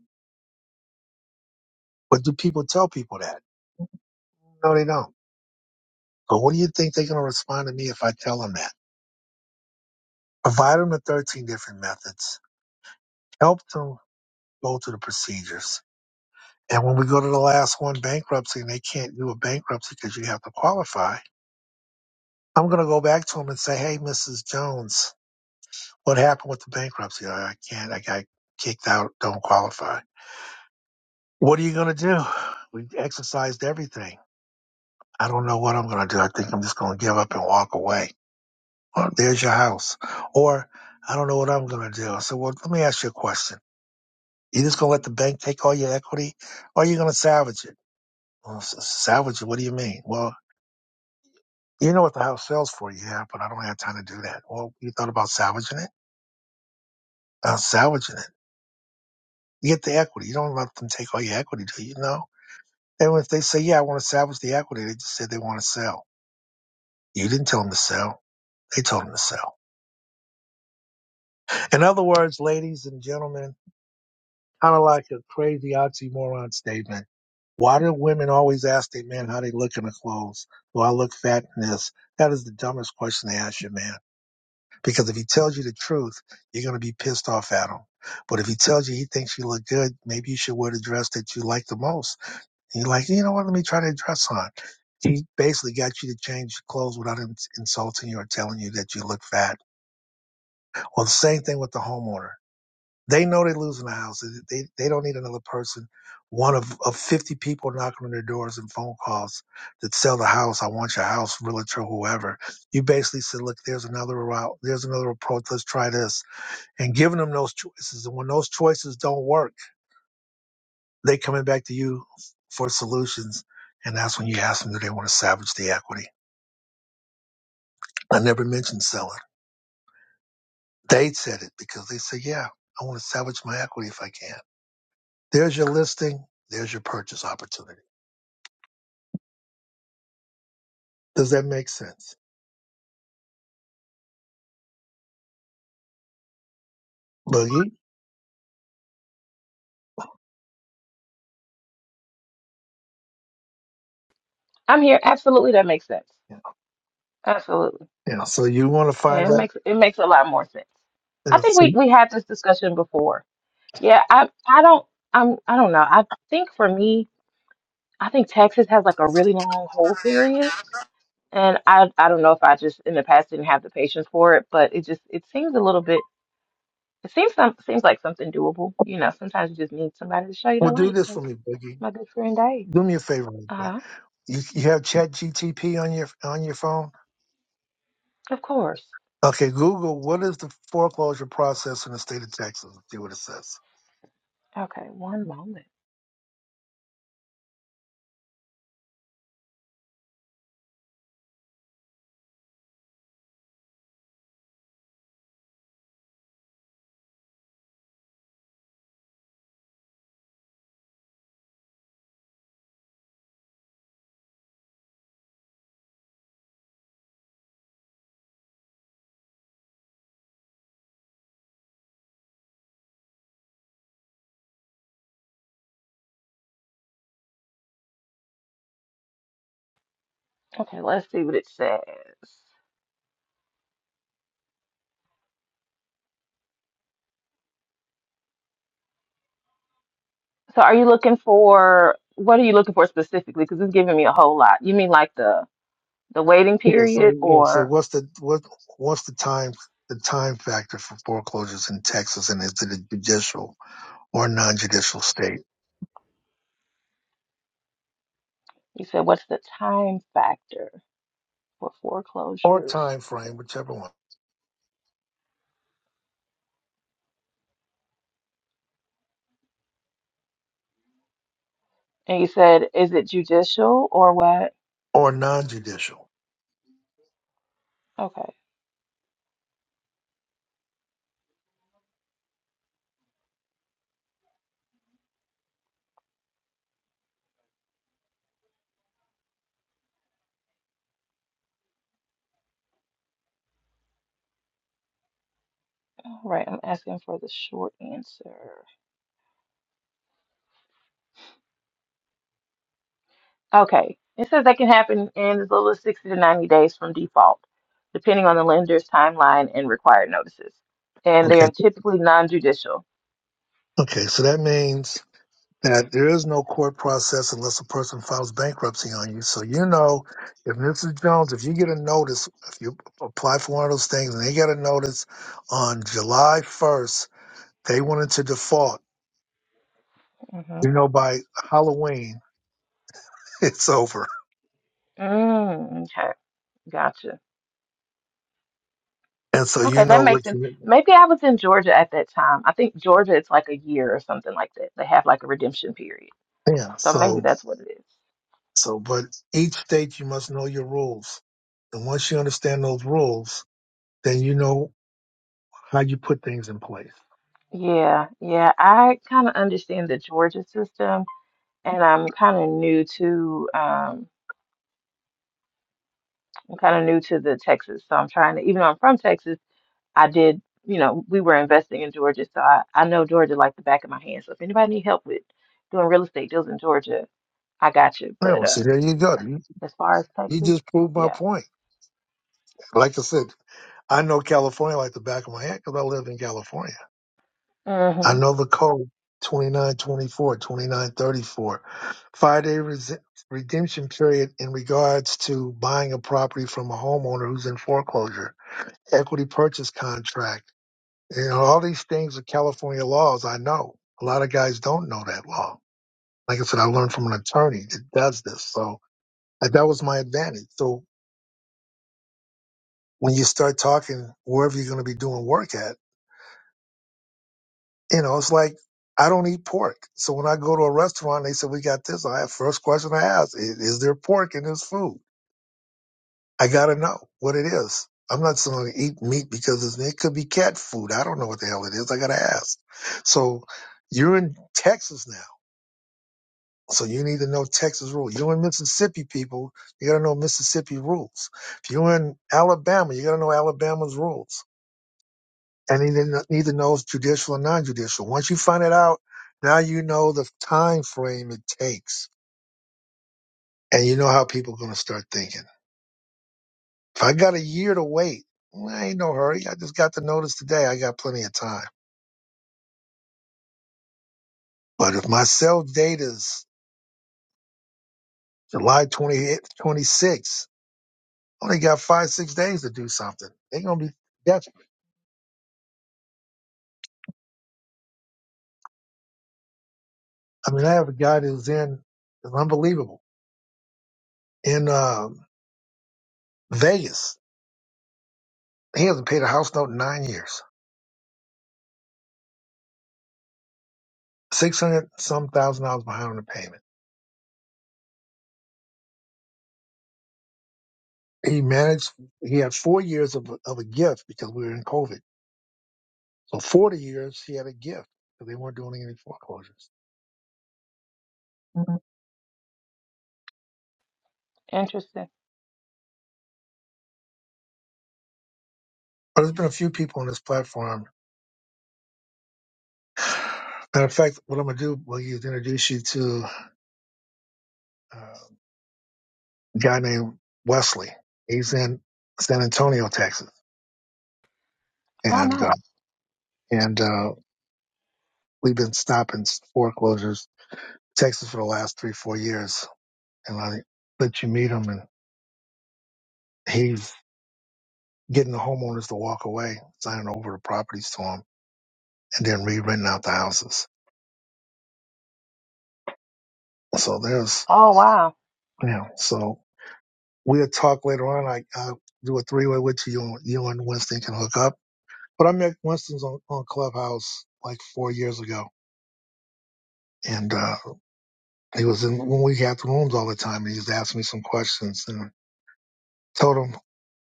Speaker 1: But do people tell people that? No, they don't. But what do you think they're going to respond to me if I tell them that? Provide them the 13 different methods, help them go through the procedures. And when we go to the last one, bankruptcy, and they can't do a bankruptcy because you have to qualify, I'm going to go back to them and say, hey, Mrs. Jones, what happened with the bankruptcy? I can't, I got kicked out, don't qualify What are you going to do? We exercised everything. I don't know what I'm going to do. I think I'm just going to give up and walk away. Well, there's your house. Or I don't know what I'm going to do. I said, well, let me ask you a question. You just going to let the bank take all your equity or are you going to salvage it? Well, s- salvage it? What do you mean? Well, you know what the house sells for. Yeah, but I don't have time to do that. Well, you thought about salvaging it? Uh, salvaging it. You get the equity. You don't let them take all your equity, do you? No. And if they say, yeah, I want to salvage the equity, they just said they want to sell. You didn't tell them to sell. They told him to sell. In other words, ladies and gentlemen, kind of like a crazy oxymoron statement. Why do women always ask their men how they look in their clothes? Do I look fat in this? That is the dumbest question to ask your man. Because if he tells you the truth, you're going to be pissed off at him. But if he tells you he thinks you look good, maybe you should wear the dress that you like the most. And you're like, you know what? Let me try that dress on. He basically got you to change your clothes without ins- insulting you or telling you that you look fat. Well, the same thing with the homeowner They know they're losing the house. They, they don't need another person. One of, of 50 people knocking on their doors and phone calls that sell the house. I want your house, realtor, whoever. You basically said, look, there's another route. There's another approach. Let's try this. And giving them those choices. And when those choices don't work, they coming back to you for solutions. And that's when you ask them, do they want to salvage the equity? I never mentioned selling. They said it because they said, yeah, I want to salvage my equity if I can. There's your listing. There's your purchase opportunity. Does that make sense, Boogie?
Speaker 7: I'm here. Absolutely, that makes sense.
Speaker 1: Yeah.
Speaker 7: Absolutely.
Speaker 1: yeah. So you want to
Speaker 7: Yeah,
Speaker 1: find
Speaker 7: it
Speaker 1: out?
Speaker 7: makes it makes a lot more sense.
Speaker 1: yeah,
Speaker 7: I think
Speaker 1: So
Speaker 7: we
Speaker 1: you-
Speaker 7: we had this discussion before. Yeah, I I don't I'm I don't know. I think for me, I think Texas has like a really long hold period, and I I don't know if I just in the past didn't have the patience for it, but it just it seems a little bit it seems some seems like something doable. You know, sometimes you just need somebody to show you the
Speaker 1: well, do
Speaker 7: light,
Speaker 1: this for
Speaker 7: like
Speaker 1: me, Boogie.
Speaker 7: my good friend Dave.
Speaker 1: Do me a favor, real quick.
Speaker 7: Uh,
Speaker 1: You you have Chat GTP on your on your phone?
Speaker 7: of course.
Speaker 1: Okay. Google what is the foreclosure process in the state of Texas? See what it says.
Speaker 7: Okay, one moment. Okay, let's see what it says. So are you looking for what are you looking for specifically? Because it's giving me a whole lot. You mean like the the waiting
Speaker 1: Yeah. Say
Speaker 7: period,
Speaker 1: yeah. Say
Speaker 7: or
Speaker 1: what's the what what's the time the time factor for foreclosures in Texas, and is it a judicial or non-judicial state
Speaker 7: you said what's the time factor for
Speaker 1: or
Speaker 7: foreclosures?
Speaker 1: time
Speaker 7: Okay.
Speaker 1: frame, whichever one,
Speaker 7: And you said is it judicial or what?
Speaker 1: or non-judicial?
Speaker 7: Okay. All right. I'm asking for the short answer. Okay. It says that can happen in as little as 60 to 90 days from default, depending on the lender's timeline and required notices. And they
Speaker 1: Okay.
Speaker 7: are typically non-judicial.
Speaker 1: Okay. So that means that there is no court process unless a person files bankruptcy on you. So you know, if Mr. Jones, if you get a notice, if you apply for one of those things and they get a notice on July 1st, they wanted to default.
Speaker 7: Mm-hmm.
Speaker 1: You know, by Halloween, it's over.
Speaker 7: Mm, okay. Gotcha.
Speaker 1: And so you
Speaker 7: Okay, that
Speaker 1: know
Speaker 7: makes
Speaker 1: what
Speaker 7: sense.
Speaker 1: you,
Speaker 7: Maybe I was in Georgia at that time. I think Georgia it's like a year or something like that. They have like a redemption period.
Speaker 1: yeah.
Speaker 7: So maybe
Speaker 1: So,
Speaker 7: that's what it is.
Speaker 1: so, but each state, you must know your rules. And once you understand those rules, then you know how you put things in place.
Speaker 7: Yeah, yeah. I kind of understand the Georgia system and I'm kind of new to um I'm kind of new to the Texas. So I'm trying to even though I'm from Texas, I did, you know, we were investing in Georgia, so I, I know Georgia like the back of my hand. So if anybody need help with doing real estate deals in Georgia, I got you.
Speaker 1: Yeah,
Speaker 7: But
Speaker 1: well, see,
Speaker 7: uh
Speaker 1: there you go. You,
Speaker 7: as far as
Speaker 1: you
Speaker 7: Texas,
Speaker 1: just proved my
Speaker 7: yeah.
Speaker 1: point. Like I said, I know California like the back of my hand because I live in California. I
Speaker 7: Mm-hmm.
Speaker 1: know the code 2924 Five day res- redemption period in regards to buying a property from a homeowner who's in foreclosure, equity purchase contract. You know, all these things are California laws. I know a lot of guys don't know that law. Like I said, I learned from an attorney that does this. So like, that was my advantage. So when you start talking wherever you're going to be doing work at, You know, it's like I don't eat pork. So when I go to a restaurant, they say, we got this. I have first question I ask, "I- is there pork in this food? I got to know what it is. I'm not just going to eat meat because it's, it could be cat food. I don't know what the hell it is. I got to ask. So you're in Texas now. So you need to know Texas rules. You're in Mississippi, people. You got to know Mississippi rules. If you're in Alabama, you got to know Alabama's rules and he didn't neither knows judicial and non-judicial. Once you find it out, now you know the time frame it takes, and you know how people are going to start thinking. If I got a year to wait, well, I ain't no hurry. I just got the notice today. I got plenty of time. But if my sell date is July 28th, 26, I only got five, six days to do something. They're going to be desperate. I mean, I have a guy that was in, it's unbelievable, in um Vegas. He hasn't paid a house note in nine years six hundred some thousand dollars behind on the payment. He managed. He had four years of of a gift because we were in COVID. So forty years he had a gift because they weren't doing any foreclosures. Mhm.
Speaker 7: Interesting.
Speaker 1: But there's been a few people on this platform. Matter of fact, what I'm gonna do well, is introduce you to uh, a guy named Wesley. He's in San Antonio, Texas,
Speaker 7: Oh,
Speaker 1: and uh,
Speaker 7: nice.
Speaker 1: and uh, we've been stopping foreclosures in Texas for the last three four years. And I let you meet him, and he's getting the homeowners to walk away, signing over the properties to them, and then re-renting out the houses. So there's,
Speaker 7: Oh, wow.
Speaker 1: you know, so we'll talk later on. I I'll do a three-way with you, and you and Winston can hook up. But I met Winston's on, on Clubhouse like four years ago, and uh, he was in when we had the rooms all the time, and he's asked me some questions and. I Told him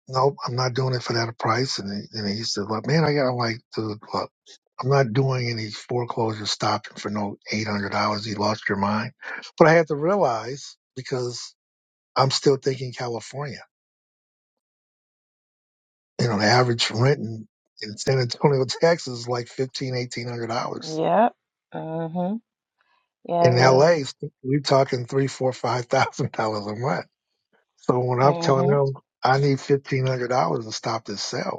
Speaker 1: nope, I'm not doing it for that price. And he, and he said, "Well, man, I got I'm like, dude, look, I'm not doing any foreclosure stopping for no $800. You lost your mind. But I had to realize because I'm still thinking California, you know, the average rent in, in San Antonio, Texas is like fifteen, eighteen hundred dollars.
Speaker 7: Yep. hmm Yeah.
Speaker 1: In LA, we're talking three, four, five thousand dollars a month. So when I'm telling
Speaker 7: hmm
Speaker 1: them I need fifteen hundred dollars to stop this sale,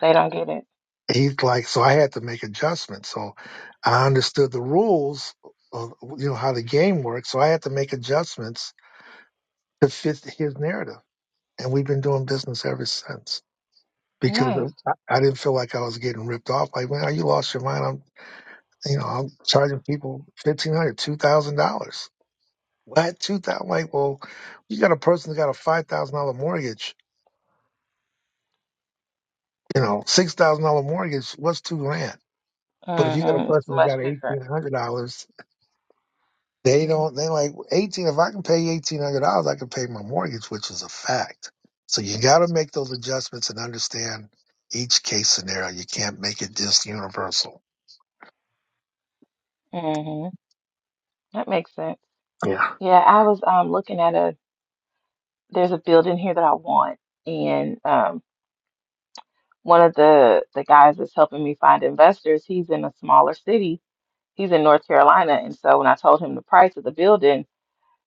Speaker 7: They don't get it.
Speaker 1: he's like, so I had to make adjustments. So I understood the rules of you know how the game works. So I had to make adjustments to fit his narrative, and we've been doing business ever since because of,
Speaker 7: Nice.
Speaker 1: I I didn't feel like I was getting ripped off. Like, man, you lost your mind. I'm you know I'm charging people fifteen hundred, two thousand dollars. What two thousand? Like, well, you got a person that got a five thousand dollar mortgage, you know, six thousand dollar mortgage. What's two grand? But if you got a
Speaker 7: hmm It's
Speaker 1: person that
Speaker 7: much
Speaker 1: got
Speaker 7: different.
Speaker 1: eighteen hundred dollars They don't. They like eighteen. If I can pay eighteen hundred dollars, I can pay my mortgage, which is a fact. So you got to make those adjustments and understand each case scenario. You can't make it just universal.
Speaker 7: hmm That makes sense.
Speaker 1: Yeah.
Speaker 7: Yeah, I was um looking at a there's a building here that I want, and um one of the the guys that's helping me find investors, he's in a smaller city. He's in North Carolina, and so when I told him the price of the building,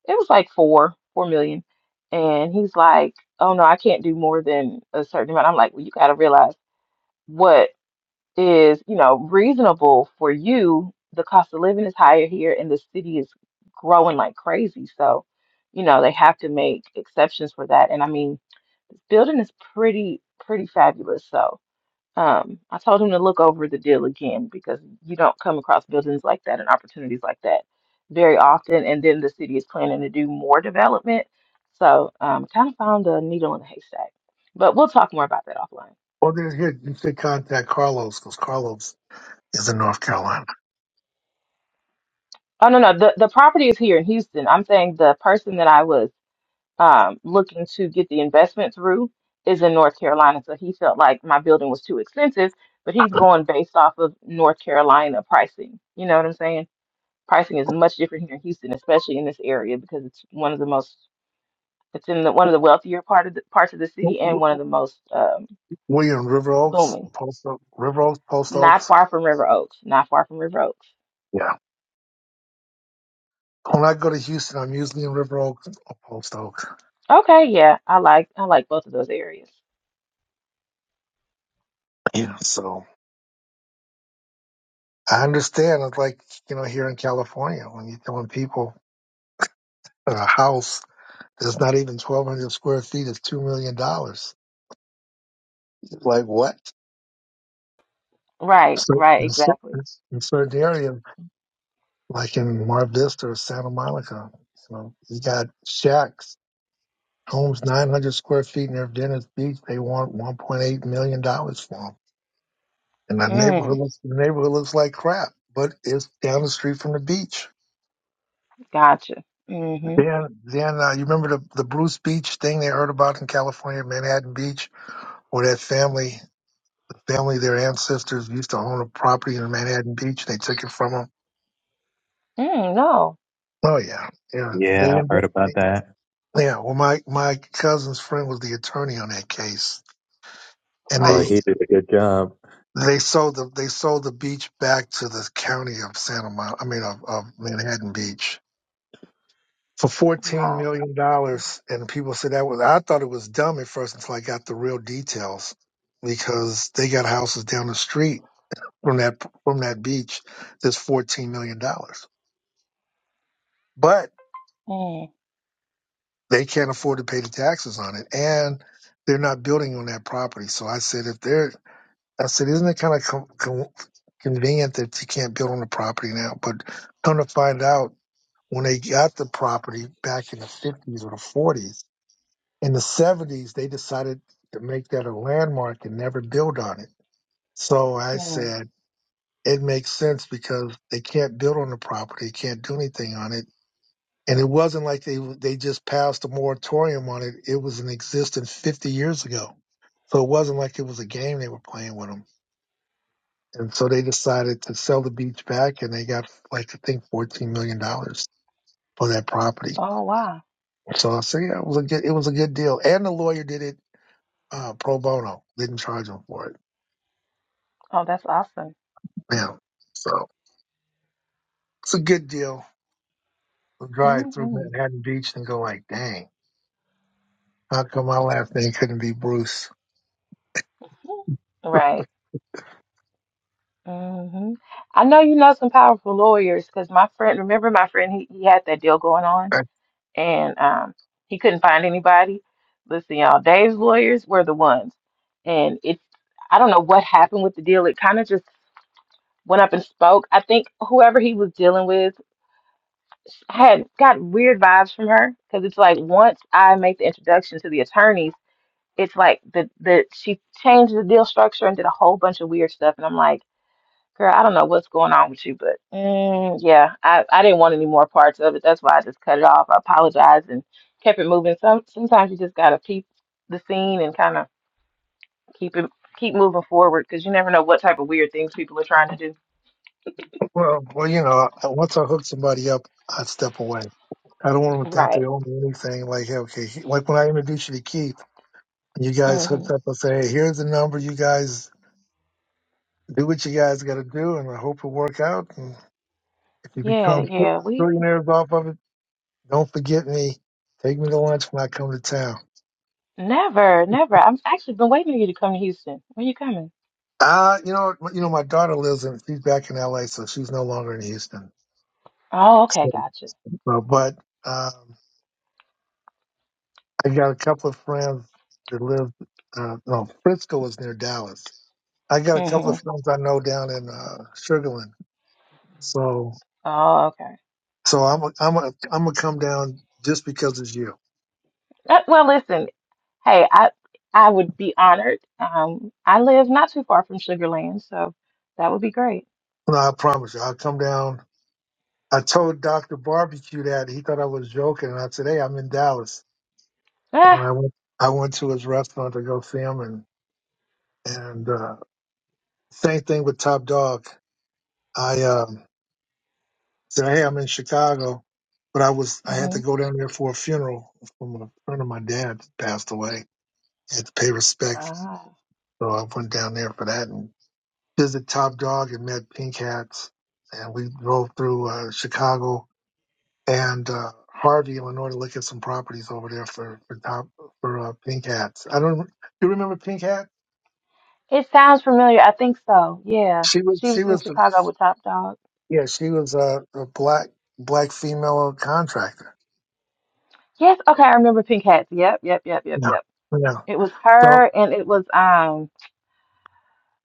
Speaker 7: it was like four, four million. And he's like, "Oh no, I can't do more than a certain amount." I'm like, "Well, you got to realize." what is, you know, reasonable for you. The cost of living is higher here and the city is growing like crazy. So, you know, they have to make exceptions for that. And I mean, this building is pretty, pretty fabulous. So, um, I told him to look over the deal again because you don't come across buildings like that and opportunities like that very often. And then the city is planning to do more development. So, um, kind of found a needle in a haystack. But we'll talk more about that offline.
Speaker 1: Well, there's here you should contact Carlos because Carlos is in North Carolina.
Speaker 7: Oh no, no, the the property is here in Houston. I'm saying the person that I was um looking to get the investment through is in North Carolina, so he felt like my building was too expensive, but he's going based off of North Carolina pricing. You know what I'm saying? Pricing is much different here in Houston, especially in this area because it's one of the most it's in the one of the wealthier part of the parts of the
Speaker 1: W-
Speaker 7: city
Speaker 1: w-
Speaker 7: and one of the most um
Speaker 1: William River Oaks,
Speaker 7: booming.
Speaker 1: Post Oak, River Oaks, Post
Speaker 7: Not
Speaker 1: Oaks.
Speaker 7: far from River Oaks, not far from River Oaks.
Speaker 1: Yeah. When I go to Houston, I'm usually in River Oaks or Post Oaks.
Speaker 7: Okay, yeah, I like I like both of those areas.
Speaker 1: Yeah. So I understand. It's like you know here in California when you're telling people a house It's not even 1,200 square feet. It's $2 million. dollars. Like what?
Speaker 7: Right,
Speaker 1: So
Speaker 7: right,
Speaker 1: in, cer-
Speaker 7: exactly.
Speaker 1: in certain areas, like in Mar Vista or Santa Monica, you know, you got shacks, homes 900 square feet near Venice Beach. They want $1.8 million dollars for them. And the neighborhood
Speaker 7: Mm,
Speaker 1: looks, the neighborhood looks like crap, but it's down the street from the beach.
Speaker 7: gotcha. Mm-hmm.
Speaker 1: Then, then uh, you remember the, the Bruce Beach thing they heard about in California, Manhattan Beach, where that family family, their ancestors used to own a property in Manhattan Beach. They took it from them.
Speaker 7: Mm, no.
Speaker 1: Oh yeah, yeah. They,
Speaker 4: yeah,
Speaker 1: end
Speaker 4: I
Speaker 1: up-
Speaker 4: heard
Speaker 1: they
Speaker 4: about that.
Speaker 1: yeah. Well, my my cousin's friend was the attorney on that case, and
Speaker 4: Oh,
Speaker 1: they
Speaker 7: Wow.
Speaker 4: he did a good job.
Speaker 1: they sold the they sold the beach back to the county of Santa Monica. I mean, of, of Manhattan Beach for fourteen
Speaker 7: Wow.
Speaker 1: million dollars. And people said that was I thought it was dumb at first until I got the real details because they got houses down the street from that from that beach that's fourteen million dollars. but.
Speaker 7: Mm,
Speaker 1: they can't afford to pay the taxes on it, and they're not building on that property. So I said, if they're, I said, isn't it kind of com- com- convenient that you can't build on the property now? But come to find out, when they got the property back in the fifties or the forties, in the seventies, they decided to make that a landmark and never build on it. So I
Speaker 7: mm.
Speaker 1: said, it makes sense because they can't build on the property, can't do anything on it and it wasn't like they they just passed a moratorium on it. It was in existence 50 years ago. So it wasn't like it was a game they were playing with them. And so they decided to sell the beach back, and they got like I think 14 million dollars for that property.
Speaker 7: Oh, wow.
Speaker 1: So I say yeah, it was a good it was a good deal. And the lawyer did it uh, pro bono, didn't charge them for it.
Speaker 7: Oh, that's awesome.
Speaker 1: Yeah, so it's a good deal. We'll Drive through
Speaker 7: Mm-hmm.
Speaker 1: Manhattan Beach and go like, dang, how come my last name couldn't be Bruce?
Speaker 7: Right. Mm-hmm. I know you know some powerful lawyers because my friend, remember my friend, he, he had that deal going on and um, he couldn't find anybody. Listen, y'all, Dave's lawyers were the ones. And it, I don't know what happened with the deal. It kind of just went up and spoke. I think whoever he was dealing with I had got weird vibes from her because it's like once I make the introduction to the attorneys, it's like the the she changed the deal structure and did a whole bunch of weird stuff, and I'm like, girl, I don't know what's going on with you, but mm, yeah, I I didn't want any more parts of it. That's why I just cut it off. I apologized and kept it moving. Some sometimes you just gotta peep the scene and kind of keep it keep moving forward because you never know what type of weird things people are trying to do.
Speaker 1: Well, well, you know, I- once I hook somebody up, i step away. I don't want them to think
Speaker 7: Right.
Speaker 1: they owe me anything. Like, hey, okay, he- like when I introduced you to Keith, and you guys
Speaker 7: hmm
Speaker 1: hooked up. I say, hey, here's the number. You guys do what you guys got to do, and I hope it work out. And if you
Speaker 7: Yeah,
Speaker 1: become
Speaker 7: yeah. We
Speaker 1: billionaires off of it, don't forget me. Take me to lunch when I come to town.
Speaker 7: Never, never. I've actually been waiting for you to come to Houston. When you coming?
Speaker 1: Uh, you know, you know, my daughter lives in. She's back in L.A., so she's no longer in Houston.
Speaker 7: Oh, okay,
Speaker 1: So,
Speaker 7: gotcha.
Speaker 1: uh, but. um, I got a couple of friends that live. Uh, no, Frisco is near Dallas. I got a couple
Speaker 7: hmm
Speaker 1: of friends I know down in uh, Sugarland. So,
Speaker 7: Oh, okay.
Speaker 1: so I'm a, I'm a, I'm gonna come down just because it's you.
Speaker 7: Uh, well, listen, hey, I I would be honored. Um, I live not too far from Sugar Land, so that would be great.
Speaker 1: No, I promise you, I'll come down. I told Doctor Barbecue that he thought I was joking, and I said, "Hey, I'm in Dallas,"
Speaker 7: Ah,
Speaker 1: and I went I went to his restaurant to go see him, and and uh, same thing with Top Dog. I um said, "Hey, I'm in Chicago, but I was I had to
Speaker 7: hmm
Speaker 1: go down there for a funeral from a friend of my dad that passed away. I had to pay respect,
Speaker 7: Ah,
Speaker 1: so I went down there for that and visited Top Dog and met Pink Hats, and we drove through uh, Chicago and uh, Harvey, Illinois, to look at some properties over there for for Top for uh, Pink Hats. I don't. Do you remember Pink Hat?
Speaker 7: it sounds familiar. I think so. Yeah,
Speaker 1: She was
Speaker 7: she
Speaker 1: she
Speaker 7: was in
Speaker 1: was the,
Speaker 7: Chicago with Top Dog.
Speaker 1: yeah she was a, a black black female contractor.
Speaker 7: Yes, okay, I remember Pink Hats. Yep, yep, yep, yep,
Speaker 1: No,
Speaker 7: yep.
Speaker 1: no.
Speaker 7: It was
Speaker 1: So
Speaker 7: her and it was um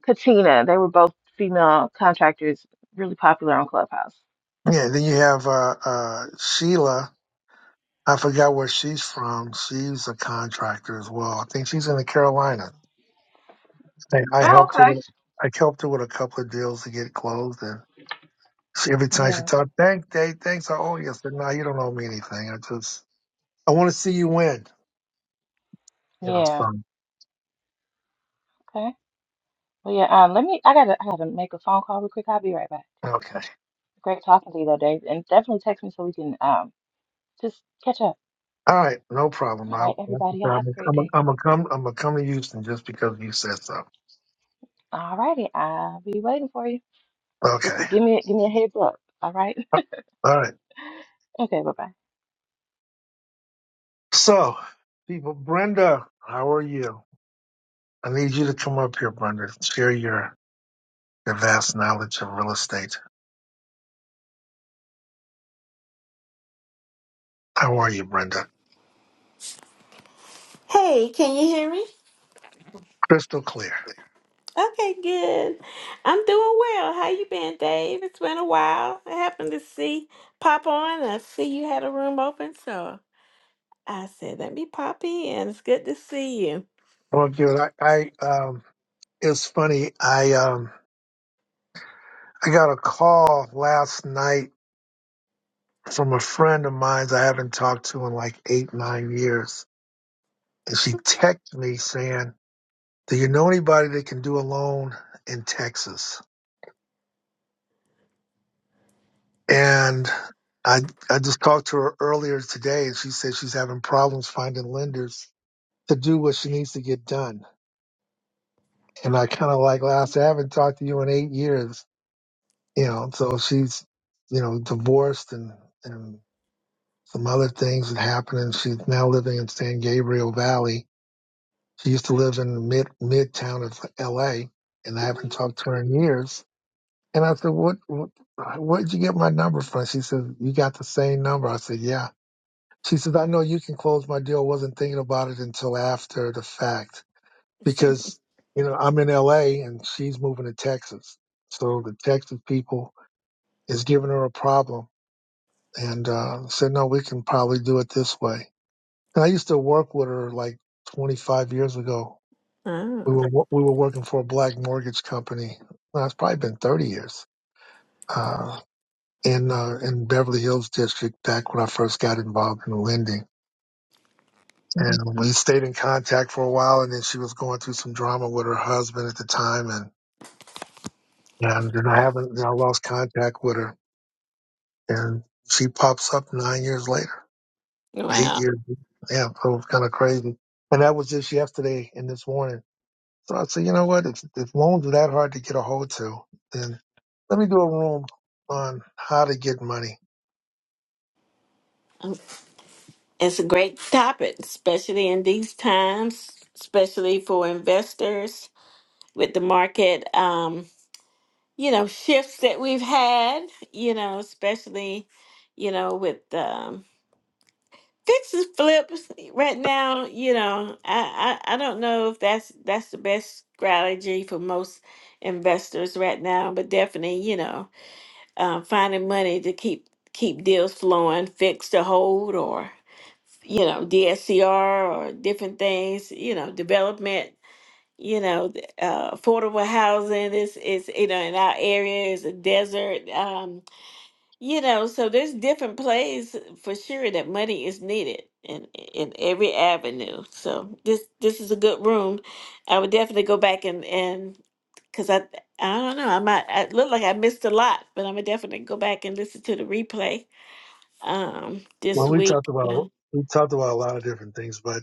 Speaker 7: Katina. They were both female contractors, really popular on Clubhouse.
Speaker 1: Yeah, then you have uh, uh, Sheila. I forgot where she's from. She's a contractor as well. I think she's in the Carolina. I, I
Speaker 7: Oh,
Speaker 1: helped her
Speaker 7: okay.
Speaker 1: with I helped her with a couple of deals to get closed, and she, every time she
Speaker 7: Yes.
Speaker 1: talked, thank Dave, thanks, I owe you. I said, no, you don't owe me anything. I just I want to see you win. You know,
Speaker 7: Yeah.
Speaker 1: so
Speaker 7: Okay. Well, yeah. Um, let me. I gotta. I gotta make a phone call real quick. I'll be right back.
Speaker 1: okay,
Speaker 7: Great talking to you, though, Dave. And definitely text me so we can um just catch up.
Speaker 1: all right, no problem.
Speaker 7: All
Speaker 1: I,
Speaker 7: right,
Speaker 1: I'm
Speaker 7: everybody. Y'all have
Speaker 1: gonna
Speaker 7: a great
Speaker 1: I'm gonna
Speaker 7: day.
Speaker 1: I'm gonna come I'm gonna come to Houston just because you said so.
Speaker 7: All righty. I'll be waiting for you. Just
Speaker 1: Okay,
Speaker 7: give me give me a heads up. All right.
Speaker 1: all right.
Speaker 7: Okay. Bye bye.
Speaker 1: So, people, Brenda, how are you? I need you to come up here, Brenda, and share your, your vast knowledge of real estate. How are you, Brenda?
Speaker 8: Hey, can you hear me?
Speaker 1: Crystal clear.
Speaker 8: Okay, good. I'm doing well. How you been, Dave? It's been a while. I happened to see pop on. and I see you had a room open, so I said, "Let me pop in." It's good to see you.
Speaker 1: Well, good. I, I um, it's funny. I um, I got a call last night from a friend of mine I haven't talked to in like eight, nine years, and she texted me saying, "Do you know anybody that can do a loan in Texas?" And I I just talked to her earlier today, and she said she's having problems finding lenders to do what she needs to get done. and I kind of like last. I haven't talked to you in eight years, you know. So she's, you know, divorced and and some other things that happened, and she's now living in San Gabriel Valley. She used to live in mid midtown of L.A., and I haven't talked to her in years. And I said, "What? what Where'd you get my number from?" She said, "You got the same number." I said, "Yeah." She says, "I know you can close my deal. Wasn't thinking about it until after the fact." because you know I'm in LA and she's moving to Texas. So the Texas people is giving her a problem and uh, said, no, we can probably do it this way. And I used to work with her like 25 years ago.
Speaker 8: oh,
Speaker 1: We were we were working for a black mortgage company. Well, it's probably been 30 years uh, in uh, in Beverly Hills district back when I first got involved in lending. And we stayed in contact for a while, and then she was going through some drama with her husband at the time, and and then I haven't. and I lost contact with her, and she pops up nine years later, eight
Speaker 8: wow,
Speaker 1: years. Yeah, so it's kind of crazy. And that was just yesterday and this morning. So I said, you know what? If if loans are that hard to get a hold to, then let me do a room on how to get money.
Speaker 8: it's a great topic, especially in these times, especially for investors with the market. Um, you know, shifts that we've had. You know, especially, you know, with um, This is flips right now. You know, I, I I don't know if that's that's the best strategy for most investors right now, but definitely, you know, uh, finding money to keep keep deals flowing, fix to hold, or you know, DSCR or different things. You know, development. You know, th- uh, affordable housing is is you know in our area is a desert. Um, you know, so there's different plays for sure that money is needed in in every avenue. So this this is a good room. I would definitely go back and and because I I don't know I might I look like I missed a lot, but I'm gonna definitely go back and listen to the replay um
Speaker 1: Well,
Speaker 8: this
Speaker 1: we talked
Speaker 8: week.
Speaker 1: about
Speaker 8: Mm-hmm.
Speaker 1: we talked about a lot of different things, but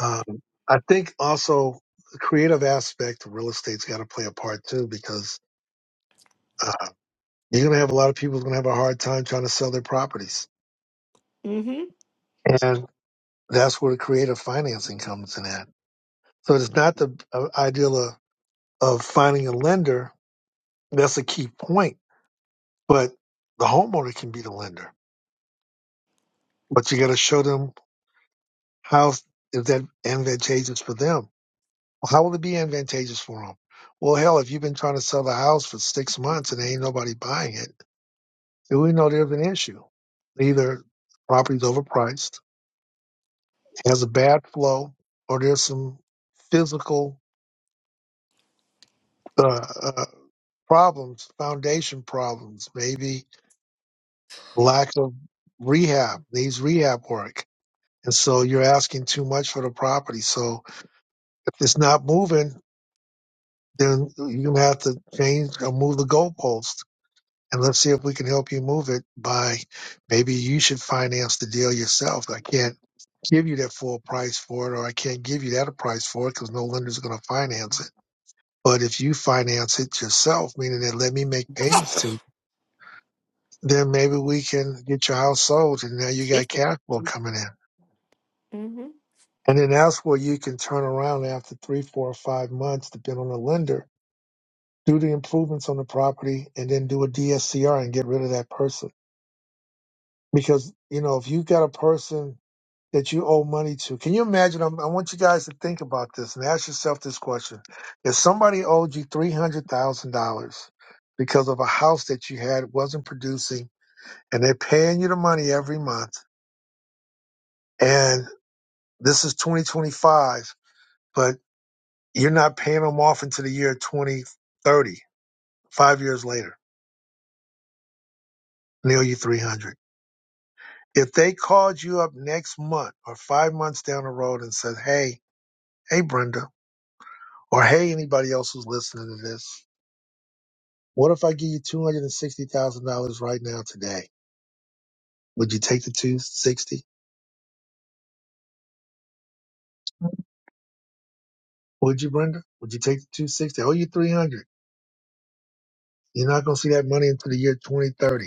Speaker 1: um, I think also the creative aspect of real estate's got to play a part too, because uh, you're gonna have a lot of people who's gonna have a hard time trying to sell their properties
Speaker 8: Mm-hmm.
Speaker 1: And that's where the creative financing comes in at. So it's not the uh, ideal of, of finding a lender. That's a key point. But the homeowner can be the lender. But you got to show them how is that advantageous for them. Well, how will it be advantageous for them? Well, hell, if you've been trying to sell a house for six months and ain't nobody buying it, then we know there's an issue. Either property's overpriced, has a bad flow, or there's some physical uh, uh, problems, foundation problems, maybe lack of rehab, needs rehab work. And so you're asking too much for the property. So if it's not moving, then you have to change or move the goalpost. And let's see if we can help you move it by maybe you should finance the deal yourself. I can't give you that full price for it, or I can't give you that price for it because no lender's going to finance it. But if you finance it yourself, meaning that let me make payments to you then maybe we can get your house sold and now you got cash flow coming in.
Speaker 8: Mm-hmm.
Speaker 1: And then that's where you can turn around after three, four, or five months, depending on the lender, do the improvements on the property and then do a DSCR and get rid of that person. Because, you know, if you got a person that you owe money to, can you imagine? I'm, I want you guys to think about this and ask yourself this question. If somebody owed you $300,000 because of a house that you had wasn't producing and they're paying you the money every month, and This is 2025, but you're not paying them off until the year 2030, five years later, and they owe you 300. If they called you up next month or five months down the road and said, hey, hey, Brenda, or hey, anybody else who's listening to this, what if I give you $260,000 right now today? Would you take the 260? Would you, Brenda? Would you take the 260? Oh, you 300. You're not going to see that money until the year 2030.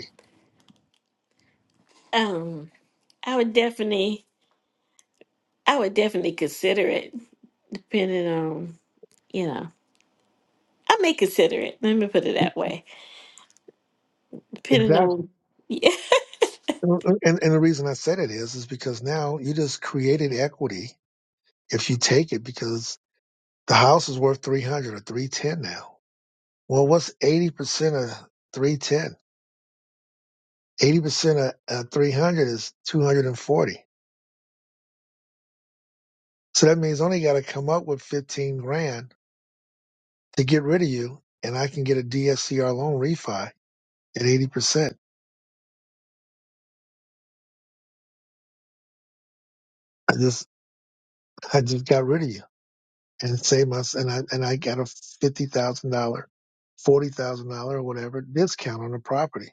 Speaker 8: Um, I would definitely, I would definitely consider it, depending on, you know, I may consider it. Let me put it that way, depending
Speaker 1: Exactly.
Speaker 8: on,
Speaker 1: And, and the reason I said it is, is because now you just created equity if you take it because the house is worth 300 or 310 now. Well, what's 80% of 310? 80% of uh, 300 is 240. So that means only got to come up with 15 grand to get rid of you. And I can get a DSCR loan refi at 80%. I just, I just got rid of you. and save us and I and I got a fifty thousand dollar, forty thousand dollar or whatever discount on the property.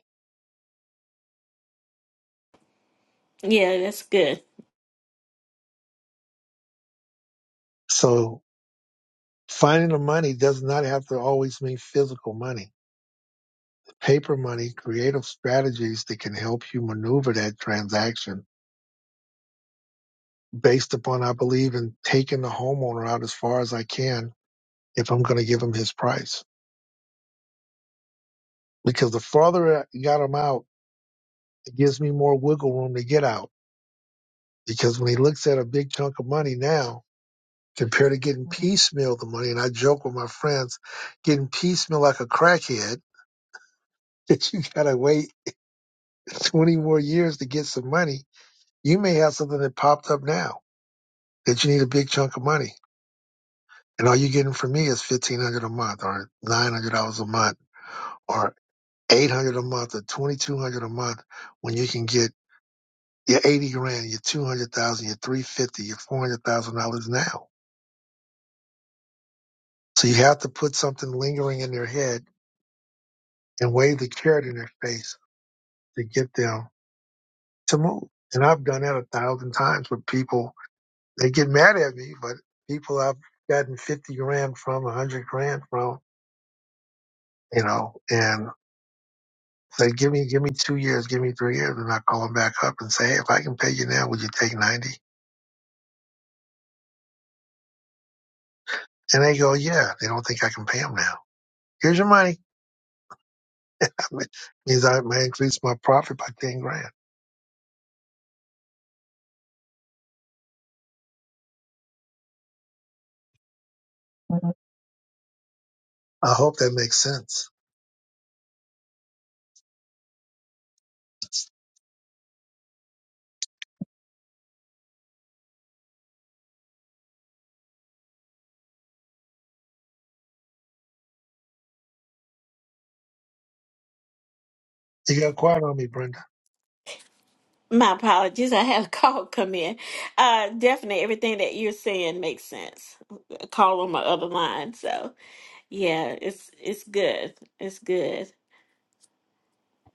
Speaker 8: Yeah, that's good.
Speaker 1: So finding the money does not have to always mean physical money. Paper money, creative strategies that can help you maneuver that transaction based upon I believe in taking the homeowner out as far as I can if I'm gonna give him his price. Because the farther I got him out, it gives me more wiggle room to get out. Because when he looks at a big chunk of money now compared to getting piecemeal the money. And I joke with my friends, getting piecemeal like a crackhead, that you gotta wait 20 more years to get some money. You may have something that popped up now that you need a big chunk of money. And all you're getting from me is 1500 a month or $900 a month or 800 a month or 2200 a month when you can get your 80 grand, your 200,000, your 350, your $400,000 now. So you have to put something lingering in their head and wave the carrot in their face to get them to move. And I've done that a thousand times with people. They get mad at me, but people I've gotten 50 grand from, 100 grand from, you know, and say, give me, give me two years, give me three years. And I call them back up and say, hey, if I can pay you now, would you take 90? And they go, yeah, they don't think I can pay them now. Here's your money. means I may increase my profit by 10 grand. Mhm. I hope that makes sense. You got quiet on me, Brenda.
Speaker 8: My apologies. I had a call come in. Uh, definitely everything that you're saying makes sense. A call on my other line. So yeah, it's it's good. It's good.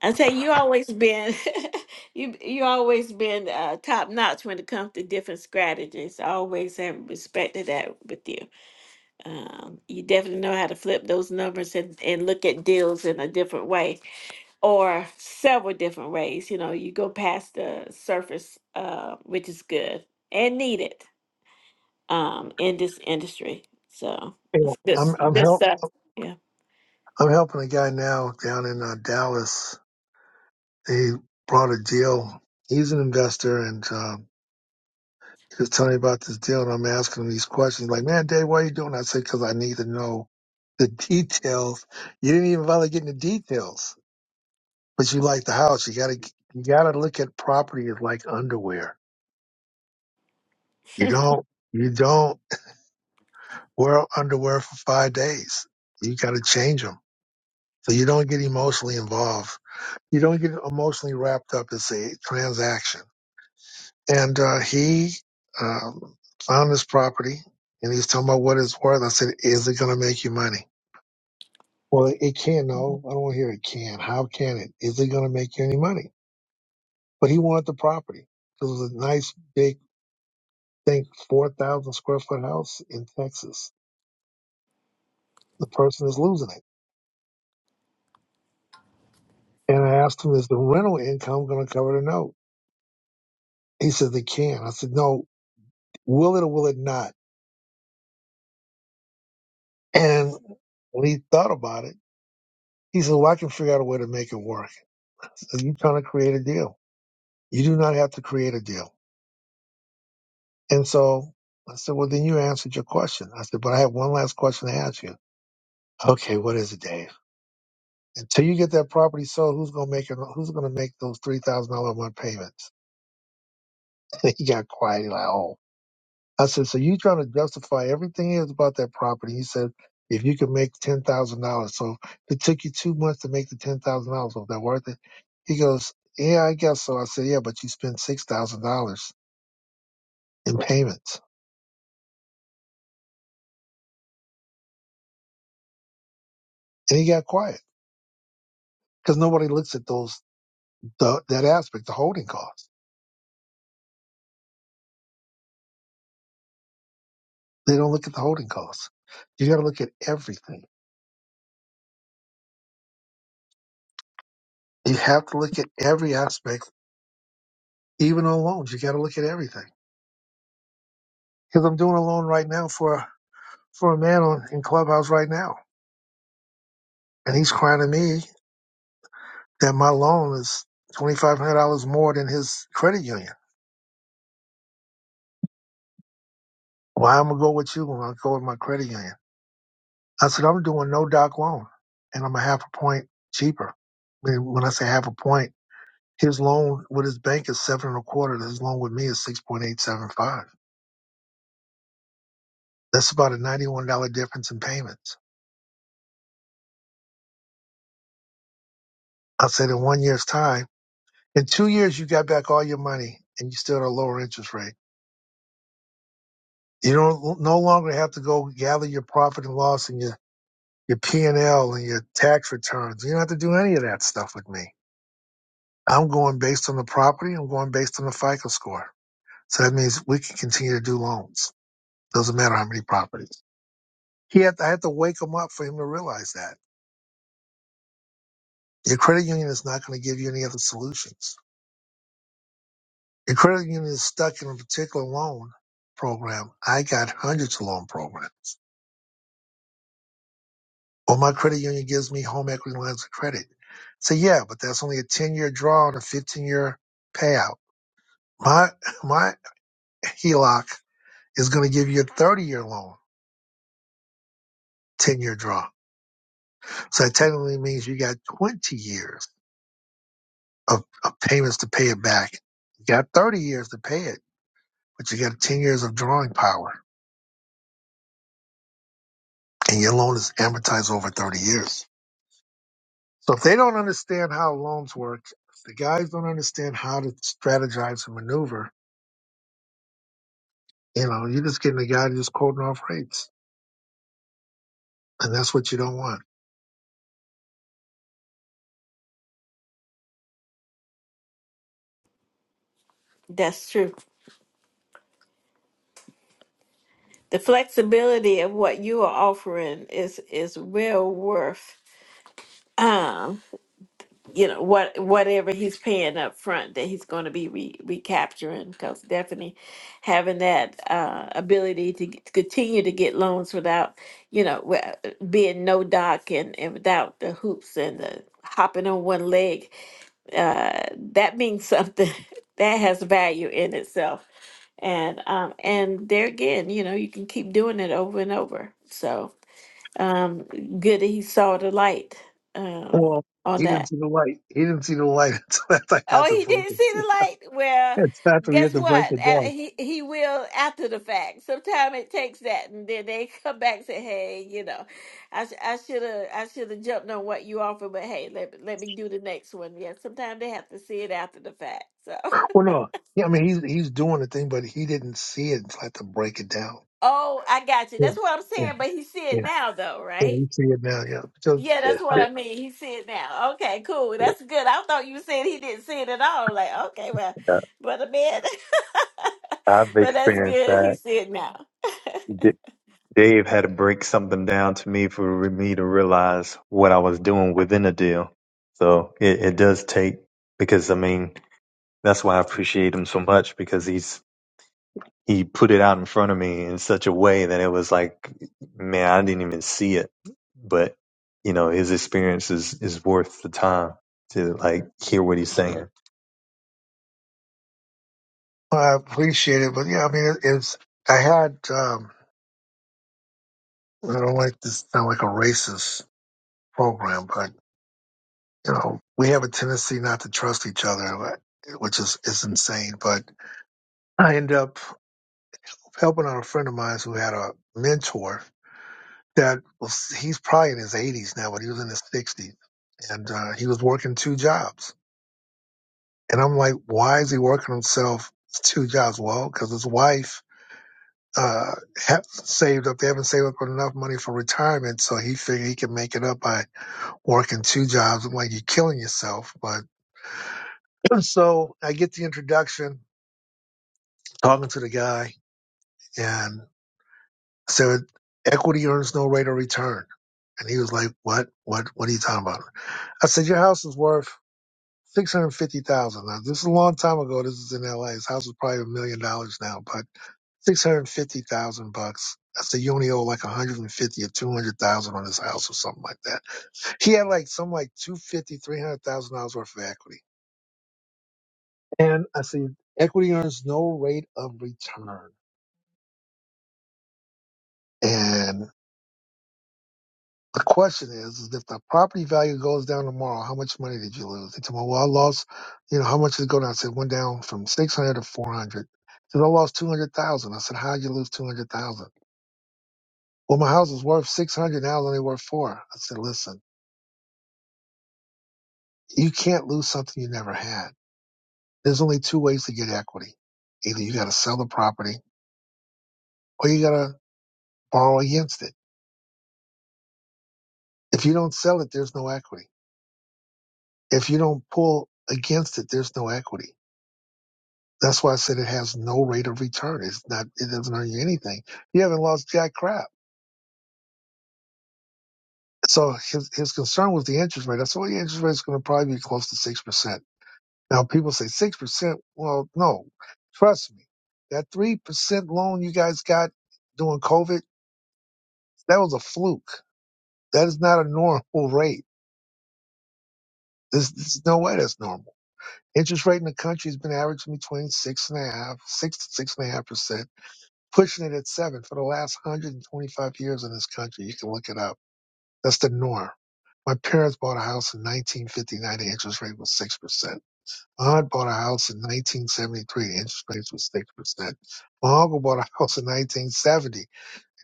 Speaker 8: I tell you, you always been you you always been uh, top notch when it comes to different strategies. I always have respected that with you. Um, you definitely know how to flip those numbers and, and look at deals in a different way or several different ways. You know, you go past the surface, uh, which is good and needed um, in this industry. So
Speaker 1: Yeah.
Speaker 8: it's good,
Speaker 1: I'm
Speaker 8: s-
Speaker 1: I'm
Speaker 8: good
Speaker 1: help
Speaker 8: stuff. Yeah,
Speaker 1: I'm helping a guy now down in uh, Dallas. They brought a deal. He's an investor, and uh, he was telling me about this deal, and I'm asking him these questions. Like, man, Dave, why are you doing? that?" I said, because I need to know the details. You didn't even bother getting the details, but you like the house. You gotta you gotta look at property as like underwear. You don't you don't wear underwear for five days. You gotta change them so you don't get emotionally involved. You don't get emotionally wrapped up. It's a transaction. And uh, he um, found this property and he was talking about what it's worth. I said, Is it going to make you money? Well, it can. No, I don't want to hear it can. How can it? Is it going to make you any money? But he wanted the property. It was a nice, big, think 4,000 square foot house in Texas. The person is losing it. And I asked him, Is the rental income going to cover the note? He said, They can. I said, No, will it or will it not? And when he thought about it, he said, Well, I can figure out a way to make it work. So you're trying to create a deal. You do not have to create a deal. And so I said, well, then you answered your question. I said, but I have one last question to ask you. Okay, what is it, Dave? Until you get that property sold, who's gonna make it? Who's gonna make those three thousand dollar a month payments? he got quiet. He like, oh. I said, so you trying to justify everything is about that property? He said, if you can make ten thousand dollars, so if it took you two months to make the ten thousand dollars. Was that worth it? He goes, yeah, I guess so. I said, yeah, but you spent six thousand dollars in payments. and he got quiet because nobody looks at those the, that aspect, the holding costs. They don't look at the holding costs. You got to look at everything. You have to look at every aspect, even on loans. You got to look at everything. Because I'm doing a loan right now for for a man on in Clubhouse right now, and he's crying to me that my loan is twenty five hundred dollars more than his credit union. Why I'm gonna go with you when I go with my credit union? I said I'm doing no doc loan, and I'm a half a point cheaper. I mean, When I say half a point. His loan with his bank is seven and a quarter. His loan with me is six point eight seven five. That's about a ninety one dollar difference in payments. I said in one year's time, in two years you got back all your money and you still at a lower interest rate. You don't no longer have to go gather your profit and loss and your your P and L and your tax returns. You don't have to do any of that stuff with me. I'm going based on the property. I'm going based on the FICO score. So that means we can continue to do loans. Doesn't matter how many properties. He had I had to wake him up for him to realize that. Your credit union is not going to give you any other solutions. Your credit union is stuck in a particular loan program. I got hundreds of loan programs. Well, my credit union gives me home equity lines of credit. So yeah, but that's only a 10 year draw and a 15 year payout. My, my HELOC is going to give you a 30 year loan, 10 year draw. So that technically means you got 20 years of, of payments to pay it back. You got 30 years to pay it, but you got 10 years of drawing power. and your loan is amortized over 30 years. So if they don't understand how loans work, if the guys don't understand how to strategize and maneuver, you know, you're just getting a guy just quoting off rates. And that's what you don't want.
Speaker 8: that's true. The flexibility of what you are offering is is well worth. um, you know what whatever he's paying up front that he's going to be re- recapturing because definitely having that uh, ability to get, to continue to get loans without you know wi- being no doc and, and without the hoops and the hopping on one leg uh, that means something that has value in itself and um, and there again you know you can keep doing it over and over so um, good that he saw the light um,
Speaker 1: Well,
Speaker 8: on
Speaker 1: he
Speaker 8: that
Speaker 1: didn't see the light. He didn't see the light until after I
Speaker 8: Oh,
Speaker 1: had to
Speaker 8: he
Speaker 1: break
Speaker 8: didn't see
Speaker 1: it.
Speaker 8: the light. Well,
Speaker 1: It's after we had
Speaker 8: guess
Speaker 1: to break
Speaker 8: what?
Speaker 1: it
Speaker 8: A-
Speaker 1: down.
Speaker 8: He he will after the fact. Sometimes it takes that, and then they come back and say, "Hey, you know, I sh- I should have I should have jumped on what you offered, but hey, let me- let me do the next one." Yeah, sometimes they have to see it after the fact. So,
Speaker 1: Well, no. Yeah, I mean, he's he's doing the thing, but he didn't see it until I had to break it down.
Speaker 8: oh, I got you.
Speaker 1: Yeah,
Speaker 8: That's what I'm
Speaker 1: yeah,
Speaker 8: saying. But he see
Speaker 1: yeah,
Speaker 8: it now, though,
Speaker 1: yeah.
Speaker 8: right?
Speaker 1: You see it now, yeah. Because
Speaker 8: Yeah, that's
Speaker 1: I,
Speaker 8: what I mean. He see it now. Okay, cool. That's good. I thought you said he didn't see it at all. I'm Like, okay, well,
Speaker 4: Uh,
Speaker 8: brother man.
Speaker 4: I've
Speaker 8: but that's
Speaker 4: experienced
Speaker 8: good. He
Speaker 4: that.
Speaker 8: see it now.
Speaker 4: D- Dave had to break something down to me for me to realize what I was doing within a deal. So it, it does take because I mean that's why I appreciate him so much because he's he put it out in front of me in such a way that it was like, man, I didn't even see it. But you know, his experience is is worth the time to like hear what he's saying.
Speaker 1: I appreciate it, but yeah, I mean, it, it's I had. um I don't like this to sound like a racist program, but you know, we have a tendency not to trust each other, which is is insane. But I end up helping out a friend of mine who had a mentor that was he's probably in his 80s now, but he was in his 60s, and uh, he was working two jobs. And I'm like, why is he working himself two jobs? Well, because his wife uh, ha- saved up, they haven't saved up enough money for retirement, so he figured he can make it up by working two jobs when you're killing yourself. But so I get the introduction, talking to the guy, and said, equity earns no rate of return. And he was like, what, what, what are you talking about? I said, your house is worth 650000 Now, this is a long time ago. This is in LA. His house is probably a million dollars now, but 650000 bucks. I said, you only owe like 150 or 200,000 on this house or something like that. He had like some like two fifty, three hundred thousand dollars worth of equity. And I see equity earns no rate of return. And the question is, is if the property value goes down tomorrow, how much money did you lose? They tell me, well, I lost, you know, how much did it go down? I said, it went down from 600 to 400. I said, I lost 200,000. I said, how'd you lose 200,000? Well, my house was worth 600. Now it's only worth four. I said, listen, you can't lose something you never had. There's only two ways to get equity. Either you got to sell the property or you got to borrow against it. If you don't sell it, there's no equity If you don't pull against it, there's no equity. That's why I said it has no rate of return. It's not, it doesn't earn you anything. You haven't lost jack crap. So his, his concern was the interest rate. I said, well, the interest rate is going to probably be close to 6%. Now people say 6%. Well, no, trust me. That 3% loan you guys got during COVID, that was a fluke. That is not a normal rate. There's, there's no way that's normal. Interest rate in the country has been averaging between six and a half, six to six and a half percent pushing it at seven for the last 125 years in this country. You can look it up. That's the norm. My parents bought a house in 1959. The interest rate was 6%. My aunt bought a house in 1973. The interest rate was 6%. My uncle bought a house in 1970.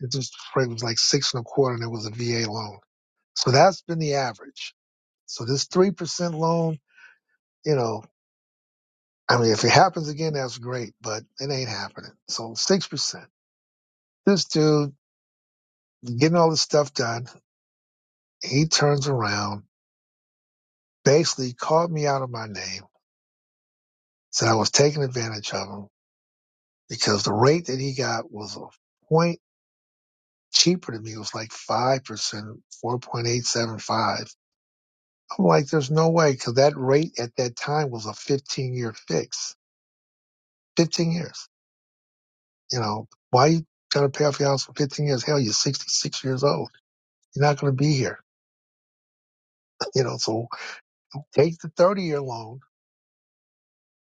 Speaker 1: The interest rate was like six and a quarter and it was a VA loan. So that's been the average. So this 3% loan, you know, I mean, if it happens again, that's great, but it ain't happening. So 6%. This dude getting all this stuff done He turns around, basically called me out of my name, said I was taking advantage of him because the rate that he got was a point cheaper than me. It was like 5%, 4.875. I'm like, there's no way because that rate at that time was a 15 year fix, 15 years. You know, why you trying to pay off your house for 15 years? Hell, you're 66 years old. You're not going to be here. You know, so take the 30 year loan.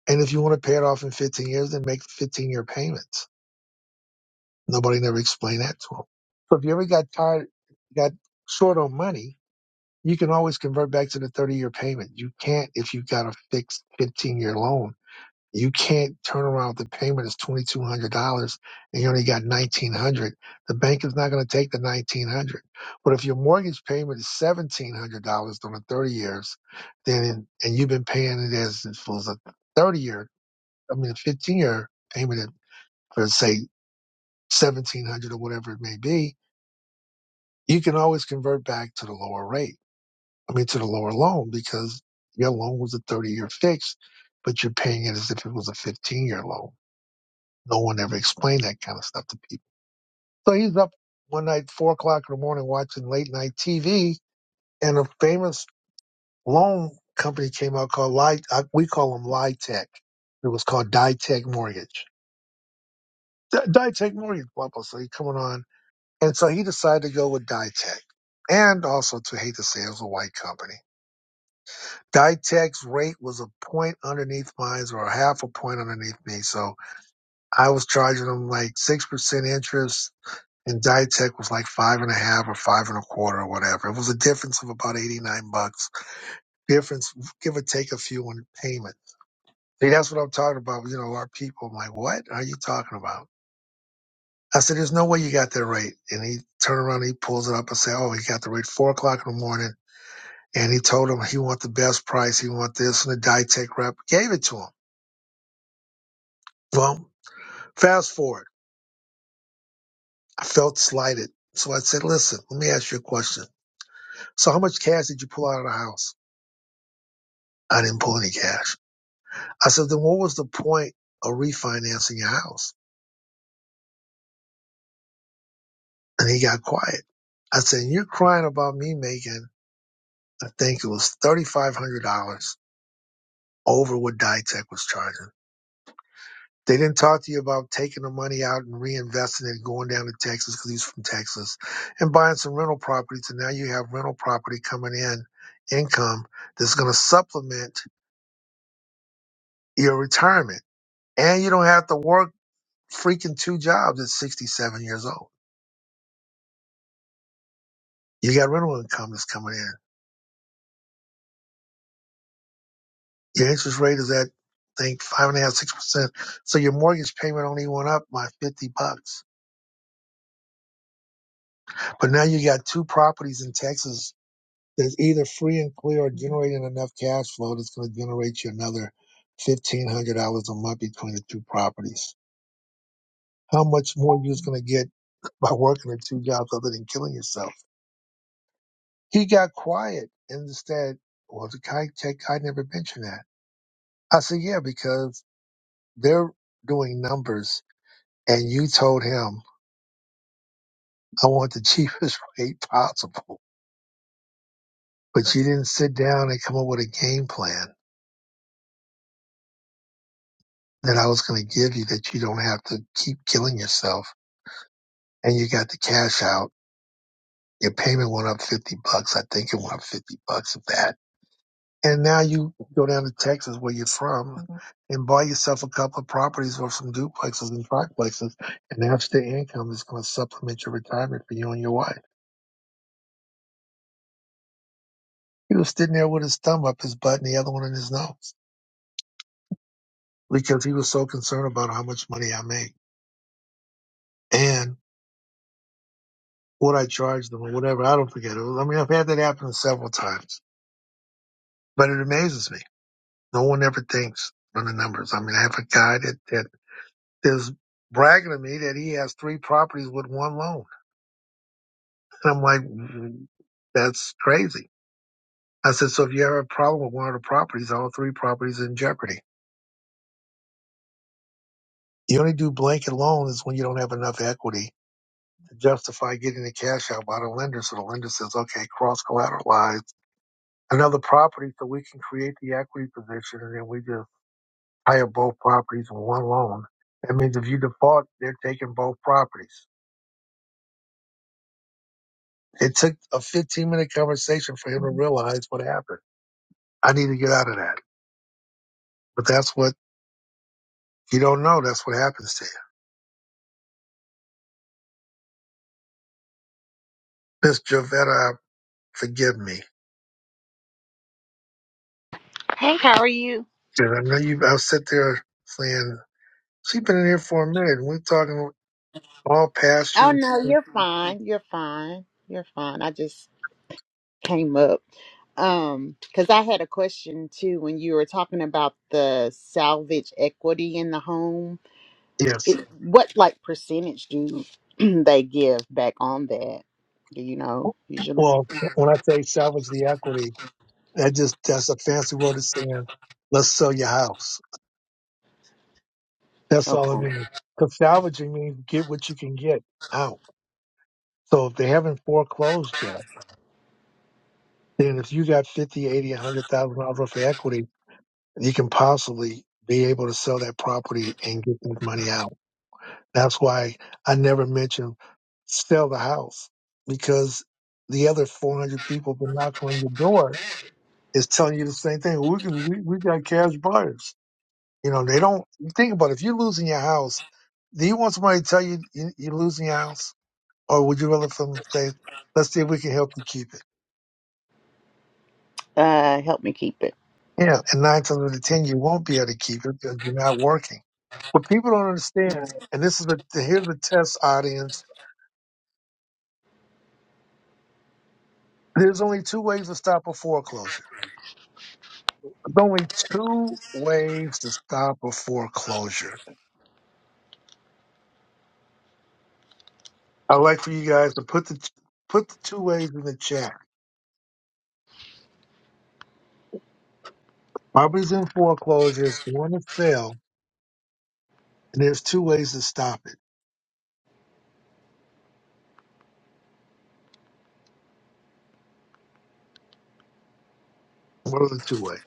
Speaker 1: And if you want to pay it off in 15 years, then make 15 year payments Nobody never explained that to them. So if you ever got tired, got short on money, you can always convert back to the 30 year payment. You can't if you got a fixed 15 year loan. You can't turn around with the payment is $2,200 and you only got 1900 dollars The bank is not going to take the 1900 dollars But if your mortgage payment is $1,700 during the 30 years, then, and you've been paying it as if it was a 30 year, I mean, a 15 year payment for say 1700 dollars or whatever it may be, you can always convert back to the lower rate. I mean, to the lower loan because your loan was a 30 year fix, but you're paying it as if it was a 15 year loan. No one ever explained that kind of stuff to people. So he's up one night, four o'clock in the morning, watching late night TV, and a famous loan company came out called Ly. We call them Lytech. It was called Ditech Mortgage. D- Ditech Mortgage, blah blah. So he's coming on, and so he decided to go with Ditech, and also to hate to say it was a white company Ditech's rate was a point underneath mine or a half a point underneath me. So I was charging them like 6% interest and Ditech was like five and a half or five and a quarter or whatever. It was a difference of about 89 bucks. Difference, give or take a few on payment. See, that's what I'm talking about. You know, our people, I'm like, what are you talking about? I said, there's no way you got that rate. And he turned around, he pulls it up and say, oh, he got the rate four o'clock in the morning. And he told him he want the best price. He want this. And the Ditech rep gave it to him. Well, Fast forward, I felt slighted. So I said, listen, let me ask you a question. So how much cash did you pull out of the house? I didn't pull any cash. I said, then what was the point of refinancing your house? And he got quiet. I said, you're crying about me making, I think it was $3,500 over what Ditech was charging. They didn't talk to you about taking the money out and reinvesting it, going down to Texas because he's from Texas, and buying some rental properties. And now you have rental property coming in, income that's going to supplement your retirement. And you don't have to work freaking two jobs at 67 years old. You got rental income that's coming in. Your interest rate is at, I think, five and a half, six percent. So your mortgage payment only went up by 50 bucks. But now you got two properties in Texas There's either free and clear or generating enough cash flow that's going to generate you another fifteen hundred dollars a month between the two properties. How much more you are going to get by working at two jobs other than killing yourself? He got quiet and instead, well, the guy, tech guy never mentioned that. I said, yeah, because they're doing numbers and you told him I want the cheapest rate possible, but you didn't sit down and come up with a game plan that I was going to give you that you don't have to keep killing yourself and you got the cash out. Your payment went up 50 bucks. I think it went up 50 bucks of that. And now you go down to Texas where you're from Mhm. and buy yourself a couple of properties or some duplexes and triplexes. And that's the income that's going to supplement your retirement for you and your wife. He was sitting there with his thumb up his butt and the other one in his nose because he was so concerned about how much money I make and what I charge them or whatever. I don't forget it. I mean, I've had that happen several times, but it amazes me No one ever thinks on the numbers. I mean, I have a guy that, that is bragging to me that he has three properties with one loan. And I'm like, "Mm, that's crazy. I said, so if you have a problem with one of the properties, all three properties are in jeopardy. You only do blanket loans when you don't have enough equity to justify getting the cash out by the lender. So the lender says, okay, cross collateralize another property so we can create the equity position and then we just hire both properties in one loan. That means if you default, they're taking both properties. It took a 15 minute conversation for him to realize what happened. I need to get out of that. But that's what you don't know. That's what happens to you. Miss Jovetta, forgive me.
Speaker 9: Hey, how are you?
Speaker 1: And I know you, I will sit there saying, she's been in here for a minute and we're talking all past
Speaker 9: Oh
Speaker 1: you.
Speaker 9: no, you're fine. You're fine. You're fine. I just came up um cuz I had a question too when you were talking about the salvage equity in the home.
Speaker 1: Yes.
Speaker 9: It, what like percentage do they give back on that? Do you know usually?
Speaker 1: Well, when I say salvage the equity, that just, that's a fancy word of saying, let's sell your house. That's all it
Speaker 9: Okay.
Speaker 1: means. Because salvaging means get what you can get out. So if they haven't foreclosed yet, then if you got 50, 80, a 100,000 dollars worth of equity, you can possibly be able to sell that property and get that money out. That's why I never mention sell the house because the other 400 people been knocking on your door is telling you the same thing. We can, we, we got cash buyers. You know, they don't think about it. If you're losing your house, do you want somebody to tell you, you you're losing your house? Or would you rather for them to say, let's see if we can help you keep it?
Speaker 9: Uh help me keep it.
Speaker 1: Yeah, and nine times out of ten, you won't be able to keep it because you're not working. What people don't understand,
Speaker 9: Right.
Speaker 1: and this is the here's the test audience. There's only two ways to stop a foreclosure. There's only two ways to stop a foreclosure. I'd like for you guys to put the put the two ways in the chat. Property's in foreclosure, it's going to sell, and there's two ways to stop it. What are the two ways?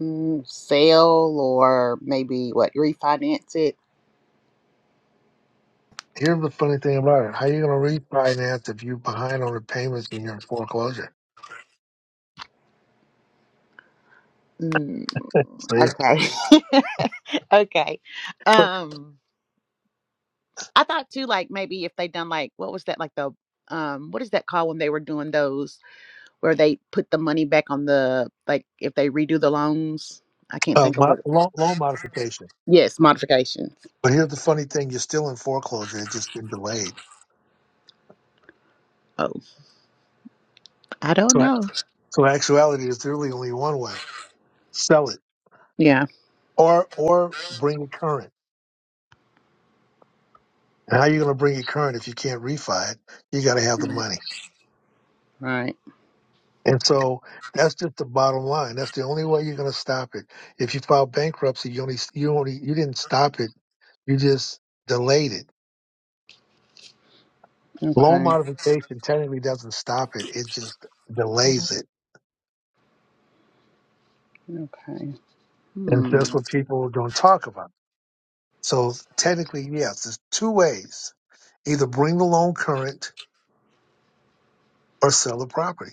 Speaker 9: Mm, sale or maybe what refinance it?
Speaker 1: Here's the funny thing about it. How are you gonna refinance if you're behind on the payments and you're in foreclosure?
Speaker 9: Mm,
Speaker 1: See?
Speaker 9: okay. okay. Um I thought too, like maybe if they done like what was that like the um what is that called when they were doing those where they put the money back on the like if they redo the loans? I can't
Speaker 1: Uh,
Speaker 9: think of
Speaker 1: mo-
Speaker 9: what.
Speaker 1: loan, loan modification.
Speaker 9: Yes, modifications.
Speaker 1: But here's the funny thing: you're still in foreclosure. It's just been delayed.
Speaker 9: Oh, I don't
Speaker 1: So,
Speaker 9: know.
Speaker 1: so in actuality, there's really only one way: sell it
Speaker 9: Yeah.
Speaker 1: or or bring it current. And how are you going to bring it current if you can't refi it? You got to have the
Speaker 9: Mm,
Speaker 1: money.
Speaker 9: Right.
Speaker 1: And so that's just the bottom line. That's the only way you're going to stop it. If you file bankruptcy, you only you only you didn't stop it. You just delayed it. Loan
Speaker 9: Okay.
Speaker 1: modification technically doesn't stop it. It just delays it.
Speaker 9: Okay.
Speaker 1: And
Speaker 9: Hmm.
Speaker 1: that's what people don't talk about So technically, yes, there's two ways. Either bring the loan current or sell the property.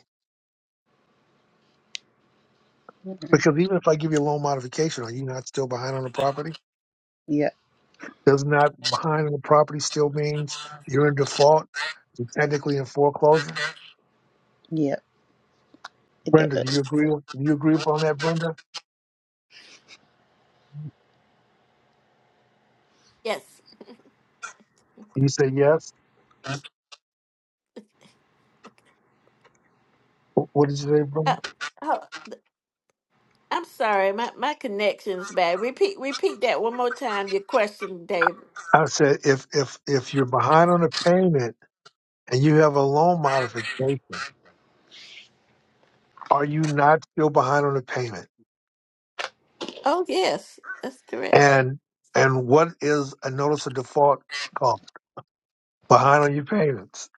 Speaker 9: Alright.
Speaker 1: Because even if I give you a loan modification, are you not still behind on the property?
Speaker 9: Yep.
Speaker 1: Does not behind on the property still means you're in default, you're technically in foreclosure?
Speaker 9: Yep. It
Speaker 1: Brenda, do you
Speaker 9: does.
Speaker 1: agree with, do you agree upon that, Brenda?
Speaker 8: Yes.
Speaker 1: And you say yes. Wh- What did you say,
Speaker 8: Uh,
Speaker 1: Brenda?
Speaker 8: oh, I'm sorry. My my connection's bad. Repeat repeat that one more time. Your question, Dave.
Speaker 1: I said if if if you're behind on a payment and you have a loan modification, are you not still behind on the payment?
Speaker 8: Oh yes, that's correct.
Speaker 1: And and what is a notice of default called? Behind on your payments.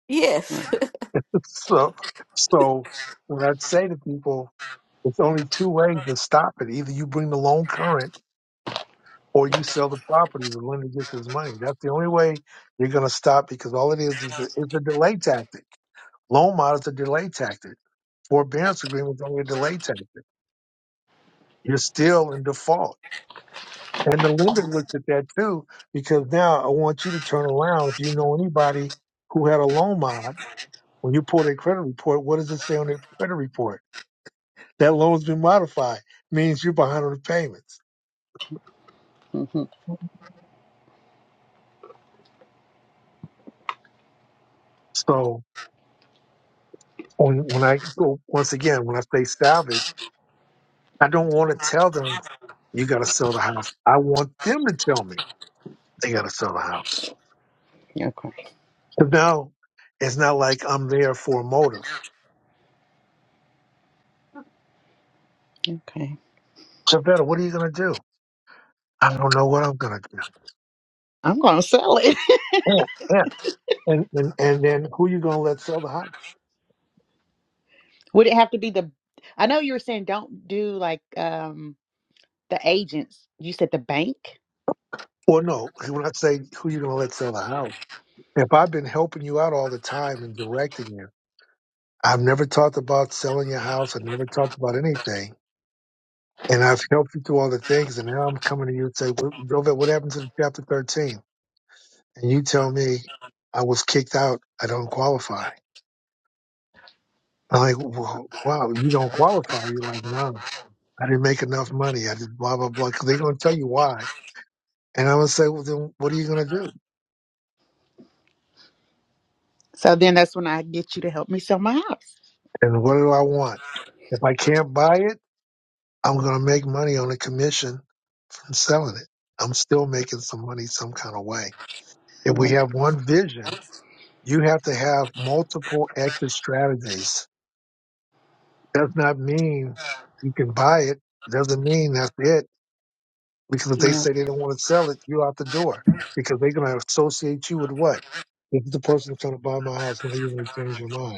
Speaker 9: Right.
Speaker 8: Yes.
Speaker 1: so so when I say to people, it's only two ways to stop it. Either you bring the loan current or you sell the property, the lender gets his money. That's the only way you're gonna stop because all it is is the, is a delay tactic. Loan mod is a delay tactic. Forbearance agreement is only a delay tactic. You're still in default And the lender looked at that too, because now I want you to turn around. If you know anybody who had a loan mod, when you pull their credit report, what does it say on their credit report? That loan's been modified, means you're behind on the payments.
Speaker 9: Mm-hmm.
Speaker 1: So when, when I go, once again, when I say salvage, I don't want to tell them you got to sell the house. I want them to tell me they got to sell the house.
Speaker 9: Okay.
Speaker 1: So now it's not like I'm there for a motive.
Speaker 9: Okay.
Speaker 1: Javetta, what are you going to do? I don't know what I'm going to
Speaker 9: I'm gonna sell it.
Speaker 1: do. And and and then who you gonna let sell the house?
Speaker 9: Would it have to be the? I know you were saying don't do like um the agents. You said the bank.
Speaker 1: Or no, when I say who you gonna let sell the house, if I've been helping you out all the time and directing you, I've never talked about selling your house. I've never talked about anything, and I've helped you through all the things. And now I'm coming to you and say, "Well, Jovet, what happened to the chapter 13? And you tell me I was kicked out. I don't qualify. I'm like, well, wow, you don't qualify. You're like, no, I didn't make enough money. I did blah blah blah. 'Cause they're gonna tell you why. And I'm gonna say, well, then what are you gonna do?
Speaker 9: So then that's when I get you to help me sell my house.
Speaker 1: And what do I want? If I can't buy it, I'm going to make money on a commission from selling it. I'm still making some money some kind of way. If we
Speaker 9: Right.
Speaker 1: have one vision, you have to have multiple exit strategies. Does not mean you can buy it. Doesn't mean that's it. Because if they
Speaker 9: Yeah.
Speaker 1: say they don't want to sell it, you are out the door. Because they're going to associate you with what? This is the person that's going to buy my house. Now you want to change your mind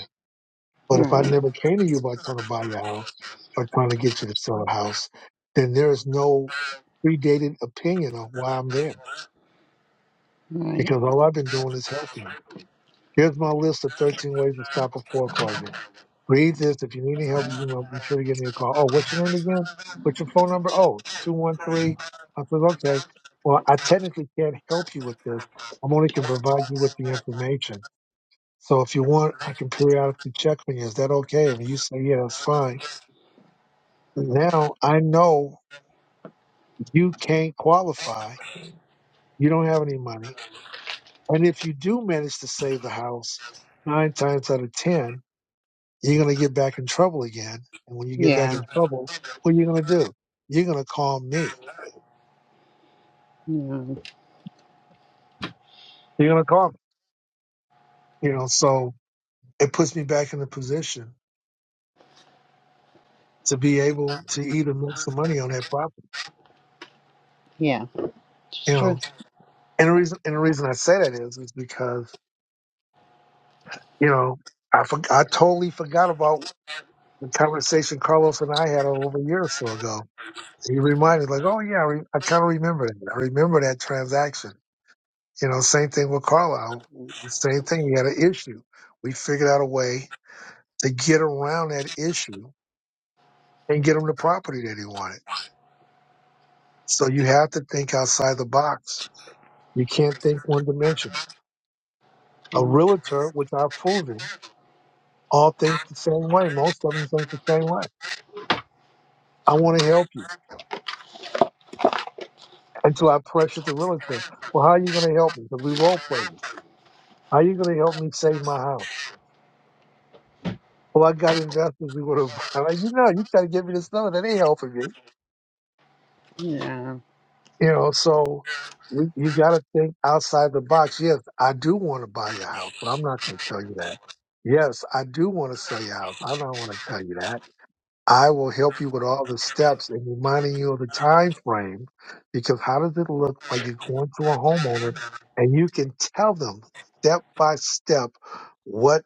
Speaker 1: But if I
Speaker 9: Right.
Speaker 1: never came to you by trying to buy your house or trying to get you to sell a house, then there is no predated opinion of why I'm there
Speaker 9: Right.
Speaker 1: because all I've been doing is helping you. Here's my list of 13 ways to stop a foreclosure. Read this. If you need any help, you know, be sure to give me a call. Oh, what's your name again? What's your phone number? Oh, 213. I said, okay. Well, I technically can't help you with this. I'm only can provide you with the information. So if you want, I can periodically check on you. Is that okay? If you say, yeah, that's fine Now I know you can't qualify. You don't have any money. And if you do manage to save the house, nine times out of 10, you're going to get back in trouble again. And when you get back
Speaker 9: Yeah.
Speaker 1: in trouble, what are you going to do? You're going to call me.
Speaker 9: Yeah.
Speaker 1: You're going to call me. You know, so it puts me back in the position to be able to even make some money on that property.
Speaker 9: Yeah.
Speaker 1: You
Speaker 9: It's true.
Speaker 1: know, and the reason, and the reason I say that is, is because, you know, I, for, I totally forgot about the conversation Carlos and I had over a year or so ago. He reminded, like, oh yeah, I, re- I kind of remember that. I remember that transaction. You know, same thing with Carlisle. The Same thing. He had an issue. We figured out a way to get around that issue and get him the property that he wanted. So you have to think outside the box. You can't think one dimension.
Speaker 9: Right.
Speaker 1: A realtor, which I've proven, all think the same way. Most of them think the same way. I want to help you until I pressure the realtor. Well, how are you going to help me? Because we role played. How you gonna help me save my house? Well, I got investors we would have. I'm like, you know, you gotta give me this number. That ain't helping me.
Speaker 9: Yeah.
Speaker 1: You know, so we, you gotta think outside the box. Yes, I do want to buy your house, but I'm not gonna tell you that. Yes, I do want to sell your house. I don't want to tell you that. I will help you with all the steps and reminding you of the time frame, because how does it look while you're going to a homeowner and you can tell them step by step what?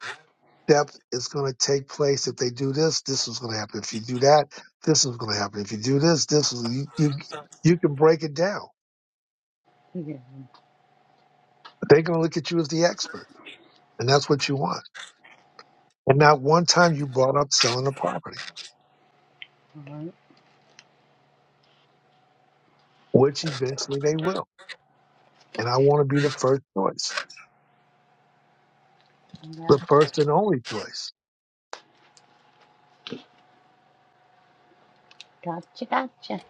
Speaker 1: depth is going to take place. If they do this, this is going to happen. If you do that, this is going to happen. If you do this, this is you. You, you can break it down.
Speaker 9: Yeah.
Speaker 1: They're going to look at you as the expert, and that's what you want. And not one time you brought up selling a property,
Speaker 9: Right.
Speaker 1: which eventually they will. And I want to be the first choice,
Speaker 9: Yeah.
Speaker 1: the first and only choice.
Speaker 9: Gotcha. Gotcha.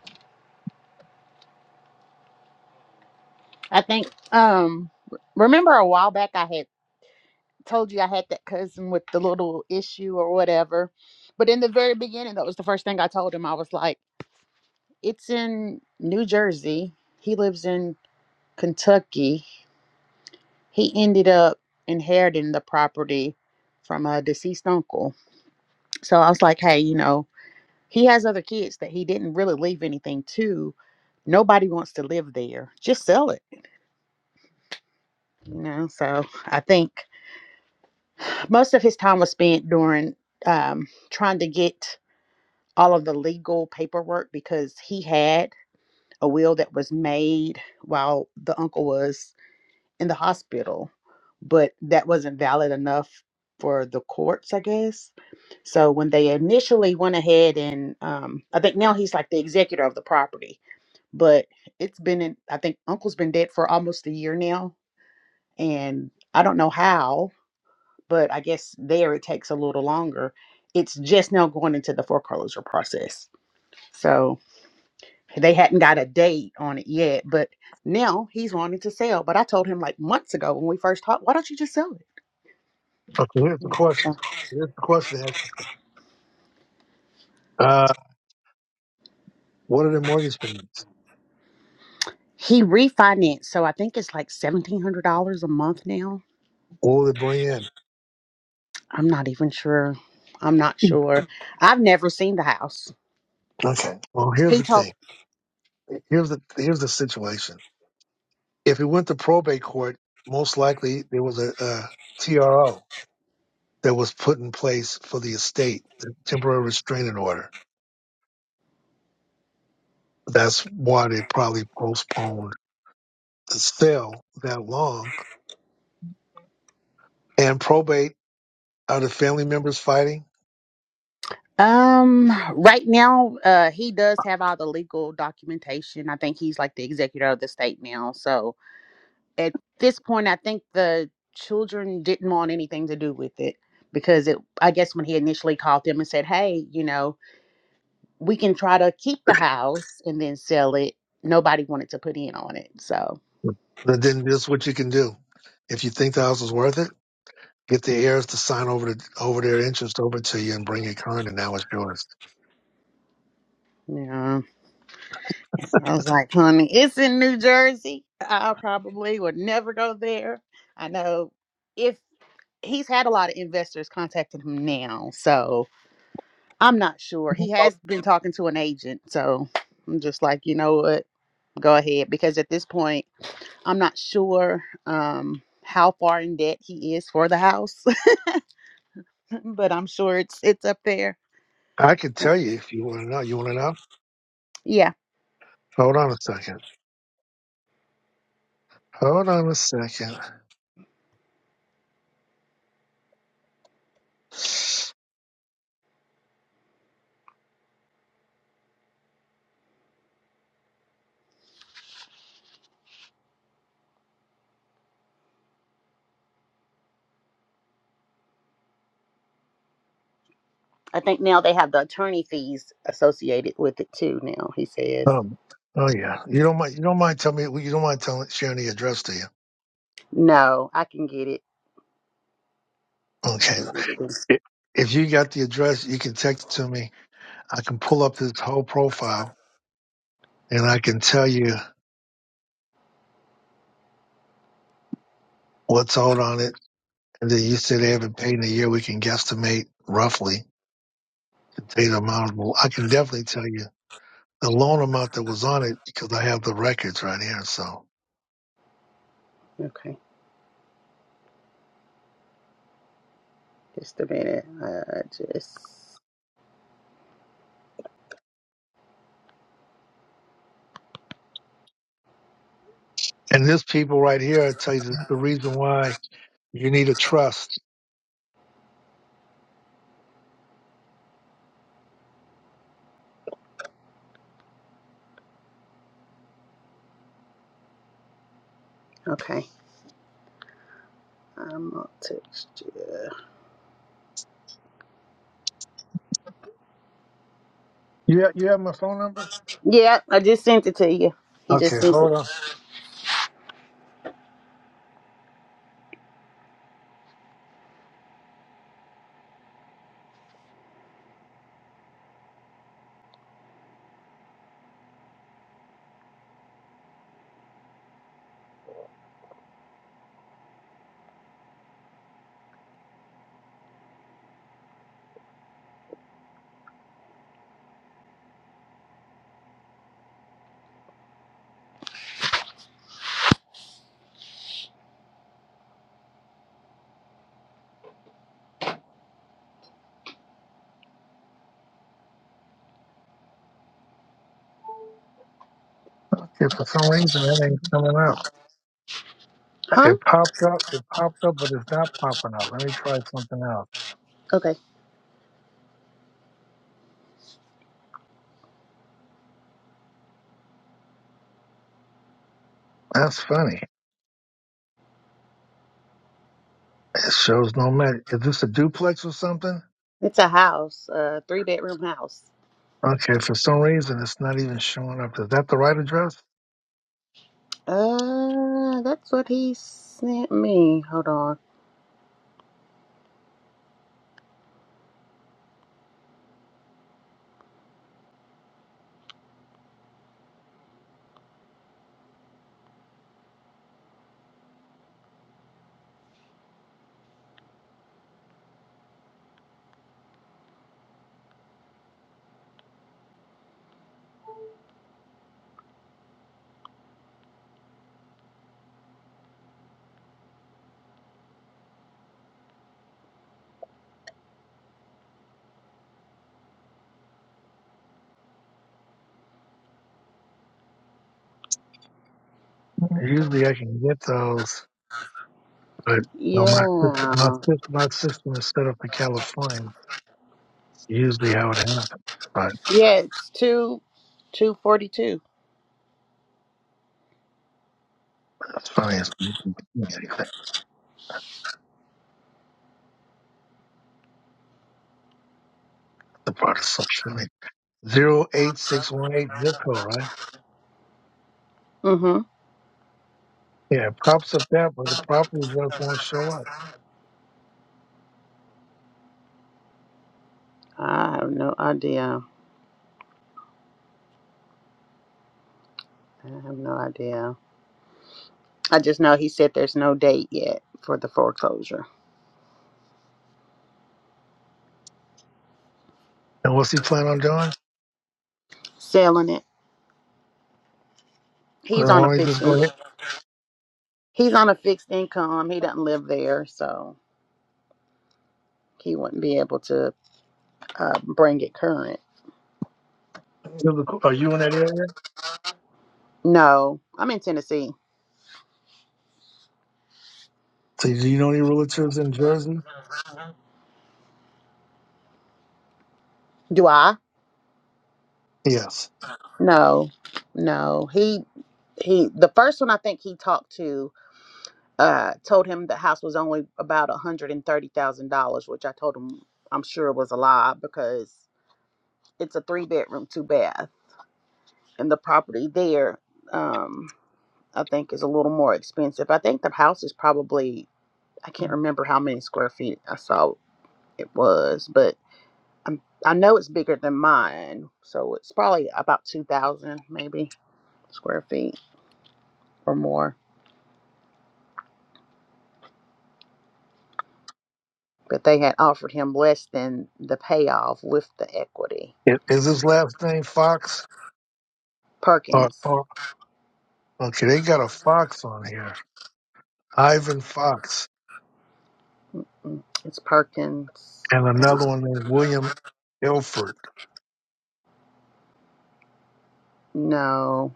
Speaker 9: I think um remember a while back I had told you I had that cousin with the little issue or whatever. But in the very beginning, that was the first thing I told him. I was like, "It's in New Jersey. He lives in Kentucky. he ended up inheriting the property from a deceased uncle. So I was like, hey, you know, he has other kids that he didn't really leave anything to. Nobody wants to live there. Just sell it, you know. So I think most of his time was spent during um, trying to get all of the legal paperwork because he had a will that was made while the uncle was in the hospital, but that wasn't valid enough for the courts, I guess. So when they initially went ahead and um, I think now he's like the executor of the property, but it's been in, I think Uncle's been dead for almost a year now, and I don't know how, but I guess there it takes a little longer. It's just now going into the foreclosure process. So they hadn't got a date on it yet, but now he's wanting to sell. But I told him like months ago when we first talked, why don't you just sell it?
Speaker 1: Okay, here's the
Speaker 9: Yeah. okay.
Speaker 1: question. Here's the question. Ash. Uh, what are the mortgage payments?
Speaker 9: He refinanced, so I think it's like seventeen hundred dollars a month now.
Speaker 1: What will it bring in?
Speaker 9: I'm not even sure. I'm not sure. I've never seen the house.
Speaker 1: Okay. Well, here's
Speaker 9: He
Speaker 1: the
Speaker 9: told
Speaker 1: thing. Here's the here's the situation. If it went to probate court, most likely there was a, TRO that was put in place for the estate, the temporary restraining order. That's why they probably postponed the sale that long. And probate are the family members fighting.
Speaker 9: um right now uh he does have all the legal documentation. I think he's like the executor of the state now. So at this point I think the children didn't want anything to do with it because it I guess when he initially called them and said, "Hey, you know, we can try to keep the house and then sell it. Nobody wanted to put in on it. So,
Speaker 1: But then this is what you can do. If you think the house is worth it, get the heirs to sign over the, over their interest over to you and bring it current, and now it's yours.
Speaker 9: yeah. I was like, honey, it's in New Jersey. I probably would never go there. I know if he's had a lot of investors contacting him now. So I'm not sure. He has been talking to an agent. So I'm just like, you know what? Go ahead. Because at this point, I'm not sure um, how far in debt he is for the house, but I'm sure it's it's up there.
Speaker 1: I could tell you if you want to know. You want to know?
Speaker 9: Yeah.
Speaker 1: Hold on a second. Hold on a second.
Speaker 9: I think now they have the attorney fees associated with it too. Now he says,
Speaker 1: Um, oh yeah, you don't mind. You don't mind telling me. well, You don't mind telling sharing the address, do you?
Speaker 9: "No, I can get it. I
Speaker 1: Okay.
Speaker 9: can get it."
Speaker 1: I- If you got the address, you can text it to me. I can pull up his whole profile and I can tell you what's owed on it. And then you say they haven't paid in a year. We can guesstimate roughly the date amount. Well, I can definitely tell you the loan amount that was on it because I have the records right here. So,
Speaker 9: Okay, just a minute. Uh, just
Speaker 1: and this people right here, I tell you the, the reason why you need a trust.
Speaker 9: okay. I'm gonna text you.
Speaker 1: You have, you have my phone number?
Speaker 9: Yeah, I just sent it to you. He
Speaker 1: Okay,
Speaker 9: just sent it.
Speaker 1: hold on. Okay, for some reason it ain't coming up.
Speaker 9: Huh?
Speaker 1: It popped up, it popped up, but it's not popping up. Let me try something else.
Speaker 9: Okay.
Speaker 1: That's funny. It shows no match. Is this a duplex or something?
Speaker 9: It's a house, a three bedroom house.
Speaker 1: Okay, for some reason it's not even showing up. Is that the right address?
Speaker 9: Uh, that's what he sent me. Hold on.
Speaker 1: Usually I can get those, but no, my system, my
Speaker 9: Yeah.
Speaker 1: system, my system is set up for California. It's usually how it happens. But
Speaker 9: Yeah, it's two two forty two.
Speaker 1: it's funny. It's, not doing anything. the part is so funny. Zero eight six one eight zip code, right?
Speaker 9: Mm-hmm.
Speaker 1: Yeah, props up that, but the property just won't show up.
Speaker 9: I have no idea. I have no idea. I just know he said there's no date yet for the foreclosure.
Speaker 1: And what's he plan on doing?
Speaker 9: Selling it.
Speaker 1: Why
Speaker 9: He's on a
Speaker 1: don't he
Speaker 9: fixed
Speaker 1: just go
Speaker 9: in-
Speaker 1: ahead?
Speaker 9: he's on a fixed income. He doesn't live there, so he wouldn't be able to uh, bring it current.
Speaker 1: Are you in that area?
Speaker 9: No. I'm in Tennessee.
Speaker 1: So do you know any realtors in Jersey?
Speaker 9: Do I?
Speaker 1: Yes.
Speaker 9: No. No. He he the first one I think he talked to uh, told him the house was only about $130,000, which I told him I'm sure was a lie because it's a three bedroom, two bath. And the property there, um, I think, is a little more expensive. I think the house is probably, I can't remember how many square feet I saw it was, but I'm, I know it's bigger than mine. So it's probably about 2,000 maybe square feet or more. But they had offered him less than the payoff with the equity.
Speaker 1: Is is his last name Fox? Or,
Speaker 9: Perkins
Speaker 1: or okay, they got a Fox on here, Ivan Fox,
Speaker 9: Mm, It's Perkins.
Speaker 1: and another
Speaker 9: Uh,
Speaker 1: one named William Ilford.
Speaker 9: no,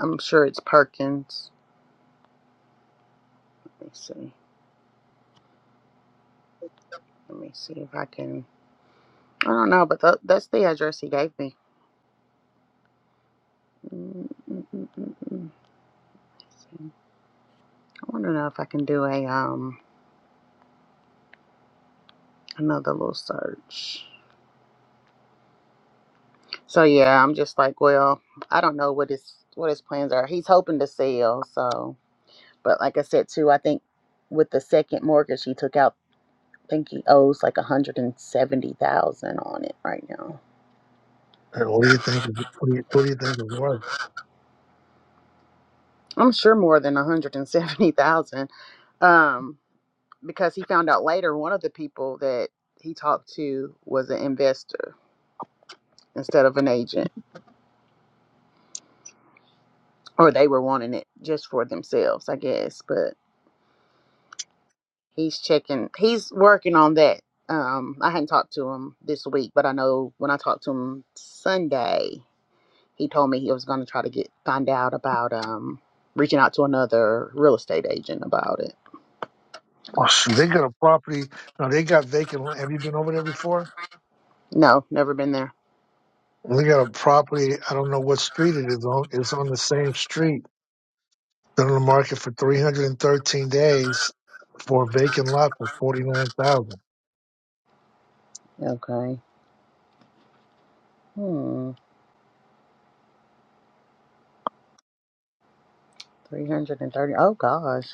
Speaker 9: I'm sure it's Perkins. Let me see. Let me see if I can. I don't know, but tha- that's the address he gave me. Mm, mm, mm, mm, mm. Let's see. I want to know if I can do a um another little search. So yeah, I'm just like, well, I don't know what his what his plans are. He's hoping to sell, so. But like I said too, I think with the second mortgage he took out, I think he owes like a hundred and seventy thousand on it right now.
Speaker 1: And what do you think? of- What do you, what do you think is worth?
Speaker 9: I'm sure more than 170,000 um, because he found out later one of the people that he talked to was an investor instead of an agent, or they were wanting it just for themselves, I guess. But he's checking, he's working on that. Um, I hadn't talked to him this week, but I know when I talked to him Sunday, he told me he was going to try to get find out about um, reaching out to another real estate agent about it.
Speaker 1: Oh, shoot, they got a property. Now they got vacant. land. Have you been over there before?
Speaker 9: No, never been there.
Speaker 1: They got a property. I don't know what street it is on. It's on the same street Been on the market for 313 days for a vacant lot for 49,000.
Speaker 9: Okay. Hmm. 330. Oh, gosh.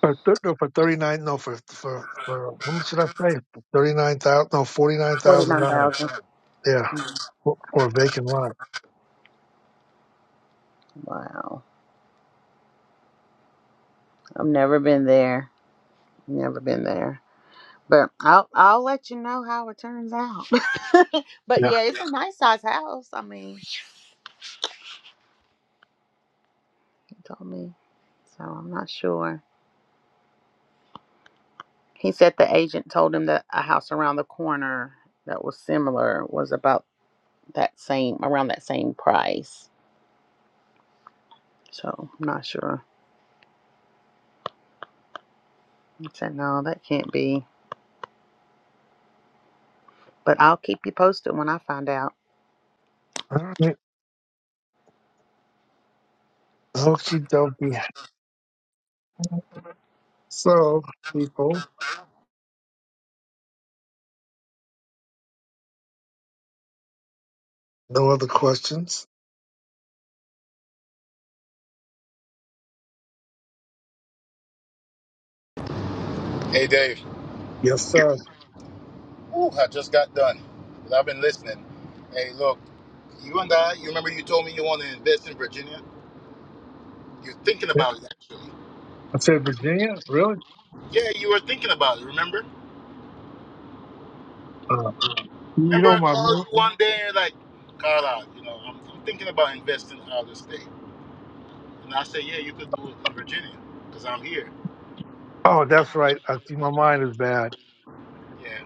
Speaker 1: For th- no, for 39, no, for, for, for, how much did I say? 39,000, no, $49,000.
Speaker 9: 49,000.
Speaker 1: Yeah, for, for a vacant lot.
Speaker 9: Wow. I've never been there. Never been there. But I'll I'll let you know how it turns out. but
Speaker 1: Yeah.
Speaker 9: yeah, it's a nice size house. I mean, he told me. So I'm not sure. He said the agent told him that a house around the corner that was similar was about that same around that same price. So I'm not sure. I said no, that can't be. But I'll keep you posted when I find out.
Speaker 1: All right. Okie dokie. So, people, no other questions?
Speaker 2: Hey, Dave.
Speaker 1: Yes, sir.
Speaker 2: Ooh, I just got done. i I've been listening. Hey, look, you and I, you remember you told me you want to invest in Virginia? You're thinking about it, actually.
Speaker 1: I said Virginia? Really?
Speaker 2: Yeah, you were thinking about it, remember?
Speaker 1: Uh, you
Speaker 2: Remember,
Speaker 1: know
Speaker 2: I
Speaker 1: my
Speaker 2: called
Speaker 1: mo-
Speaker 2: you one day and you're like, Carla, you know, I'm, I'm thinking about investing out of the state. And I said, yeah, you could do it in Virginia because I'm here.
Speaker 1: Oh, that's right. I see my mind is bad.
Speaker 2: Yeah.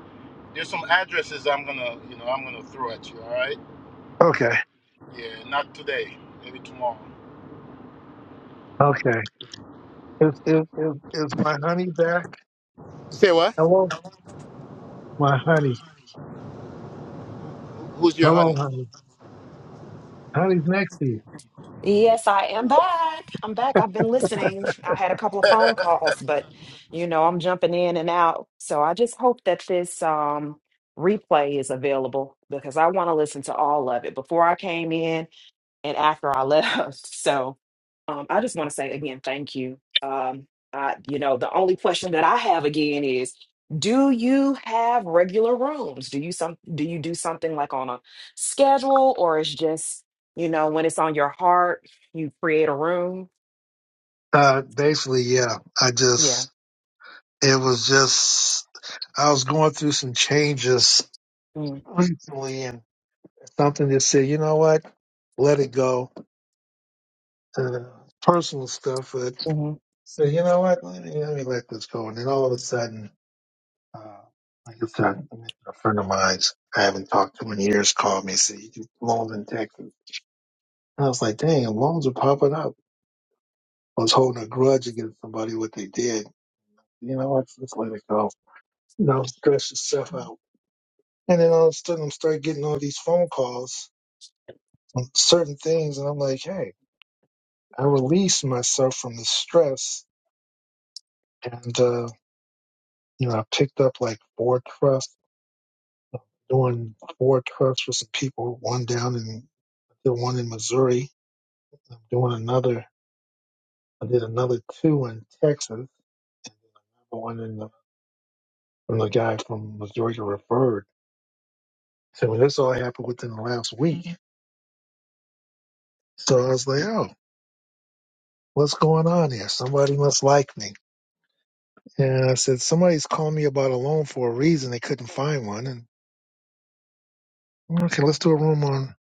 Speaker 2: There's some addresses I'm going to, you know, I'm going to throw at you, all right?
Speaker 1: Okay.
Speaker 2: Yeah, not today, maybe tomorrow.
Speaker 1: Okay. Is is is, is my honey back?
Speaker 2: Say what?
Speaker 1: Hello? My honey.
Speaker 2: Who's your
Speaker 1: Hello,
Speaker 2: honey?
Speaker 1: honey. Honey's next to you.
Speaker 6: Yes, I am
Speaker 2: Oh,
Speaker 6: back. I'm back. I've been listening. I had a couple of phone calls, but you know, I'm jumping in and out. So I just hope that this um replay is available because I want to listen to all of it. Before I came in, and after I left. So um, I just want to say again, thank you. Um, I, you know, the only question that I have again is, do you have regular rooms? Do you some do you do something like on a schedule, or it's just you know when it's on your heart, you create a room?
Speaker 1: Uh, basically, yeah. I
Speaker 6: Yeah.
Speaker 1: just, it was just, I was going through some changes
Speaker 6: Mm-hmm.
Speaker 1: recently and something that said, you know what? Let it go. Uh, personal stuff, but
Speaker 6: Mm-hmm.
Speaker 1: said, you know what? Let me, let me let this go. And then all of a sudden, uh, like I said, a friend of mine I haven't talked to in years called me and said, you do loans in Texas. And I was like, dang, loans are popping up. I was holding a grudge against somebody what they did. You know what? Just let it go. You know, stress yourself out. And then all of a sudden, I'm start getting all these phone calls on certain things, and I'm like, hey, I released myself from the stress, and uh, you know, I picked up like four trusts, doing four trusts for some people. One down in did one in Missouri. I'm doing another. I did another two in Texas. Another one in the, from the guy from Missouri referred. So this all happened within the last week. So I was like, oh. what's going on here? Somebody must like me. And I said, somebody's called me about a loan for a reason. They couldn't find one. And okay, let's do a room on,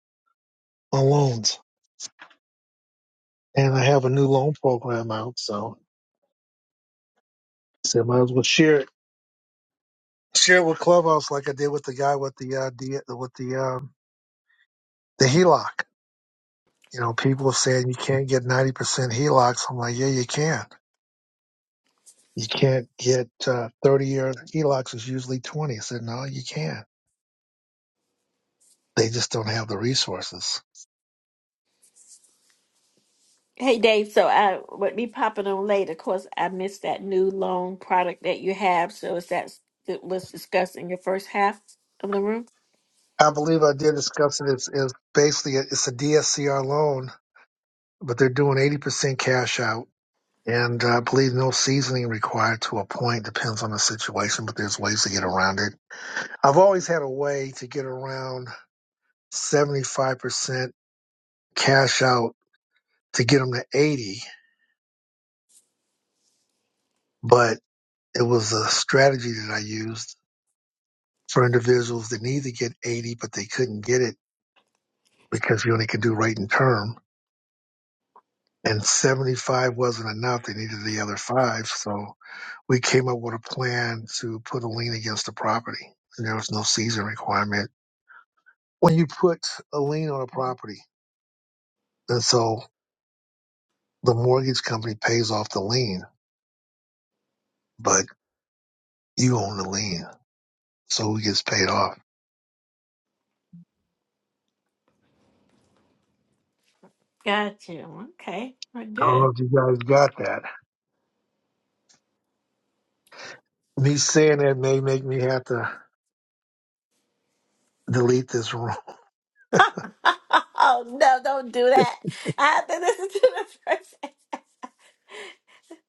Speaker 1: on loans. And I have a new loan program out. So I said, might as well share it. Share it with Clubhouse like I did with the guy with the, uh, D, with the, um, the HELOC. You know, people saying you can't get 90% HELOCs. I'm like, yeah, you can. You can't get, uh, 30 year HELOCs is usually 20. I said, no, you can. They just don't have the resources.
Speaker 8: hey Dave. So I would be popping on late. Of course, I missed that new loan product that you have. So is that that was discussed in your first half of the room?
Speaker 1: I believe I did discuss it. It's, it's basically a, it's a DSCR loan, but they're doing eighty percent cash out, and I believe no seasoning required to a point. Depends on the situation, but there's ways to get around it. I've always had a way to get around seventy five percent cash out to get them to eighty, but it was a strategy that I used for individuals that need to get eighty, but they couldn't get it because you only could do rate and term and 75 wasn't enough. They needed the other five. So we came up with a plan to put a lien against the property. And there was no season requirement. When you put a lien on a property, and so the mortgage company pays off the lien, but you own the lien. So it gets paid off.
Speaker 8: Got you. Okay. We're
Speaker 1: I don't
Speaker 8: good.
Speaker 1: know if you guys got that. Me saying that may make me have to delete this room.
Speaker 8: oh no, don't do that. I have to listen to the first. e-,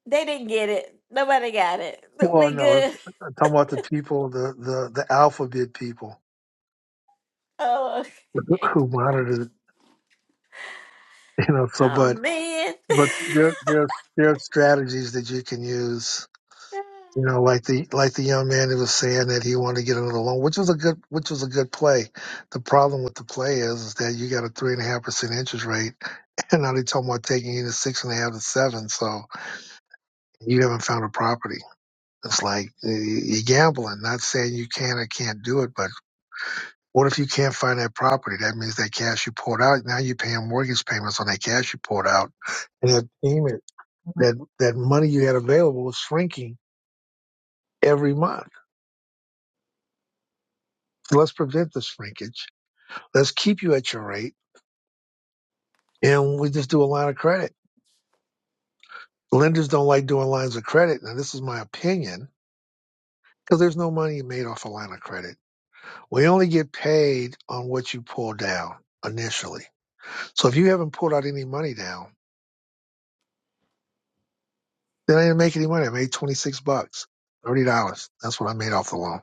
Speaker 8: They didn't get it. Nobody got it.
Speaker 1: Well,
Speaker 8: We
Speaker 1: no,
Speaker 8: good.
Speaker 1: I'm talking about the people, the, the, the alphabet people
Speaker 8: Oh okay.
Speaker 1: who monitored it, you know, so,
Speaker 8: Oh
Speaker 1: but
Speaker 8: man.
Speaker 1: but there there's there are strategies that you can use. You know, like the like the young man who was saying that he wanted to get another loan, which was a good which was a good play. The problem with the play is, is that you got a three and a half percent interest rate, and now they're talking about taking you to six and a half to seven. So you haven't found a property. It's like y- you're gambling. Not saying you can or can't do it, but what if you can't find that property? That means that cash you poured out now you're paying mortgage payments on that cash you poured out and that payment that that money you had available was shrinking every month. So let's prevent the shrinkage. Let's keep you at your rate, and we just do a line of credit. Lenders don't like doing lines of credit. Now, this is my opinion because there's no money made off a line of credit. We only get paid on what you pull down initially. So if you haven't pulled out any money down, then I didn't make any money. I made 26 bucks, $30. That's what I made off the loan.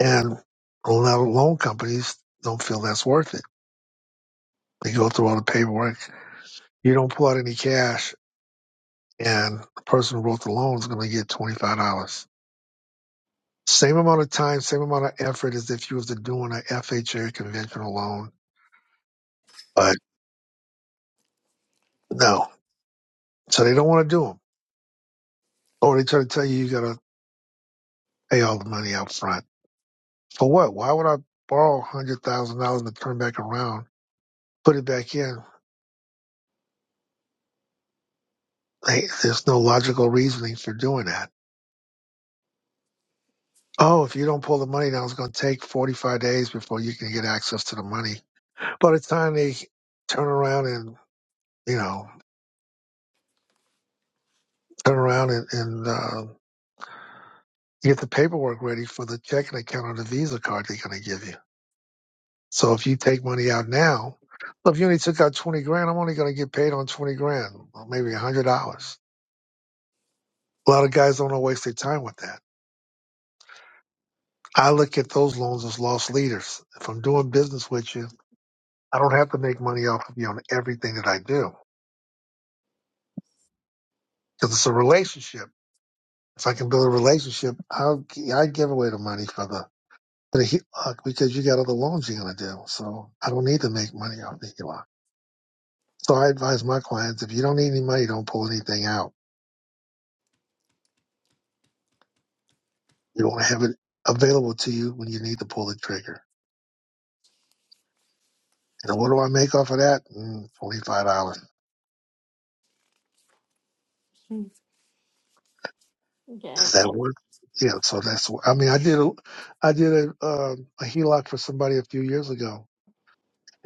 Speaker 1: And a lot of loan companies don't feel that's worth it. They go through all the paperwork You don't pull out any cash, and the person who wrote the loan is going to get twenty five dollars. Same amount of time, same amount of effort as if you was to doing an FHA conventional loan, but no. So they don't want to do them, or they try to tell you you got to pay all the money out front for what? Why would I borrow one hundred thousand dollars and turn back around, put it back in? Hey, there's no logical reasoning for doing that. Oh, if you don't pull the money down, it's going to take 45 days before you can get access to the money. By the time they turn around and you know, turn around and, and uh, get the paperwork ready for the checking account or the Visa card they're going to give you. So if you take money out now, look, if you only took out 20 grand, I'm only going to get paid on 20 grand, or maybe $100. A lot of guys don't want to waste their time with that. I look at those loans as lost leaders. If I'm doing business with you, I don't have to make money off of you on everything that I do because it's a relationship. If I can build a relationship, I'll, g- I'd give away the money for the for the HELOC because you got other loans you're going to do. So I don't need to make money off the HELOC. So I advise my clients if you don't need any money, don't pull anything out. You want to have it available to you when you need to pull the trigger. And what do I make off of that? Mm, Twenty five dollars. Does
Speaker 8: Got
Speaker 1: that
Speaker 8: you.
Speaker 1: work? Yeah. So that's. I mean, I did a, I did a, um a HELOC for somebody a few years ago,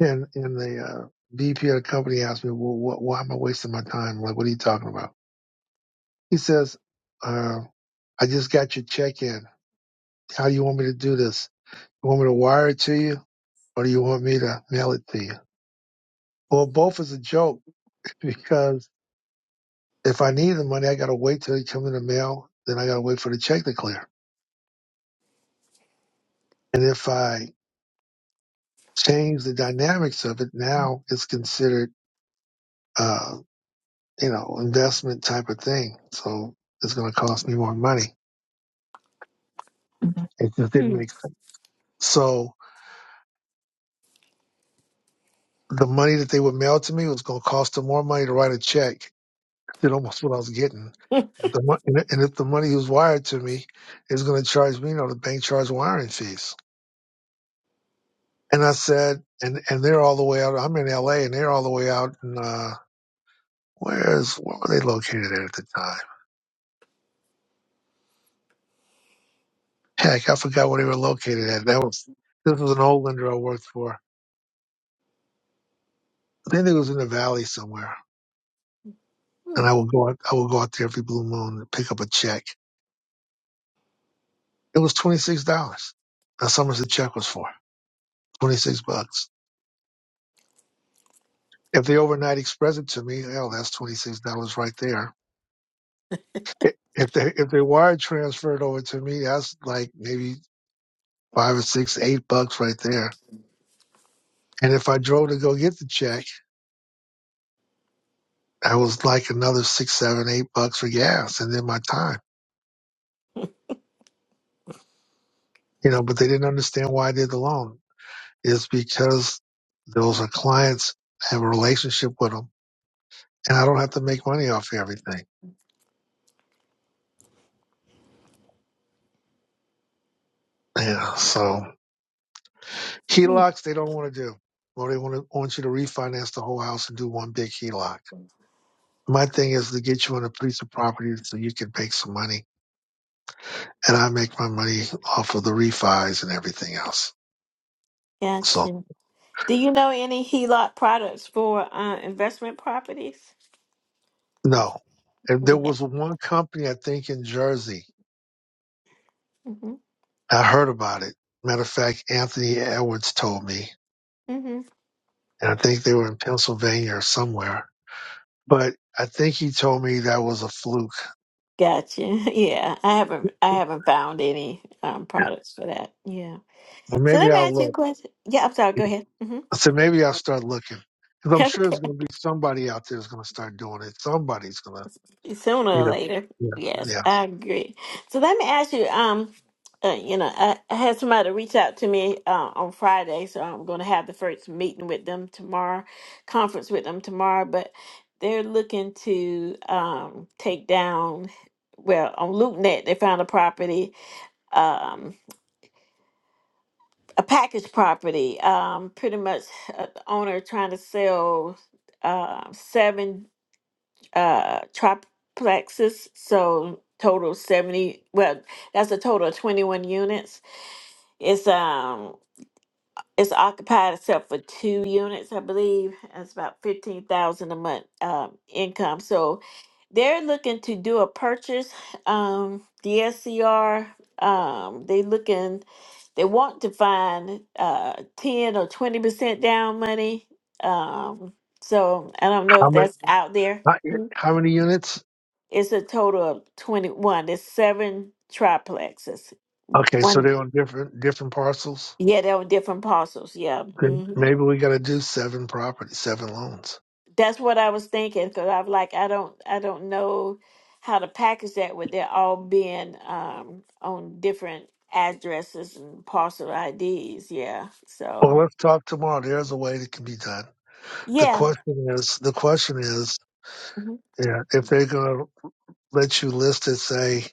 Speaker 1: and and the uh, VP of the company asked me, well, what, why am I wasting my time? Like, what are you talking about? He says, uh, I just got your check in. How do you want me to do this? You want me to wire it to you, or do you want me to mail it to you? Well, both is a joke because if I need the money, I got to wait till it comes in the mail. Then I got to wait for the check to clear. And if I change the dynamics of it, now it's considered, uh, you know, investment type of thing. So it's going to cost me more money. Mhm. It just didn't make sense. So the money that they would mail to me was going to cost them more money to write a check did almost what I was getting. If the mon- and and if the money was wired to me is going to charge me, you know, the bank charged wiring fees. And I said, and and they're all the way out. I'm in L.A. and they're all the way out And uh, where's where were they located at at the time? Heck, I forgot where they were located at. That was this was an old lender I worked for. I think it was in the valley somewhere. And I would go out, I would go out there every blue moon and pick up a check. It was twenty six dollars. That's how much the check was for. Twenty six bucks If they overnight express it to me, hell, that's twenty six dollars right there. If they if they wire transfer it over to me, that's like maybe five or six, eight bucks right there. And if I drove to go get the check, that was like another six, seven, eight bucks for gas and then my time. You know, but they didn't understand why I did the loan. It's because those are clients I have a relationship with them and I don't have to make money off everything. Yeah. So HELOCs they don't want to do, or they want to want you to refinance the whole house and do one big HELOC. My thing is to get you on a piece of property so you can make some money, and I make my money off of the refis and everything else.
Speaker 8: Got
Speaker 1: So
Speaker 8: you. Do you know any HELOC products for uh, investment properties?
Speaker 1: no, and there
Speaker 8: Yeah.
Speaker 1: was one company I think in Jersey
Speaker 8: hmm
Speaker 1: I heard about it. Matter of fact, Anthony Edwards told me,
Speaker 8: hmm
Speaker 1: and I think they were in Pennsylvania or somewhere. But I think he told me that was a fluke,
Speaker 8: Gotcha. Yeah, I haven't. I haven't found any um, products for that. Yeah.
Speaker 1: or
Speaker 8: So
Speaker 1: maybe
Speaker 8: let me
Speaker 1: I'll
Speaker 8: ask you a
Speaker 1: look.
Speaker 8: question. Yeah, I'm sorry. Go ahead. hmm
Speaker 1: I said, maybe I'll start looking. Because I'm sure there's
Speaker 8: Okay.
Speaker 1: going to be somebody out there that's going to start doing it. Somebody's going to,
Speaker 8: Sooner
Speaker 1: you
Speaker 8: or
Speaker 1: know,
Speaker 8: later.
Speaker 1: yeah,
Speaker 8: Yes,
Speaker 1: yeah.
Speaker 8: I agree. So let me ask you. Um, uh, you know, I, I had somebody reach out to me uh, on Friday, so I'm going to have the first meeting with them tomorrow, conference with them tomorrow. But they're looking to um take down. Well, on LoopNet, they found a property, um, a package property. Um, pretty much, uh, the owner trying to sell. um seven uh triplexes so total 70 well that's a total of 21 units it's um it's occupied except for two units i believe that's about 15000 a month um income so they're looking to do a purchase um the scr um they looking they want to find uh 10 or 20 percent down money um so i don't know
Speaker 1: How
Speaker 8: if
Speaker 1: many,
Speaker 8: that's out there
Speaker 1: how,
Speaker 8: Hmm.
Speaker 1: how many units?
Speaker 8: It's a total of 21. It's seven triplexes.
Speaker 1: Okay, so
Speaker 8: One,
Speaker 1: they're on different different parcels.
Speaker 8: yeah, they were different parcels. Yeah.
Speaker 1: Then
Speaker 8: hmm
Speaker 1: maybe we got to do seven properties, seven loans.
Speaker 8: That's what I was thinking because I'm like, I don't, I don't know how to package that with they're all being um, on different addresses and parcel IDs. Yeah.
Speaker 1: Well,
Speaker 8: So,
Speaker 1: let's talk tomorrow. There's a way that can be done. The
Speaker 8: yeah.
Speaker 1: question is, the question is,
Speaker 8: hmm
Speaker 1: yeah, if they're going to let you list it, say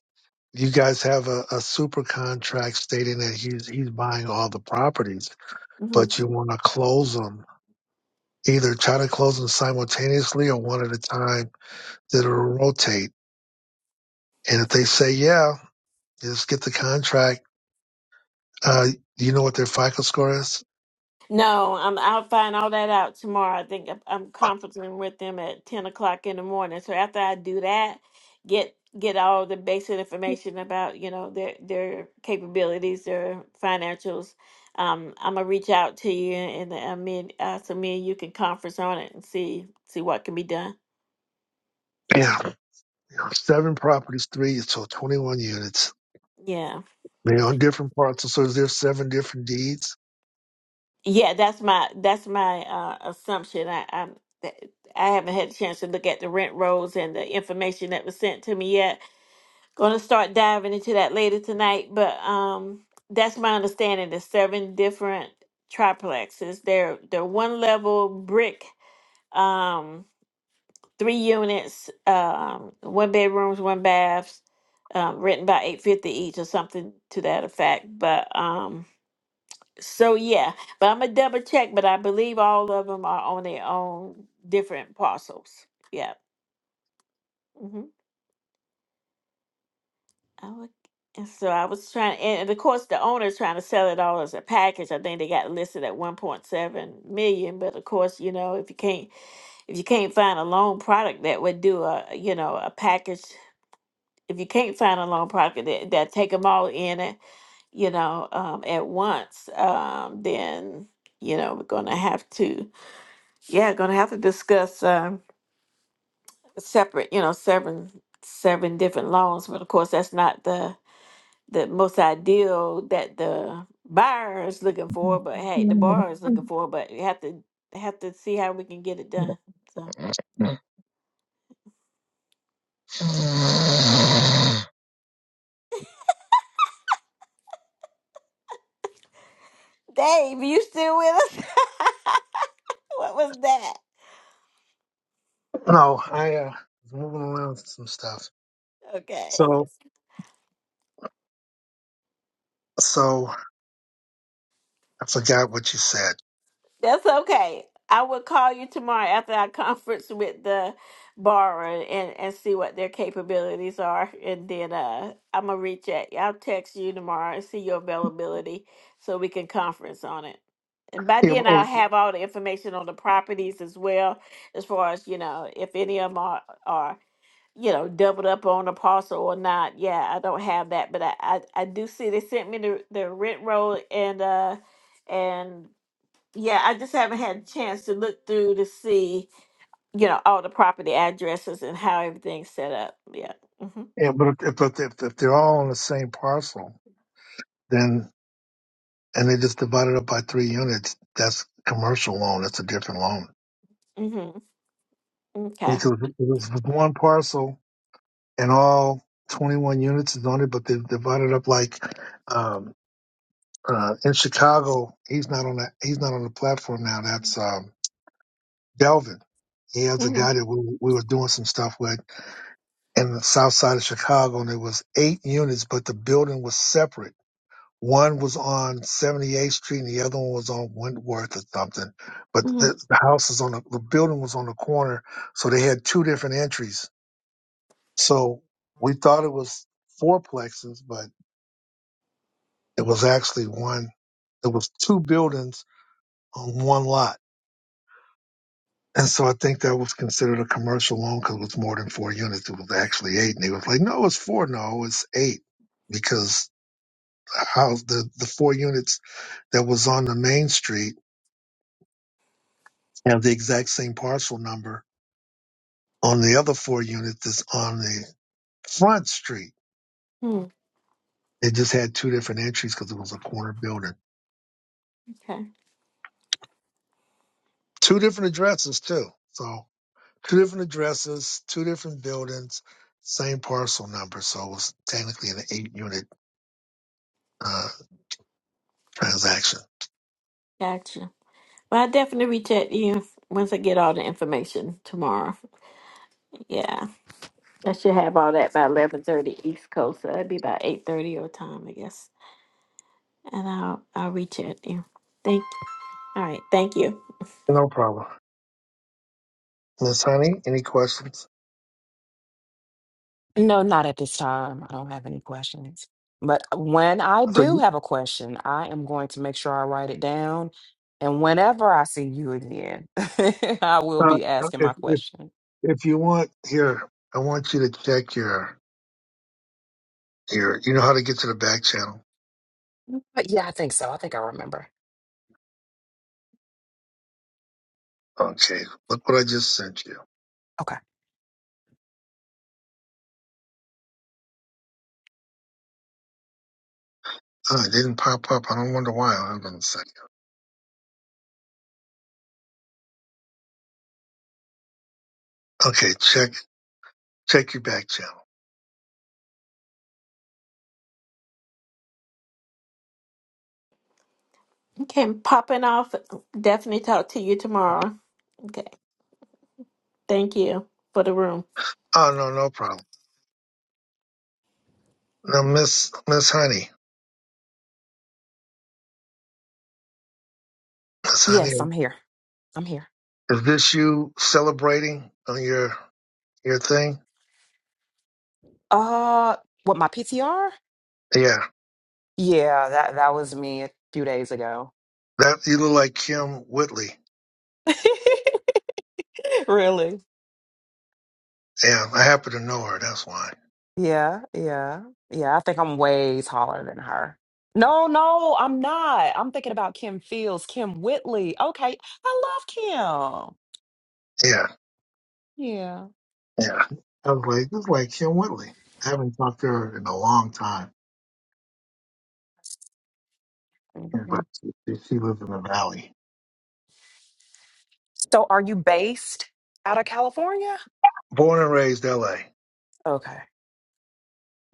Speaker 1: you guys have a, a super contract stating that he's he's buying all the properties, but you want to close them either try to close them simultaneously or one at a time that will rotate. And if they say, yeah, just get the contract, uh, do you know what their FICO score is?
Speaker 8: No, I'm, I'll find all that out tomorrow. I think I'm I'm conferencing with them at 10 o'clock in the morning. So after I do that, get get all the basic information about, you know, their their capabilities, their financials. Um, I'm gonna reach out to you and I mean, uh, so me and you can conference on it and see see what can be done.
Speaker 1: Yeah. Seven properties, three, so 21 units.
Speaker 8: Yeah,
Speaker 1: They're on different parts. So there's seven different deeds.
Speaker 8: yeah, that's my that's my uh, assumption. I I'm, th- I haven't had a chance to look at the rent rolls and the information that was sent to me yet Gonna start diving into that later tonight, but um that's my understanding. There's seven different triplexes. They're they're one level brick, um, three units, um, one bedrooms, one baths, um, written about eight fifty each or something to that effect. But um so yeah, but I'm gonna double check. But I believe all of them are on their own different parcels. Yeah. mm-hmm. I would, and so I was trying, and and of course the owner's trying to sell it all as a package. I think they got listed at one point seven million, but of course, you know, if you can't if you can't find a loan product that would do a you know a package, if you can't find a loan product that that take them all in it, you know, um, at once, um, then you know we're gonna have to yeah gonna have to discuss um, separate you know seven seven different loans, but of course that's not the the most ideal that the buyer is looking for, but hey, the borrower is looking for, but you have to have to see how we can get it done. So, Dave, you still with us? what was that?
Speaker 1: No, I, uh, was moving around some stuff.
Speaker 8: Okay.
Speaker 1: So, so I forgot what you said.
Speaker 8: That's okay. I will call you tomorrow after our conference with the borrower and, and see what their capabilities are. And then uh, I'm going to reach out. I'll text you tomorrow and see your availability so we can conference on it. And by
Speaker 1: Yeah,
Speaker 8: then,
Speaker 1: oh,
Speaker 8: I'll have all the information on the properties as well, as far as, you know, if any of them are, are you know, doubled up on a parcel or not. Yeah, I don't have that, but I, I, I do see they sent me the, the rent roll and, uh, and yeah, I just haven't had a chance to look through to see, you know, all the property addresses and how everything's set up. Yeah. Mm-hmm.
Speaker 1: yeah, but if, if, if, if they're all on the same parcel, then and they just divided up by three units. That's commercial loan. That's a different loan.
Speaker 8: Mm-hmm. Okay.
Speaker 1: Which was, it was one parcel and all 21 units is on it, but they've divided up like um, uh, in Chicago. He's not on that. He's not on the platform now. That's um, Delvin. He has a
Speaker 8: mm
Speaker 1: guy that we, we were doing some stuff with in the south side of Chicago, and it was eight units, but the building was separate One was on 78th Street and the other one was on Wentworth or something. But the, the house is on the, the building was on the corner, so they had two different entries. So we thought it was four plexes, but it was actually one. It was two buildings on one lot. And so I think that was considered a commercial loan because it was more than four units. It was actually eight. And they was like, no, it's four. No, it's eight because the house, the, the four units that was on the main street have the exact same parcel number on the other four units that's on the front street.
Speaker 8: hmm
Speaker 1: It just had two different entries because it was a corner building.
Speaker 8: Okay.
Speaker 1: Two different addresses too. So two different addresses, two different buildings, same parcel number. So it was technically an eight unit uh, transaction.
Speaker 8: Gotcha. Well, I'll definitely reach out to you once I get all the information tomorrow. Yeah. I should have all that by eleven thirty East Coast. So that'd be about eight thirty your time, I guess. And I'll I'll reach out to you. Thank all right, thank you.
Speaker 1: No problem. Miss Honey, any questions?
Speaker 6: No, not at this time. I don't have any questions. But when I
Speaker 1: So
Speaker 6: do
Speaker 1: you,
Speaker 6: have a question, I am going to make sure I write it down. And whenever I see you again, I will
Speaker 1: uh,
Speaker 6: be asking
Speaker 1: if,
Speaker 6: my
Speaker 1: if,
Speaker 6: question.
Speaker 1: if you want here, I want you to check your, your, you know how to get to the back channel.
Speaker 6: But yeah, I think so. I think I remember.
Speaker 1: Okay. Look what I just sent you.
Speaker 6: Okay.
Speaker 1: Oh, it didn't pop up. I don't wonder why. Hold on a second. Okay, check check your back channel.
Speaker 8: Okay, I'm popping off. Definitely talk to you tomorrow. Okay. Thank you for the room.
Speaker 1: Oh no, no problem. Now, Miss Miss Honey, Miss Honey,
Speaker 6: Yes, I'm here. I'm here.
Speaker 1: is this you celebrating on your your thing?
Speaker 6: Uh, what my PTR?
Speaker 1: Yeah,
Speaker 6: Yeah, that that was me a few days ago.
Speaker 1: that you look like Kim Whitley.
Speaker 6: really?
Speaker 1: Yeah, I happen to know her. That's why.
Speaker 6: Yeah, yeah, yeah. I think I'm way taller than her. No, no, I'm not. I'm thinking about Kim Fields, Kim Whitley. Okay, I love
Speaker 1: Yeah,
Speaker 6: Kim. Yeah.
Speaker 1: yeah. I was like, this is like Kim Whitley. I haven't talked to her in a long time,
Speaker 6: yeah.
Speaker 1: but she, she lives in the valley.
Speaker 6: So, are you based out of California?
Speaker 1: Born and raised L.A.
Speaker 6: Okay.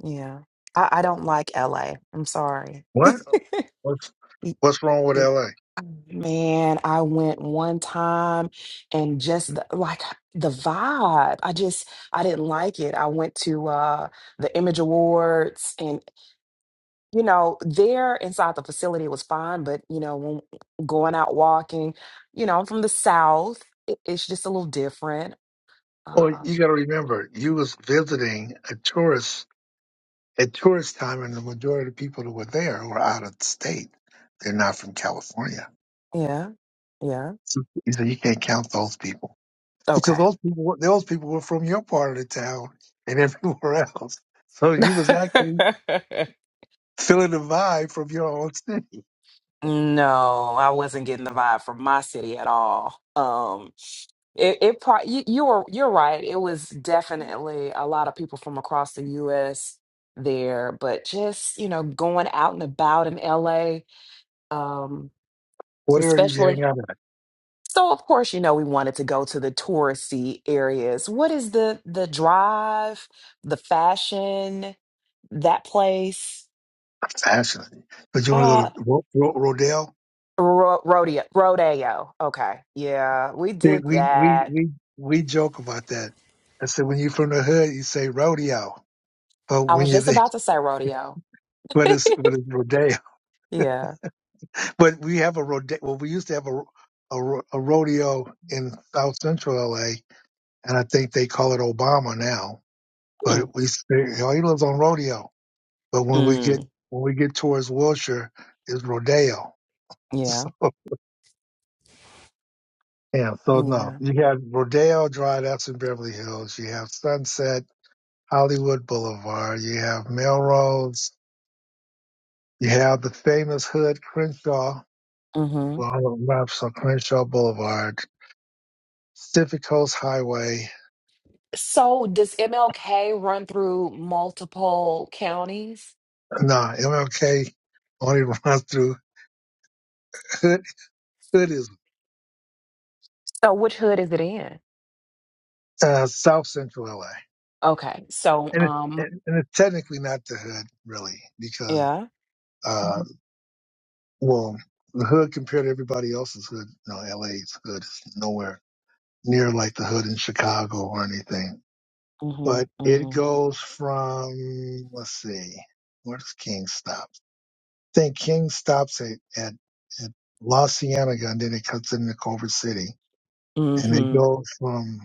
Speaker 6: Yeah. I, I don't like LA. I'm sorry.
Speaker 1: What? What's
Speaker 6: It-
Speaker 1: what's wrong with
Speaker 6: it-
Speaker 1: L.A.?
Speaker 6: man, I went one time and just the, like the vibe. I just I didn't like it. I went to uh the Image Awards and. you know, there inside the facility was fine, but you know, when going out walking, you know, I'm from the South. It, it's just a little different.
Speaker 1: Or you
Speaker 6: Um,
Speaker 1: got to remember, you was visiting a tourist at tourist time, and the majority of the people that were there were out of state. They're not from California.
Speaker 6: yeah, yeah,
Speaker 1: So you say you can't count those people because
Speaker 6: okay.
Speaker 1: those people were- those people were from your part of the town and everywhere else. So you was actually feeling the vibe from your own city.
Speaker 6: No, I wasn't getting the vibe from my city at all. Um, it, it pro you, you were you're right. It was definitely a lot of people from across the U.S. there, but just you know, going out and about in L.A. Um,
Speaker 1: What area did you
Speaker 6: especially
Speaker 1: hang out at?
Speaker 6: So of course, you know, we wanted to go to the touristy areas. What is the the drive, the fashion, that place?
Speaker 1: Fascinating. But you want to go
Speaker 6: Uh
Speaker 1: to Ro- Ro- Rodale?
Speaker 6: ro- rodeo rodeo. Okay. Yeah, we
Speaker 1: See,
Speaker 6: did
Speaker 1: We we
Speaker 6: that.
Speaker 1: we we joke about that. I said when you're from the hood, you say rodeo. uh,
Speaker 6: I
Speaker 1: when
Speaker 6: was
Speaker 1: you're
Speaker 6: just
Speaker 1: there.
Speaker 6: about to say rodeo.
Speaker 1: What is what is rodeo?
Speaker 6: Yeah.
Speaker 1: But we have a rodeo. Well, we used to have a ro- a, ro- a rodeo in South Central LA, and I think they call it Obama now.
Speaker 6: Mm,
Speaker 1: But we say, oh, he lives on rodeo. But when we get
Speaker 6: mm,
Speaker 1: when we get towards Wilshire, it's rodeo.
Speaker 6: yeah.
Speaker 1: So yeah, so no,
Speaker 6: Yeah.
Speaker 1: you have rodeo drive. That's in Beverly Hills. You have Sunset, Hollywood Boulevard. You have Melrose. You have the famous hood Crenshaw
Speaker 6: Mm-hmm.
Speaker 1: Lava Maps on Crenshaw Boulevard, Pacific Coast Highway.
Speaker 6: So does MLK run through multiple counties?
Speaker 1: Nah, MLK only runs through Hood. Hood is
Speaker 6: So which hood is it in?
Speaker 1: uh, South Central LA,
Speaker 6: Okay. So
Speaker 1: and it,
Speaker 6: um
Speaker 1: and and it's technically not the Hood really because
Speaker 6: Yeah.
Speaker 1: uh, well, the Hood compared to everybody else's Hood, you know, LA's Hood is nowhere near like the Hood in Chicago or anything. But it
Speaker 6: Mm-hmm.
Speaker 1: goes from let's see, where's King stop? think King stops at, at, at La Cienega and then it cuts into Culver City. And they
Speaker 6: Mm-hmm.
Speaker 1: go from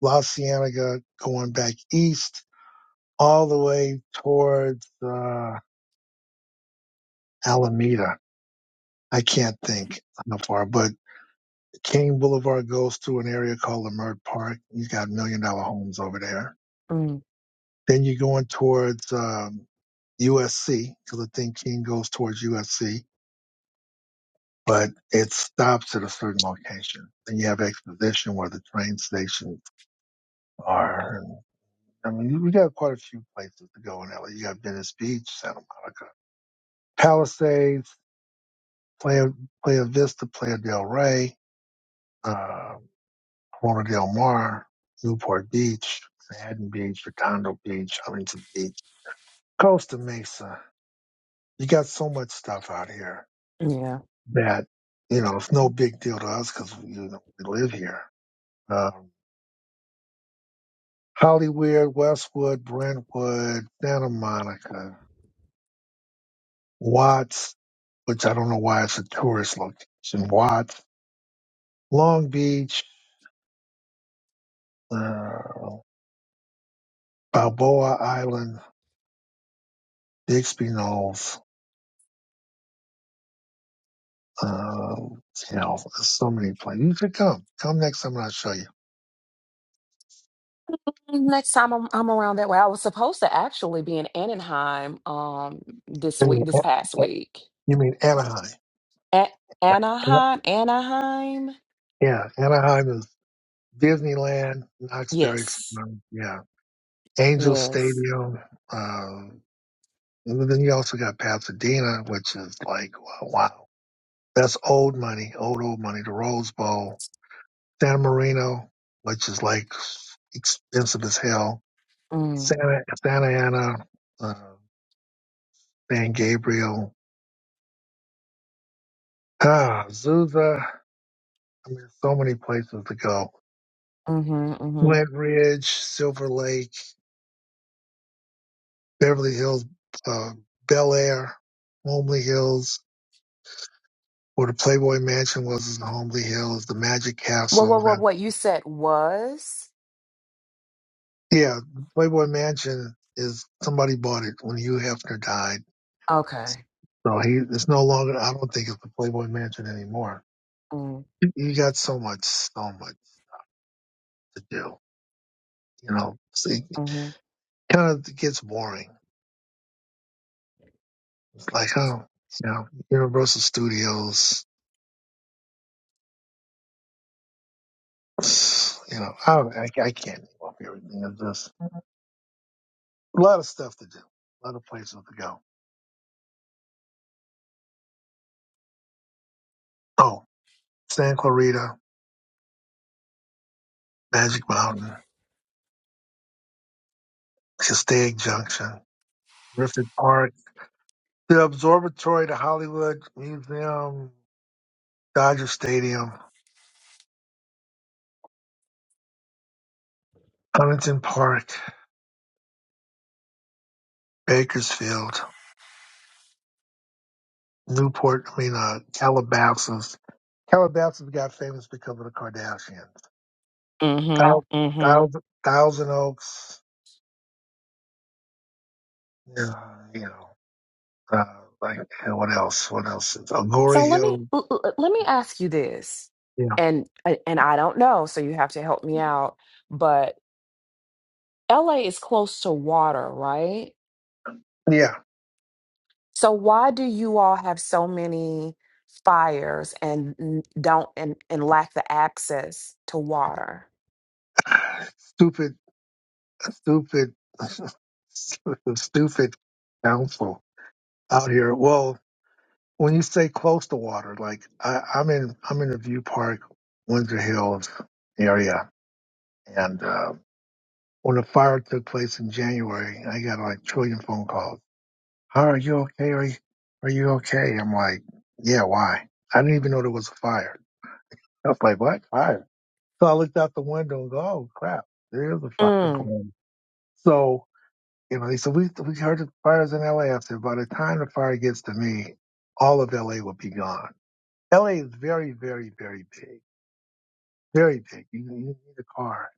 Speaker 1: La Cienega going back east all the way towards uh, Alameda. I can't think how far, but King Boulevard goes through an area called Lamert Park. You got million dollar homes over there.
Speaker 6: Mm,
Speaker 1: Then you're going towards um, USC because I think King goes towards USC but it stops at a certain location. And you have exposition where the train stations are. And, I mean, you- we got quite a few places to go in LA. You got Venice Beach, Santa Monica, Palisades, Playa, Playa Vista, Playa del Rey, uh, Corona del Mar, Newport Beach, Manhattan Beach, Redondo Beach, Huntington Beach, Costa Mesa. You got so much stuff out here
Speaker 6: yeah.
Speaker 1: that, you know, it's no big deal to us because you know, we live here. Um, Hollywood, Westwood, Brentwood, Santa Monica, Watts, which I don't know why it's a tourist location, Watts, Long Beach, uh, Balboa Island, Bixby Knolls, uh, you know, so many places. You should come. Come next time and I'll show you.
Speaker 6: Next time I'm, I'm around that way. I was supposed to actually be in Anaheim um this
Speaker 1: You mean
Speaker 6: week, this past week.
Speaker 1: you mean Anaheim?
Speaker 6: A- Anaheim, Anaheim.
Speaker 1: Yeah, Anaheim is Disneyland, Knoxbury,
Speaker 6: Yes,
Speaker 1: Farm, yeah, Angel
Speaker 6: yes.
Speaker 1: Stadium, uh, And then you also got Pasadena, which is like, uh, wow, that's old money, old, old money. The Rose Bowl, San Marino, which is like expensive as hell,
Speaker 6: Mm,
Speaker 1: Santa, Santa Ana, uh, San Gabriel, ah, Azusa. I mean, so many places to go.
Speaker 6: mm-hmm, mm-hmm.
Speaker 1: Flint Ridge, Silver Lake, Beverly Hills, uh, Bel Air, Homely Hills, where the Playboy Mansion was in Homely Hills, the Magic
Speaker 6: What, what,
Speaker 1: Castle.
Speaker 6: what, what you said was?
Speaker 1: Yeah, Playboy Mansion is somebody bought it when Hugh Hefner died.
Speaker 6: Okay.
Speaker 1: So he it's no longer I don't think it's the Playboy Mansion anymore.
Speaker 6: Mm,
Speaker 1: You got so much so much to do. You know, So it
Speaker 6: mm-hmm,
Speaker 1: kind of gets boring. It's like, oh, you know, Universal Studios, you know, I don't- I, I can't name off everything. It's just a lot of stuff to do, a lot of places to go. Oh, San Clarita, Magic Mountain, Castaic Junction, Griffith Park. The Observatory, the Hollywood Museum, Dodger Stadium, Huntington Park, Bakersfield, Newport, I mean, uh, Calabasas. Calabasas got famous because of the Kardashians. Thou-
Speaker 6: mm-hmm, mm-hmm.
Speaker 1: Thousand, Thousand Oaks, yeah, you know, uh, like, and what else? What else? Is, Agoura
Speaker 6: So let me
Speaker 1: Hill,
Speaker 6: l- l- let me ask you this,
Speaker 1: yeah.
Speaker 6: and and I don't know, so you have to help me out. but. LA is close to water, right?
Speaker 1: Yeah.
Speaker 6: So why do you all have so many fires and n- don't and, and lack the access to water?
Speaker 1: Stupid, stupid, stupid council out here. Well, When you say close to water, like I, I'm in, I'm in the View Park, Windsor Hills area, and uh, when the fire took place in January, I got like trillion phone calls. How are you okay? Are you, are you okay? I'm like, yeah. Why? I didn't even know there was a fire. I was like, what fire? So I looked out the window and go, oh crap, there is a fire going.
Speaker 6: Mm,
Speaker 1: on." So you know, they said we we heard the fires in L.A. I said by the time the fire gets to me, all of L.A. will be gone. LA is very, very, very big, very big. You, you need a car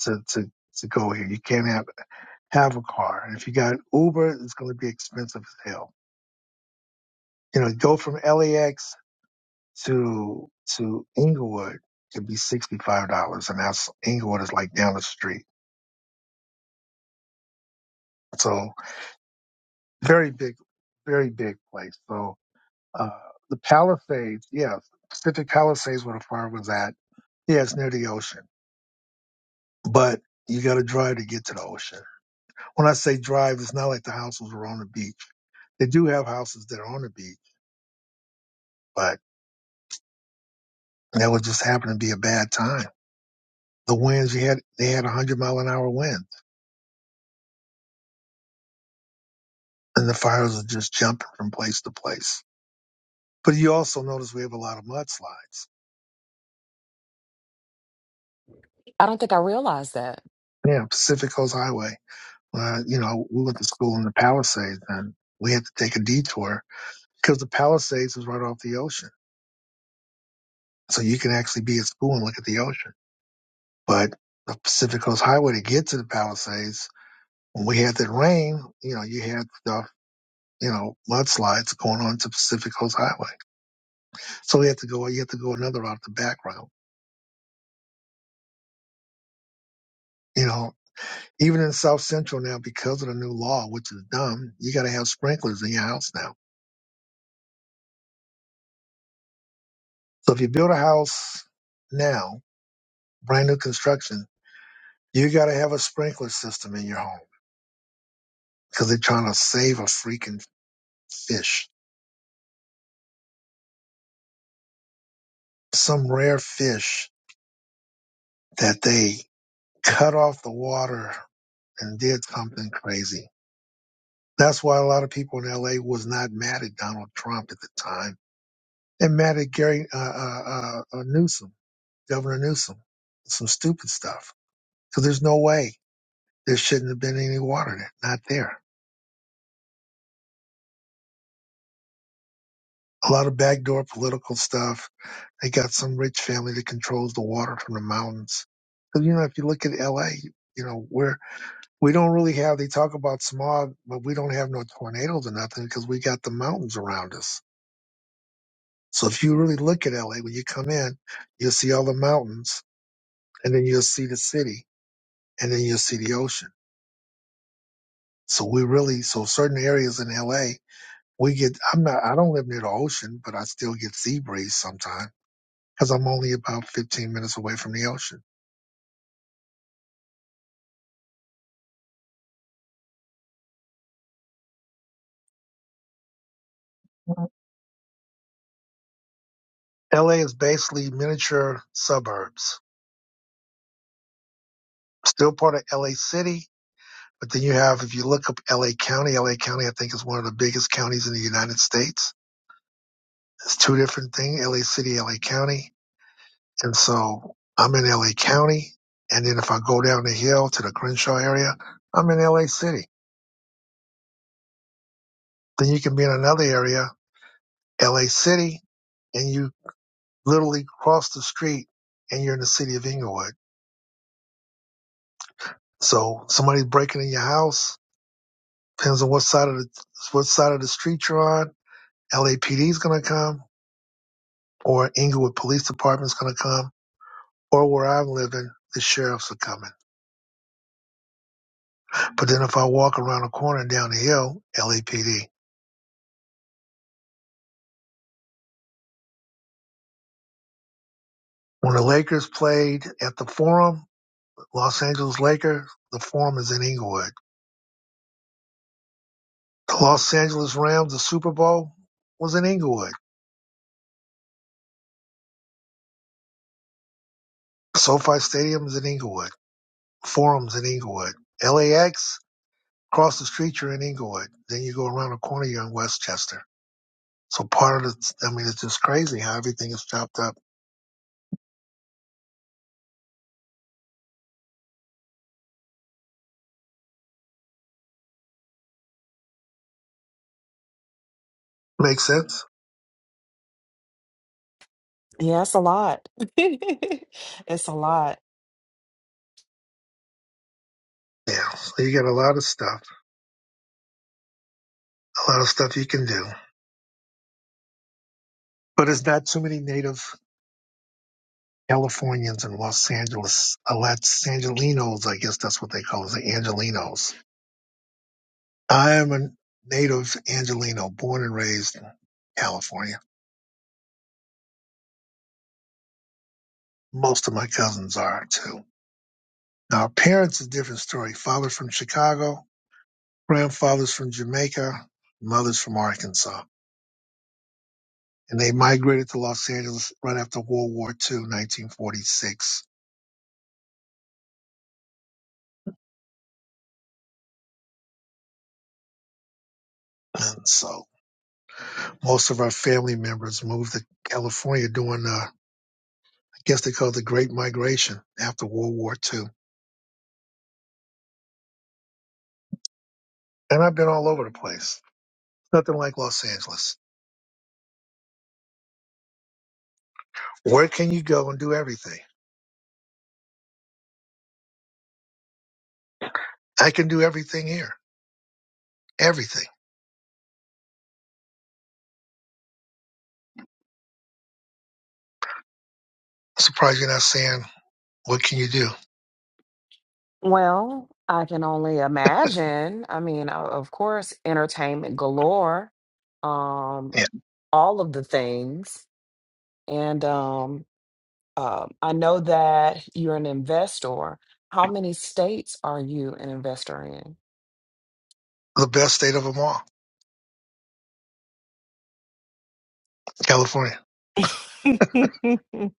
Speaker 1: to, to, to go here. You can't have, have a car. And if you got an Uber, it's going to be expensive as hell. You know, go from LAX to, to Inglewood could be $65 and that's Inglewood is like down the street. So very big, very big place. So, uh, the Palisades, yeah, Pacific Palisades where the farm was at. Yeah, it's near the ocean, but you got to drive to get to the ocean When I say drive, it's not like the houses were on the beach. They do have houses that are on the beach, but that would just happen to be a bad time. The winds you had, they had a hundred mile an hour wind, and the fires are just jumping from place to place. But you also notice we have a lot of mudslides.
Speaker 6: I don't think I realized that.
Speaker 1: Yeah, Pacific Coast Highway. Uh, you know, we went to school in the Palisades, and we had to take a detour because the Palisades is right off the ocean, so you can actually be at school and look at the ocean. But the Pacific Coast Highway to get to the Palisades when we had that rain, you know, you had stuff, you know, mudslides going on to Pacific Coast Highway. So we had to go, you had to go another route, the back route. You know, even in South Central now, because of the new law, which is dumb, you got to have sprinklers in your house now. So if you build a house now, brand new construction, you got to have a sprinkler system in your home because they're trying to save a freaking fish, some rare fish that they cut off the water and did something crazy That's why a lot of people in LA was not mad at Donald Trump at the time and mad at Gary uh, uh, uh, Newsom, Governor Newsom, some stupid stuff. So there's no way there shouldn't have been any water there, not there. A lot of backdoor political stuff. They got some rich family that controls the water from the mountains. Because you know, if you look at LA, you know, we're we don't really have. They talk about smog, but we don't have no tornadoes or nothing because we got the mountains around us So if you really look at LA, when you come in, you'll see all the mountains and then you'll see the city and then you'll see the ocean. So we really, so certain areas in LA, we get, I'm not, I don't live near the ocean, but I still get sea breeze sometimes because I'm only about 15 minutes away from the ocean. LA is basically miniature suburbs, still part of LA City. But then you have, if you look up LA County, LA County, I think is one of the biggest counties in the United States. It's two different things, LA City, LA County And so I'm in LA County. And then if I go down the hill to the Crenshaw area, I'm in LA City. Then you can be in another area, LA City, and you literally cross the street and you're in the city of Inglewood. So somebody's breaking in your house, depends on what side of the, what side of the street you're on. LAPD is going to come or Inglewood Police Department is going to come or where I'm living, the sheriffs are coming. But then if I walk around the corner and down the hill, LAPD. When the Lakers played at the Forum, Los Angeles Lakers, the Forum is in Inglewood. The Los Angeles Rams, the Super Bowl was in Inglewood. SoFi Stadium is in Inglewood. Forum's in Inglewood. LAX, across the street, you're in Inglewood. Then you go around the corner, you're in Westchester. So part of the, I mean, it's just crazy how everything is chopped up. Makes sense?
Speaker 6: Yeah, it's a lot. it's a lot.
Speaker 1: Yeah. So you got a lot of stuff, a lot of stuff you can do. But it's not too many native Californians in Los Angeles, uh, Los Angelinos, I guess that's what they call us, the Angelinos. I am a native Angelino, born and raised in California. Most of my cousins are too. Now, parents is a different story. father from Chicago, grandfather's from Jamaica, mother's from Arkansas. And they migrated to Los Angeles right after World War II, 1946. And so most of our family members moved to California during uh, guess they call it the Great Migration after World War Two. And I've been all over the place. Nothing like Los Angeles. Where can you go and do everything? I can do everything here. Everything. I'm Surprised you're not saying what can you do?
Speaker 6: Well, I can only imagine. I mean, o- of course, entertainment galore, um,
Speaker 1: Yeah.
Speaker 6: all of the things. And um, Um, I know that you're an investor. How many states are you an investor
Speaker 1: The best state of them all, California.
Speaker 6: in?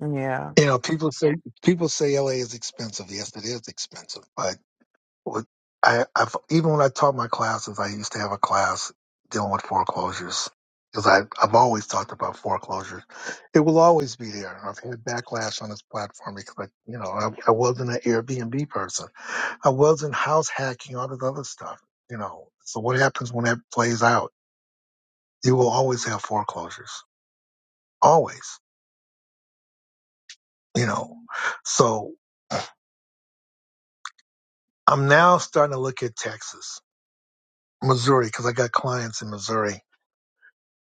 Speaker 6: Yeah.
Speaker 1: You know, people say people say LA is expensive. Yes, it is expensive, but With- I, I've, even when I taught my classes, I used to have a class dealing with foreclosures because I, I've always talked about foreclosures. It will always be there. I've had backlash on this platform because, I, you know, I, I wasn't an Airbnb person. I wasn't house hacking, all this other stuff, you know. So what happens when that plays out? You will always have foreclosures, always, you know. So I'm now starting to look at Texas, Missouri, because I got clients in Missouri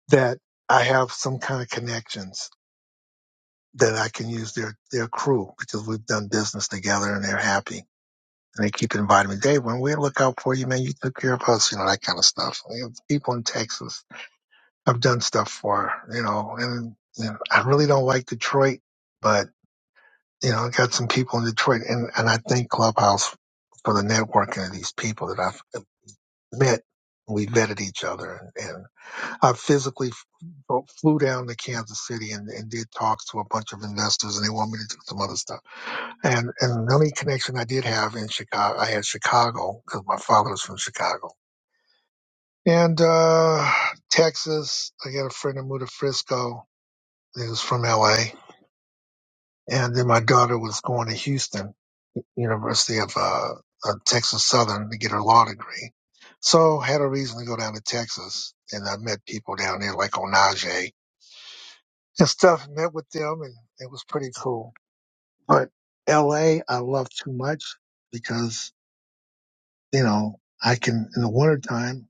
Speaker 1: that I have some kind of connections that I can use their their crew because we've done business together and they're happy. And they keep inviting me, Dave, when we look out for you, man, you took care of us, you know, that kind of stuff. We have people in Texas I've done stuff for, you know, and you know, I really don't like Detroit, but you know, I got some people in Detroit and, and I thank Clubhouse for the networking of these people that I've met. We vetted each other and. I physically f- flew down to Kansas City and, and did talks to a bunch of investors, and they want me to do some other stuff. And and the only connection I did have in Chicago, I had Chicago because my father was from Chicago and uh, Texas. I got a friend who moved to Frisco. He was from L.A. And then my daughter was going to Houston, University of uh, uh, Texas Southern, to get her law degree. So had a reason to go down to Texas, and I met people down there like Onaje and stuff. Met with them, and it was pretty cool. But L.A. I love too much because you know I can in the wintertime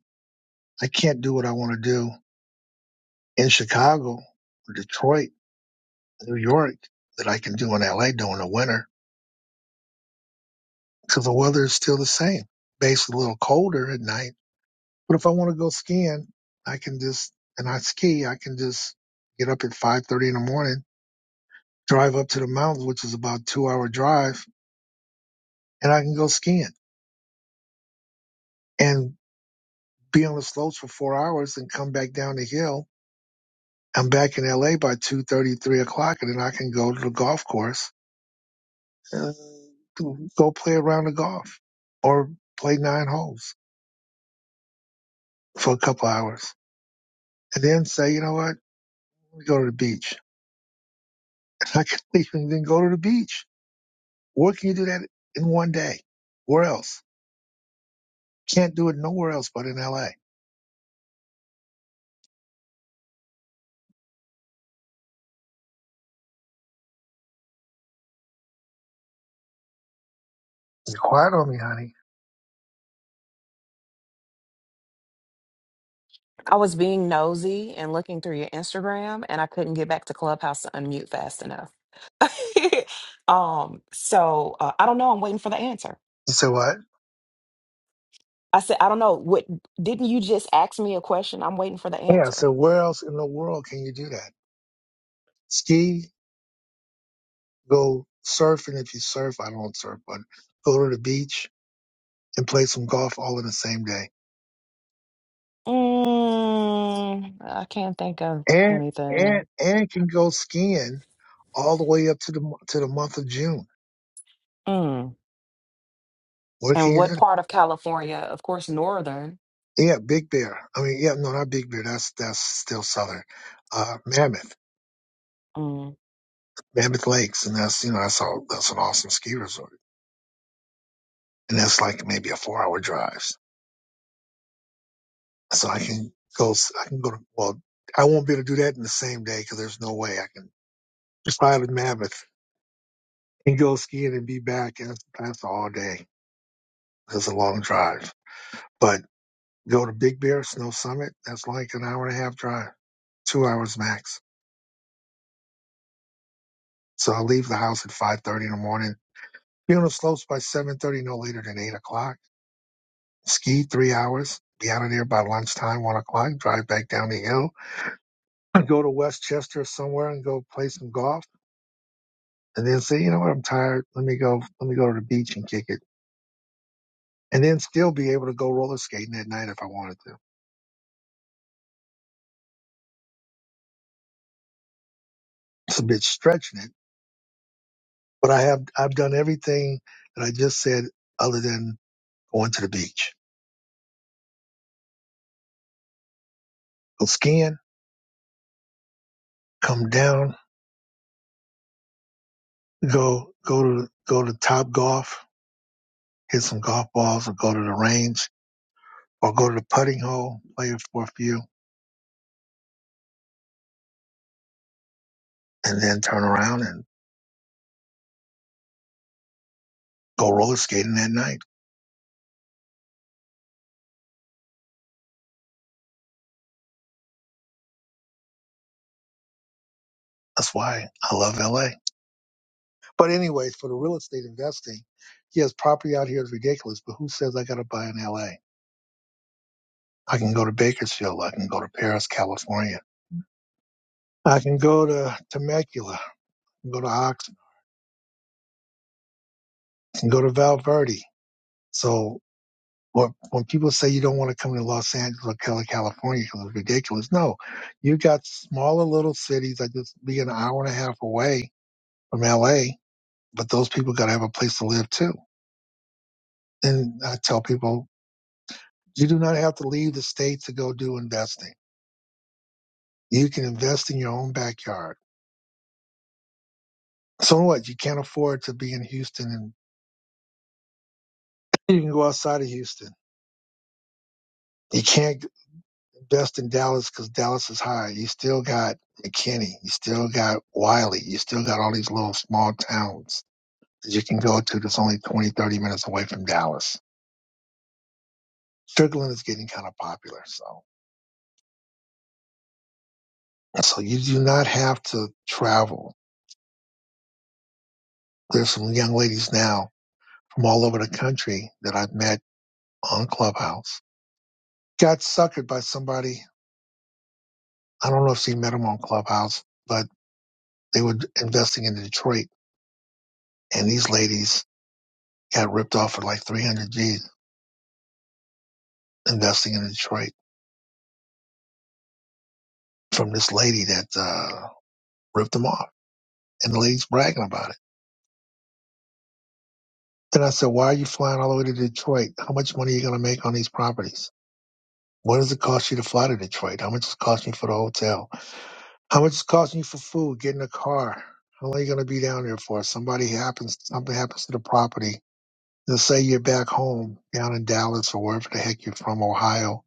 Speaker 1: I can't do what I want to do in Chicago or Detroit, New York that I can do in L.A. during the winter because the weather is still the same. Basically, a little colder at night. But if I want to go skiing, I can just and I ski. I can just get up at five thirty in the morning, drive up to the mountains, which is about a two hour drive, and I can go skiing. And be on the slopes for four hours and come back down the hill. I'm back in LA by two thirty, three o'clock, and then I can go to the golf course and go play a round of golf or play nine holes for a couple hours. And then say, you know what, let me go to the beach. And I can leave and then go to the beach. Where can you do that in one day? Where else? Can't do it nowhere else but in LA. It's quiet on me, honey.
Speaker 6: I was being nosy and looking through your Instagram, and I couldn't get back to Clubhouse to unmute fast enough. um, so uh, I don't know. I'm waiting for the answer.
Speaker 1: You said what?
Speaker 6: I said, I don't know. What didn't you just ask me a question? I'm waiting for the
Speaker 1: Yeah, I said,
Speaker 6: answer.
Speaker 1: where else in the world can you do that? Ski? Go surfing if you surf. I don't surf, but go to the beach and play some golf all in the same day.
Speaker 6: Mm, I can't think of
Speaker 1: And and
Speaker 6: anything.
Speaker 1: and can go skiing all the way up to the mo- to the month of June. What can
Speaker 6: And
Speaker 1: you
Speaker 6: what
Speaker 1: do?
Speaker 6: part of California? Of course, northern.
Speaker 1: Yeah, Big Bear. I mean, yeah, no, not Big Bear. That's that's still southern. Uh, Mammoth,
Speaker 6: Um,
Speaker 1: Mammoth Lakes, and that's you know that's all that's an awesome ski resort, and that's like maybe a four hour drive. So I can go. s- I can go to well. I won't be able to do that in the same day because there's no way I can. If I have a Mammoth. and go skiing and be back. And that's that's all day. That's a long drive. But go to Big Bear Snow Summit. That's like an hour and a half drive, two hours max. So I leave the house at five thirty in the morning. Be on the slopes by seven thirty, no later than eight o'clock. Ski three hours. Be out of there by lunchtime, one o'clock. Drive back down the hill. and Go to Westchester somewhere and go play some golf. And then say, you know what, I'm tired. Let me go. Let me go to the beach and kick it. And then still be able to go roller skating at night if I wanted to. It's a bit stretching it But I have I've done everything that I just said other than going to the beach. Go skiing, come down, go go to go to top golf, hit some golf balls or go to the range or go to the putting hole, play for a few, and then turn around and go roller skating that night. That's why I love LA. But anyways, for the real estate investing, yes, property out here is ridiculous, but who says I gotta buy in LA? I can go to Bakersfield, I can go to Paris, California. I can go to Temecula. go to Ox, and go to Val Verde. So what, when people say you don't want to come to Los Angeles or Cali- California because it's ridiculous, no, you got smaller little cities that just be an hour and a half away from LA, but those people got to have a place to live too. And I tell people, you do not have to leave the state to go do investing. You can invest in your own backyard. So what? You can't afford to be in Houston and you can go outside of Houston. You can't. best in Dallas because Dallas is high. You still got McKinney. You still got Wiley. You still got all these little small towns that you can go to that's only 20, 30 minutes away from Dallas. Strickland is getting kind of popular. So, so you do not have to travel. There's some young ladies now from all over the country that I've met on Clubhouse. Got suckered by somebody. I don't know if she met him on Clubhouse, but they were investing in Detroit and these ladies got ripped off for like 300 G's investing in Detroit from this lady that uh, ripped them off. And the lady's bragging about it. Then I said, Why are you flying all the way to Detroit? How much money are you going to make on these properties? What does it cost you to fly to Detroit? How much is it costing you for the hotel? How much is it costing you for food, getting a car? How long are you going to be down there for? Somebody happens, something happens to the property. Let's say you're back home down in Dallas or wherever the heck you're from, Ohio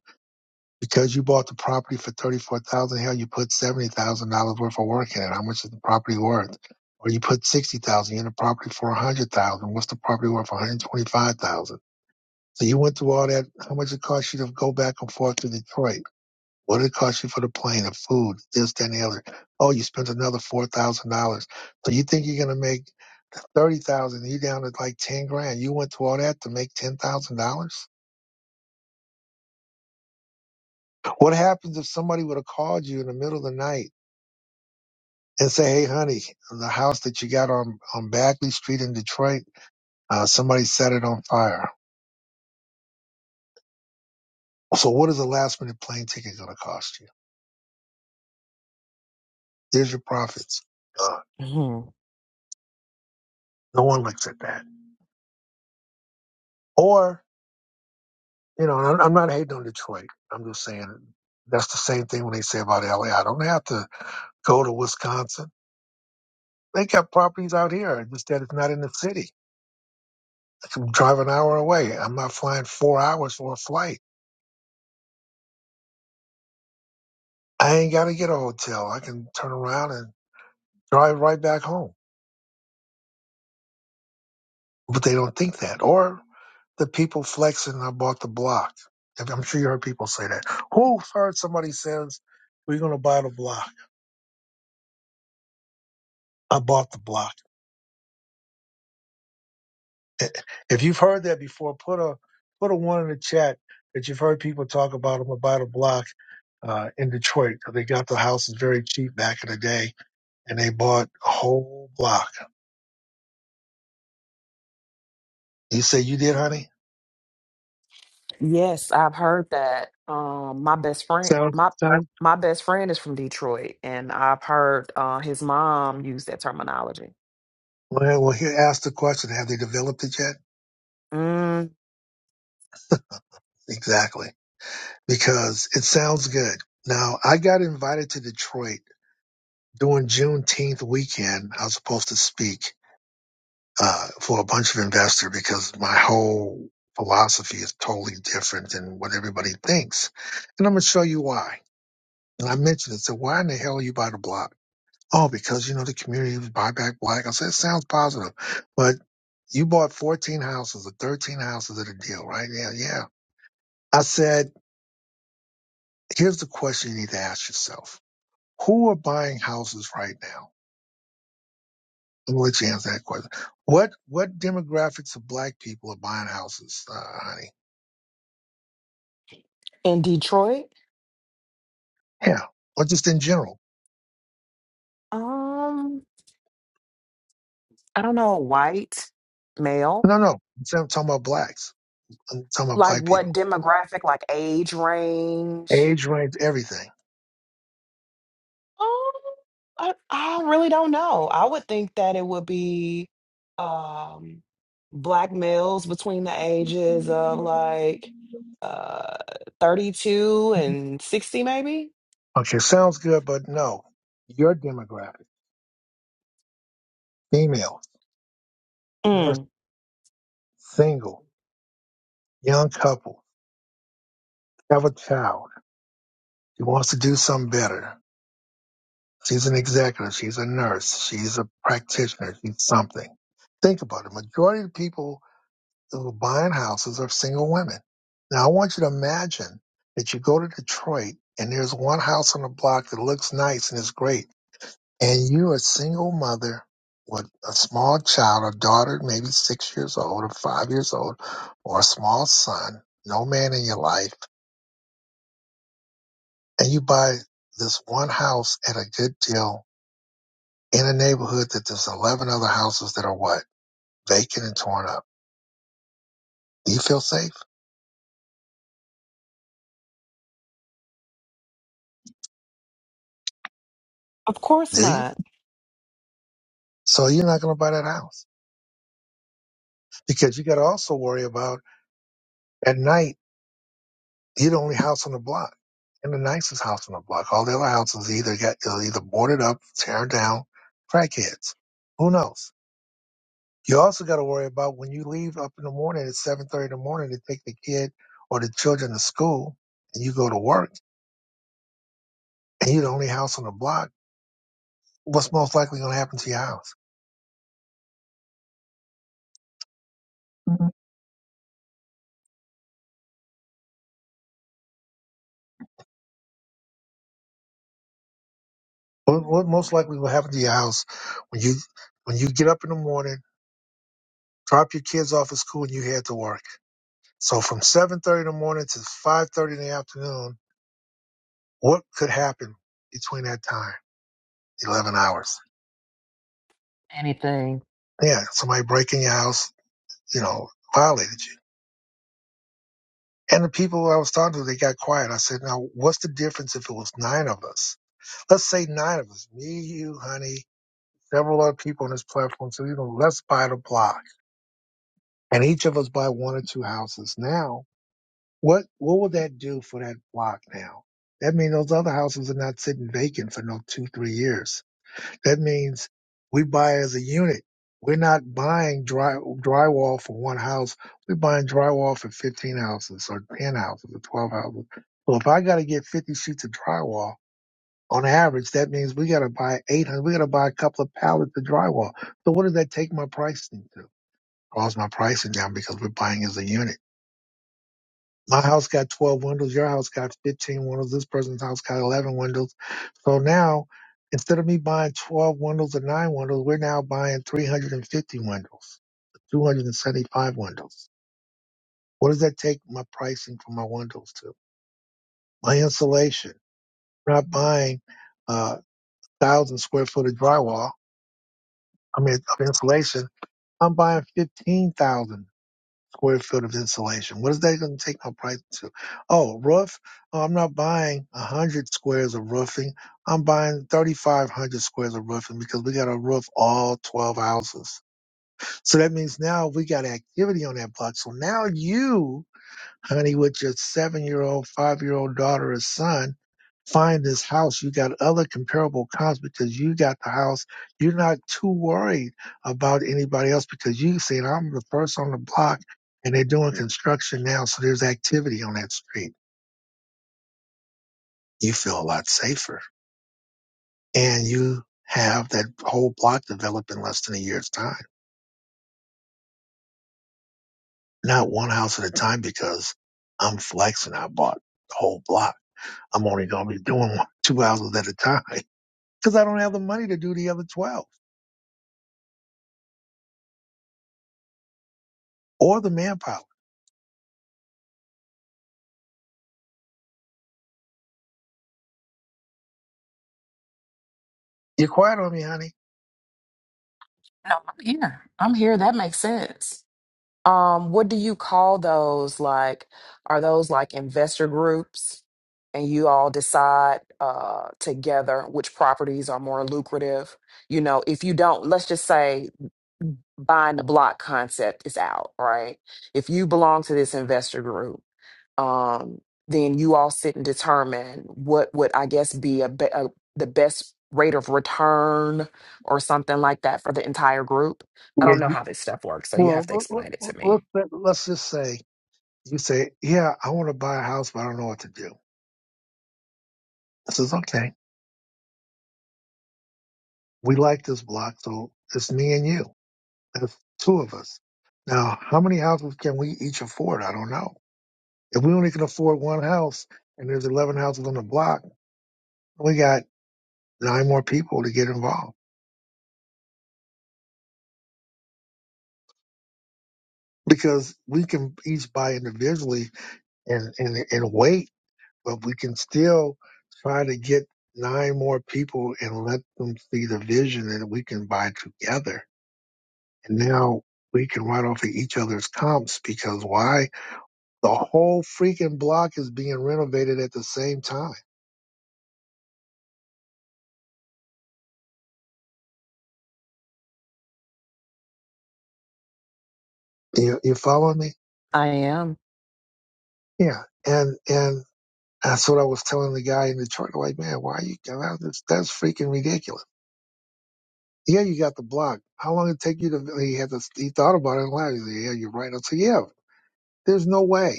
Speaker 1: Because you bought the property for thirty-four thousand, hell, you put seventy thousand dollars worth of work in it. How much is the property worth? Or you put sixty thousand in the property for a hundred thousand. What's the property worth? One hundred twenty-five thousand. So you went through all that. How much it cost you to go back and forth to Detroit? What did it cost you for the plane, the food, this, that, and the other? Oh, you spent another four thousand dollars. So you think you're gonna make thirty thousand? You down to like ten grand. You went through all that to make ten thousand dollars? What happens if somebody would have called you in the middle of the night? and say, "Hey, honey, the house that you got on on Bagley Street in Detroit, uh, somebody set it on fire. So, what is a last minute plane ticket going to cost you? There's your profits. Uh,
Speaker 6: mhm.
Speaker 1: no one looks at that. Or, you know, and I'm, I'm not hating on Detroit. I'm just saying that's the same thing when they say about LA. I don't have to go to Wisconsin. They got properties out here, just that it's not in the city. I can drive an hour away. I'm not flying four hours for a flight. I ain't got to get a hotel. I can turn around and drive right back home but they don't think that. Or the people flexing I bought the block. I'm sure you heard people say that. Who's heard somebody says we're gonna buy the block? I bought the block. If you've heard that before, put a put a one in the chat that you've heard people talk about. I'm gonna buy the block uh, in Detroit. They got the houses very cheap back in the day, and they bought a whole block. You say you did, honey?
Speaker 6: Yes, I've heard that. Um, my best friend,
Speaker 1: Sounds
Speaker 6: my
Speaker 1: sounds.
Speaker 6: my best friend is from Detroit, and I've heard uh, his mom use that terminology.
Speaker 1: Well, well, here, ask the question: Have they developed it yet?
Speaker 6: Mm,
Speaker 1: Exactly. because it sounds good. Now, I got invited to Detroit during Juneteenth weekend. I was supposed to speak uh, for a bunch of investors because my whole philosophy is totally different than what everybody thinks. And I'm going to show you why. And I mentioned it. So why in the hell are you by the block? Oh, because, you know, the community was buy back black. I said, it sounds positive, but you bought 14 houses or 13 houses at a deal, right? Yeah, yeah. I said, here's the question you need to ask yourself who are buying houses right now? I'm gonna let you answer that question. What what demographics of black people are buying houses, uh, honey?
Speaker 6: in Detroit,
Speaker 1: Yeah, or just in general?
Speaker 6: um, I don't know, white male.
Speaker 1: No, no, I'm talking about blacks. I'm talking about
Speaker 6: Like
Speaker 1: black
Speaker 6: what
Speaker 1: people.
Speaker 6: demographic? Like age range?
Speaker 1: Age range, everything.
Speaker 6: Um, I, I really don't know. I would think that it would be um black males between the ages of like uh 32 and 60 maybe.
Speaker 1: Okay, sounds good, but no. Your demographic: female, nurse,
Speaker 6: Mm,
Speaker 1: single, young couple, have a child. She wants to do something better. She's an executive. She's a nurse. She's a practitioner. She's something. Think about it. Majority of the people who buying houses are single women. Now, I want you to imagine that you go to Detroit and there's one house on the block that looks nice and is great, and you're a single mother with a small child, a daughter maybe six years old or five years old, or a small son, no man in your life, and you buy this one house at a good deal in a neighborhood that there's 11 other houses that are what? Vacant and torn up. Do you feel safe?
Speaker 6: of course
Speaker 1: Do you?
Speaker 6: not.
Speaker 1: So you're not going to buy that house. because you got to also worry about at night you're the only house on the block and the nicest house on the block. All the other houses either got either boarded up, tearing down, crackheads. Who knows? You also got to worry about when you leave up in the morning at seven thirty in the morning to take the kid or the children to school, and you go to work, and you're the only house on the block. What's most likely going to happen to your house? Mhm. What, what most likely will happen to your house when you when you get up in the morning, drop your kids off at school, and you head to work? So from 7:30 in the morning to 5:30 in the afternoon, what could happen between that time? 11 hours.
Speaker 6: Anything.
Speaker 1: Yeah, somebody breaking your house, you know, violated you. And the people I was talking to, they got quiet. I said, now, what's the difference if it was nine of us? Let's say nine of us, me, you, honey, several other people on this platform. So, you know, let's buy the block and each of us buy one or two houses. Now, what, what would that do for that block now? That means those other houses are not sitting vacant for no two, three years That means we buy as a unit. We're not buying dry, drywall for one house. We're buying drywall for 15 houses or 10 houses or 12 houses. So if I got to get 50 sheets of drywall on average, that means we got to buy 800. We got to buy a couple of pallets of drywall. So what does that take my pricing to? Cause my pricing down because we're buying as a unit. My house got 12 windows. Your house got 15 windows. This person's house got 11 windows. So now, instead of me buying 12 windows or nine windows, we're now buying 350 windows, 275 windows. What does that take my pricing for my windows to? My insulation. I'm not buying uh, thousand square foot of drywall. I mean, of insulation. I'm buying 15,000. square foot of insulation. What is that going to take my price to? Oh, roof. Oh, I'm not buying a hundred squares of roofing. I'm buying thirty five hundred squares of roofing because we got to roof all twelve houses. So that means now we got activity on that block. So now you honey, with your seven year old, five year old daughter or son, find this house. You got other comparable comps because you got the house. You're not too worried about anybody else because you said, I'm the first on the block and they're doing construction now. So there's activity on that street. You feel a lot safer and you have that whole block developed in less than a year's time, not one house at a time because I'm flexing. I bought the whole block. I'm only going to be doing one, two houses at a time. because I don't have the money to do the other 12 or the manpower. You're quiet on me, honey.
Speaker 6: No, I'm here. I'm here. That makes sense. Um, what do you call those? Like, are those like investor groups and you all decide uh together which properties are more lucrative? You know, if you don't, let's just say buying the block concept is out, right? If you belong to this investor group, um, then you all sit and determine what would I guess be a, be- a the best rate of return or something like that for the entire group. I
Speaker 1: Yeah.
Speaker 6: don't know
Speaker 1: you-
Speaker 6: how this stuff works, so you
Speaker 1: Well,
Speaker 6: have to
Speaker 1: let,
Speaker 6: explain it to
Speaker 1: let,
Speaker 6: me.
Speaker 1: let, let's just say you say, yeah, I want to buy a house, but I don't know what to do. I says, okay, we like this block, so it's me and you. That's two of us. Now, how many houses can we each afford? I don't know. If we only can afford one house and there's 11 houses on the block, we got nine more people to get involved because we can each buy individually and, and, and wait but we can still try to get nine more people and let them see the vision that we can buy together. And now we can write off of each other's comps because why? The whole freaking block is being renovated at the same time. You, you follow me?
Speaker 6: I am.
Speaker 1: Yeah. And, and that's what I was telling the guy in the chart. Like, man, why are you, that's, that's freaking ridiculous. Yeah, you got the block. How long did it take you to, he had to, he thought about it and laughed. He said, yeah, you're right. I said, yeah, there's no way.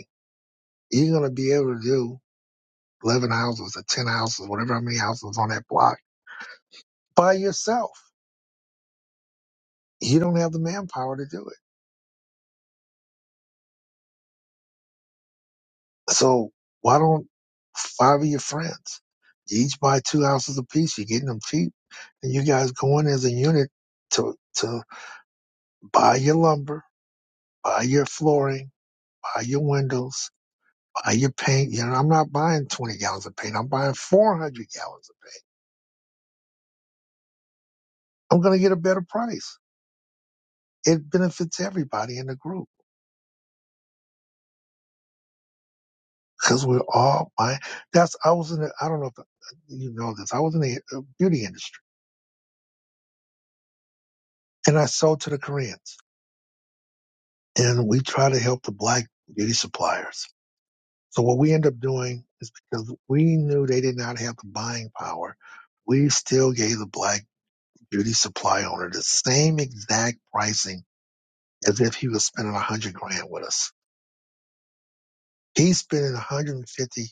Speaker 1: You're going to be able to do 11 houses or 10 houses, whatever how many houses on that block by yourself. You don't have the manpower to do it. So why don't five of your friends you each buy two houses apiece? You're getting them cheap and you guys go in as a unit to, to buy your lumber, buy your flooring, buy your windows, buy your paint. You know, I'm not buying 20 gallons of paint. I'm buying 400 gallons of paint. I'm going to get a better price. It benefits everybody in the group because we're all my that's i was in the, i don't know if you know this i was in the uh, beauty industry and i sold to the koreans and we try to help the black beauty suppliers so what we end up doing is because we knew they did not have the buying power we still gave the black beauty supply owner the same exact pricing as if he was spending a hundred grand with us he's spending 150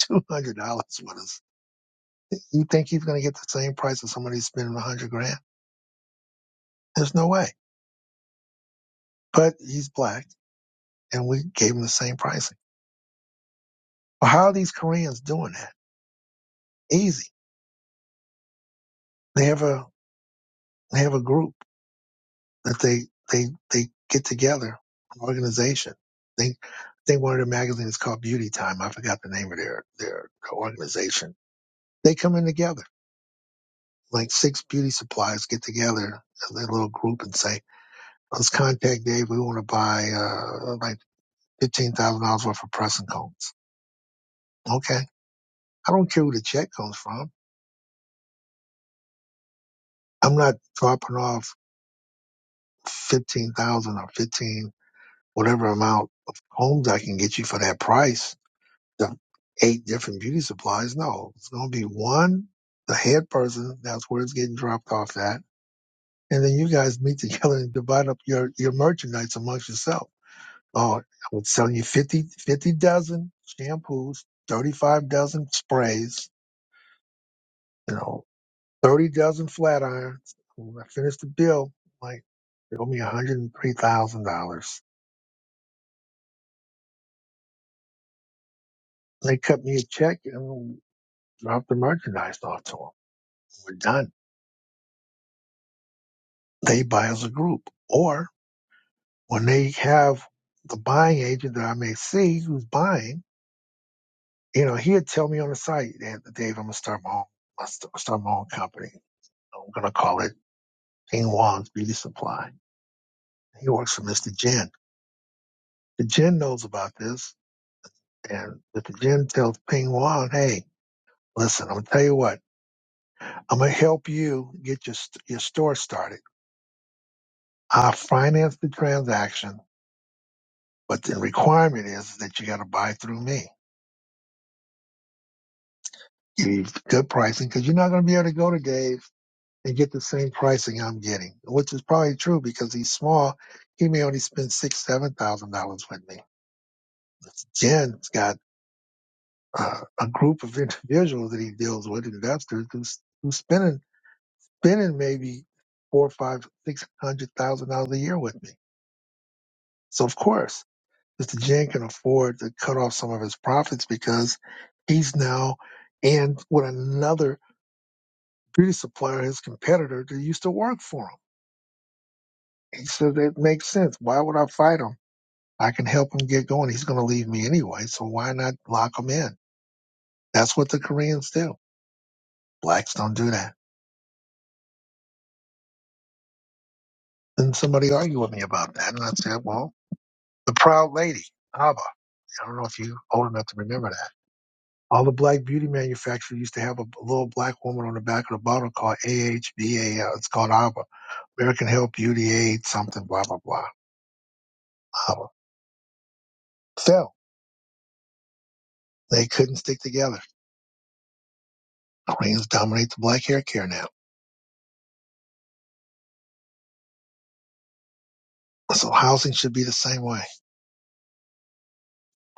Speaker 1: 200 dollars with us you think he's going to get the same price as somebody spending a hundred grand there's no way but he's black and we gave him the same pricing. Well, how are these Koreans doing that? Easy. They have a they have a group that they they they get together, an organization. They they one of their magazines is called Beauty Time. I forgot the name of their their organization. They come in together. Like six beauty suppliers get together in their little group and say, Let's contact Dave, we want to buy uh like fifteen thousand dollars worth of pressing combs. Okay. I don't care who the check comes from. I'm not dropping off fifteen thousand or fifteen whatever amount of homes I can get you for that price, the eight different beauty supplies. No, it's gonna be one, the head person, that's where it's getting dropped off at. And then you guys meet together and divide up your, your merchandise amongst yourself. Oh, I'm selling you 50 50 dozen shampoos, 35 dozen sprays, you know, 30 dozen flat irons. When I finish the bill, like, they owe me $103,000. They cut me a check and drop the merchandise off to them. We're done. They buy as a group. Or when they have the buying agent that I may see who's buying, you know, he'd tell me on the site, "Dan- Dave, I'm going to start my own, I'll st- start my own company. I'm going to call it King Wong's Beauty Supply. He works for Mr. Jin. The Jin knows about this. And Mr. Jin tells Ping Wong, hey, listen, I'm going to tell you what, I'm going to help you get your, st- your store started I finance the transaction, but the requirement is that you got to buy through me. Give you good pricing because you're not going to be able to go to Dave and get the same pricing I'm getting, which is probably true because he's small. He may only spend six, seven thousand dollars with me. Jen's got uh, a group of individuals that he deals with, investors who's who's spending spending maybe four, five, six hundred thousand dollars a year with me. So of course. Mr. Jen can afford to cut off some of his profits because he's now in with another beauty supplier, his competitor that used to work for him. He said it makes sense. Why would I fight him? I can help him get going. He's going to leave me anyway, so why not lock him in? That's what the Koreans do. Blacks don't do that. And somebody argued with me about that, and I said, "Well, the proud lady, Abba. I don't know if you old enough to remember that." All the black beauty manufacturers used to have a little black woman on the back of the bottle called AHBA. It's called ABBA, American Health Beauty Aid, something, blah, blah, blah. ABBA. Fell. They couldn't stick together. Queens dominate the black hair care now. So housing should be the same way.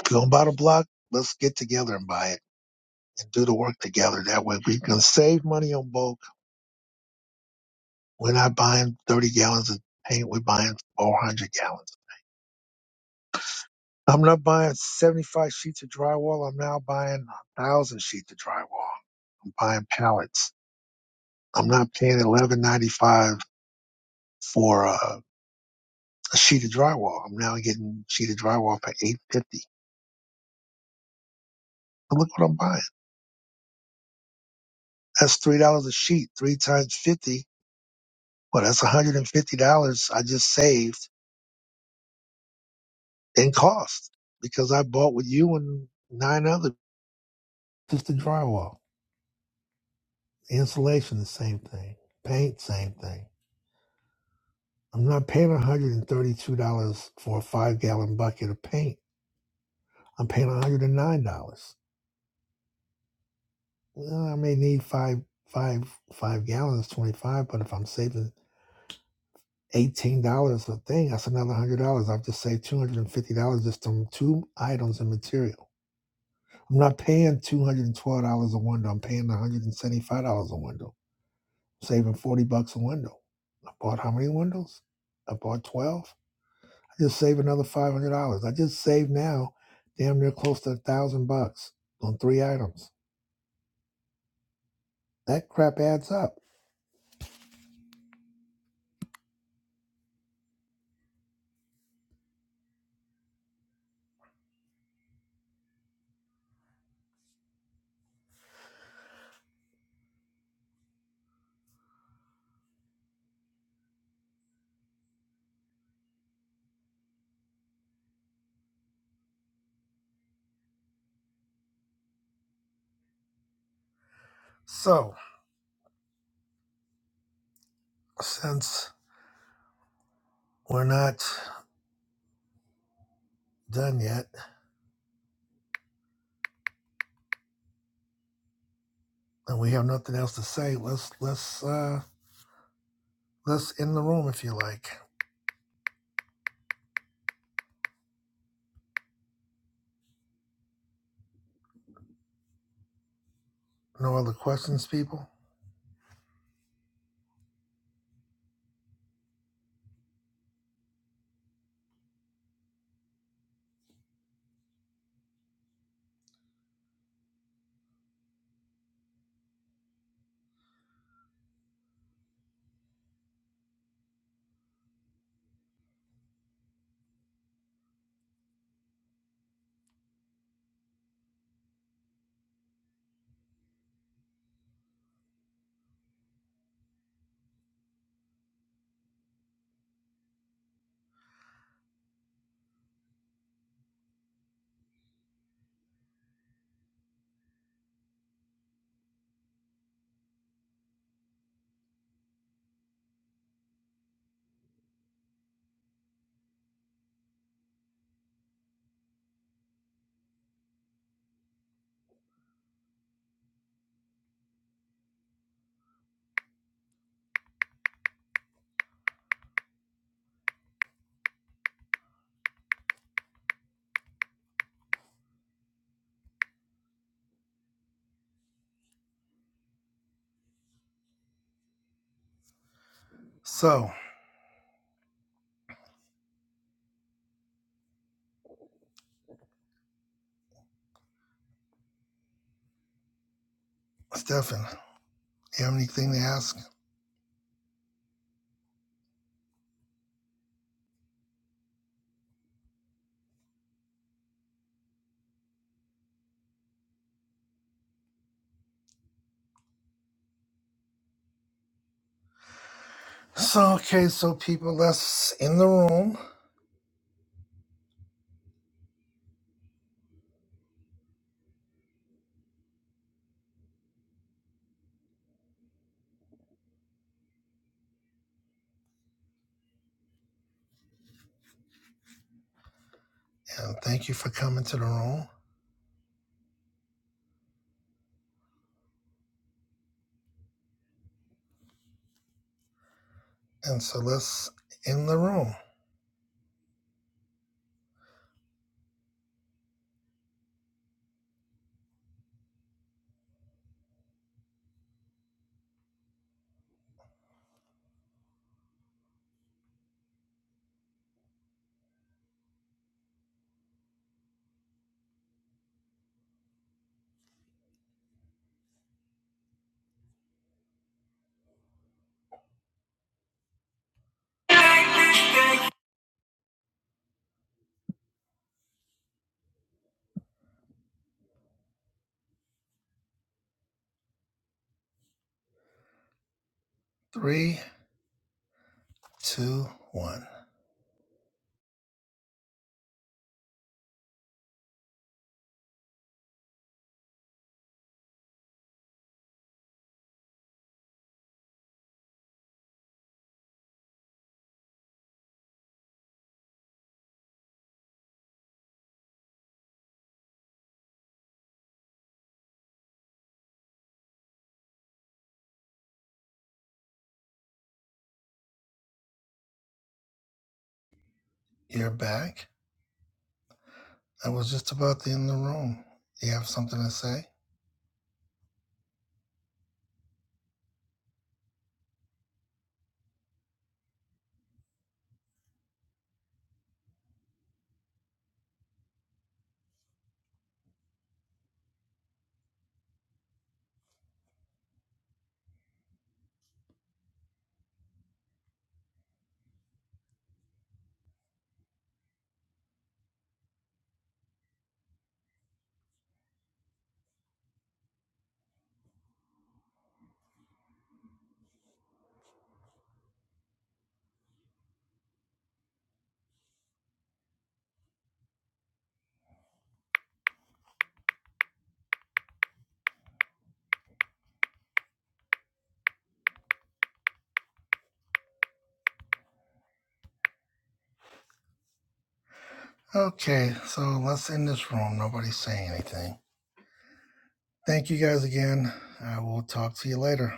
Speaker 1: If you don't buy the block, let's get together and buy it and do the work together. That way we can save money on bulk. We're not buying 30 gallons of paint. We're buying 400 gallons. I'm not buying 75 sheets of drywall. I'm now buying a thousand sheets of drywall. I'm buying pallets. I'm not paying 11.95 for a, a sheet of drywall. I'm now getting a sheet of drywall for 8.50. And look what I'm buying. That's three dollars a sheet. Three times 50. Well, that's 150 dollars I just saved in cost because I bought with you and nine other just the drywall, insulation, the same thing, paint, same thing. I'm not paying $132 for a five gallon bucket of paint. I'm paying $109. Well, I may need five, five, five gallons, 25, but if I'm saving $18 a thing, that's another $100. I've just saved $250 just on two items and material. I'm not paying $212 a window. I'm paying $175 a window, I'm saving 40 bucks a window. I bought how many windows? I bought 12. Just save another five hundred dollars. I just saved now, damn near close to a thousand bucks on three items. That crap adds up. So since we're not done yet and we have nothing else to say, let's let's uh let's end the room if you like. No other questions, people. So Stefan, you have anything to ask? So okay, so people, let's in the room and thank you for coming to the room. And so let's in the room. Three, two, one. You're back. I was just about in the room. Do you have something to say? Okay, so let's end this room. Nobody's saying anything. Thank you guys again. I will talk to you later.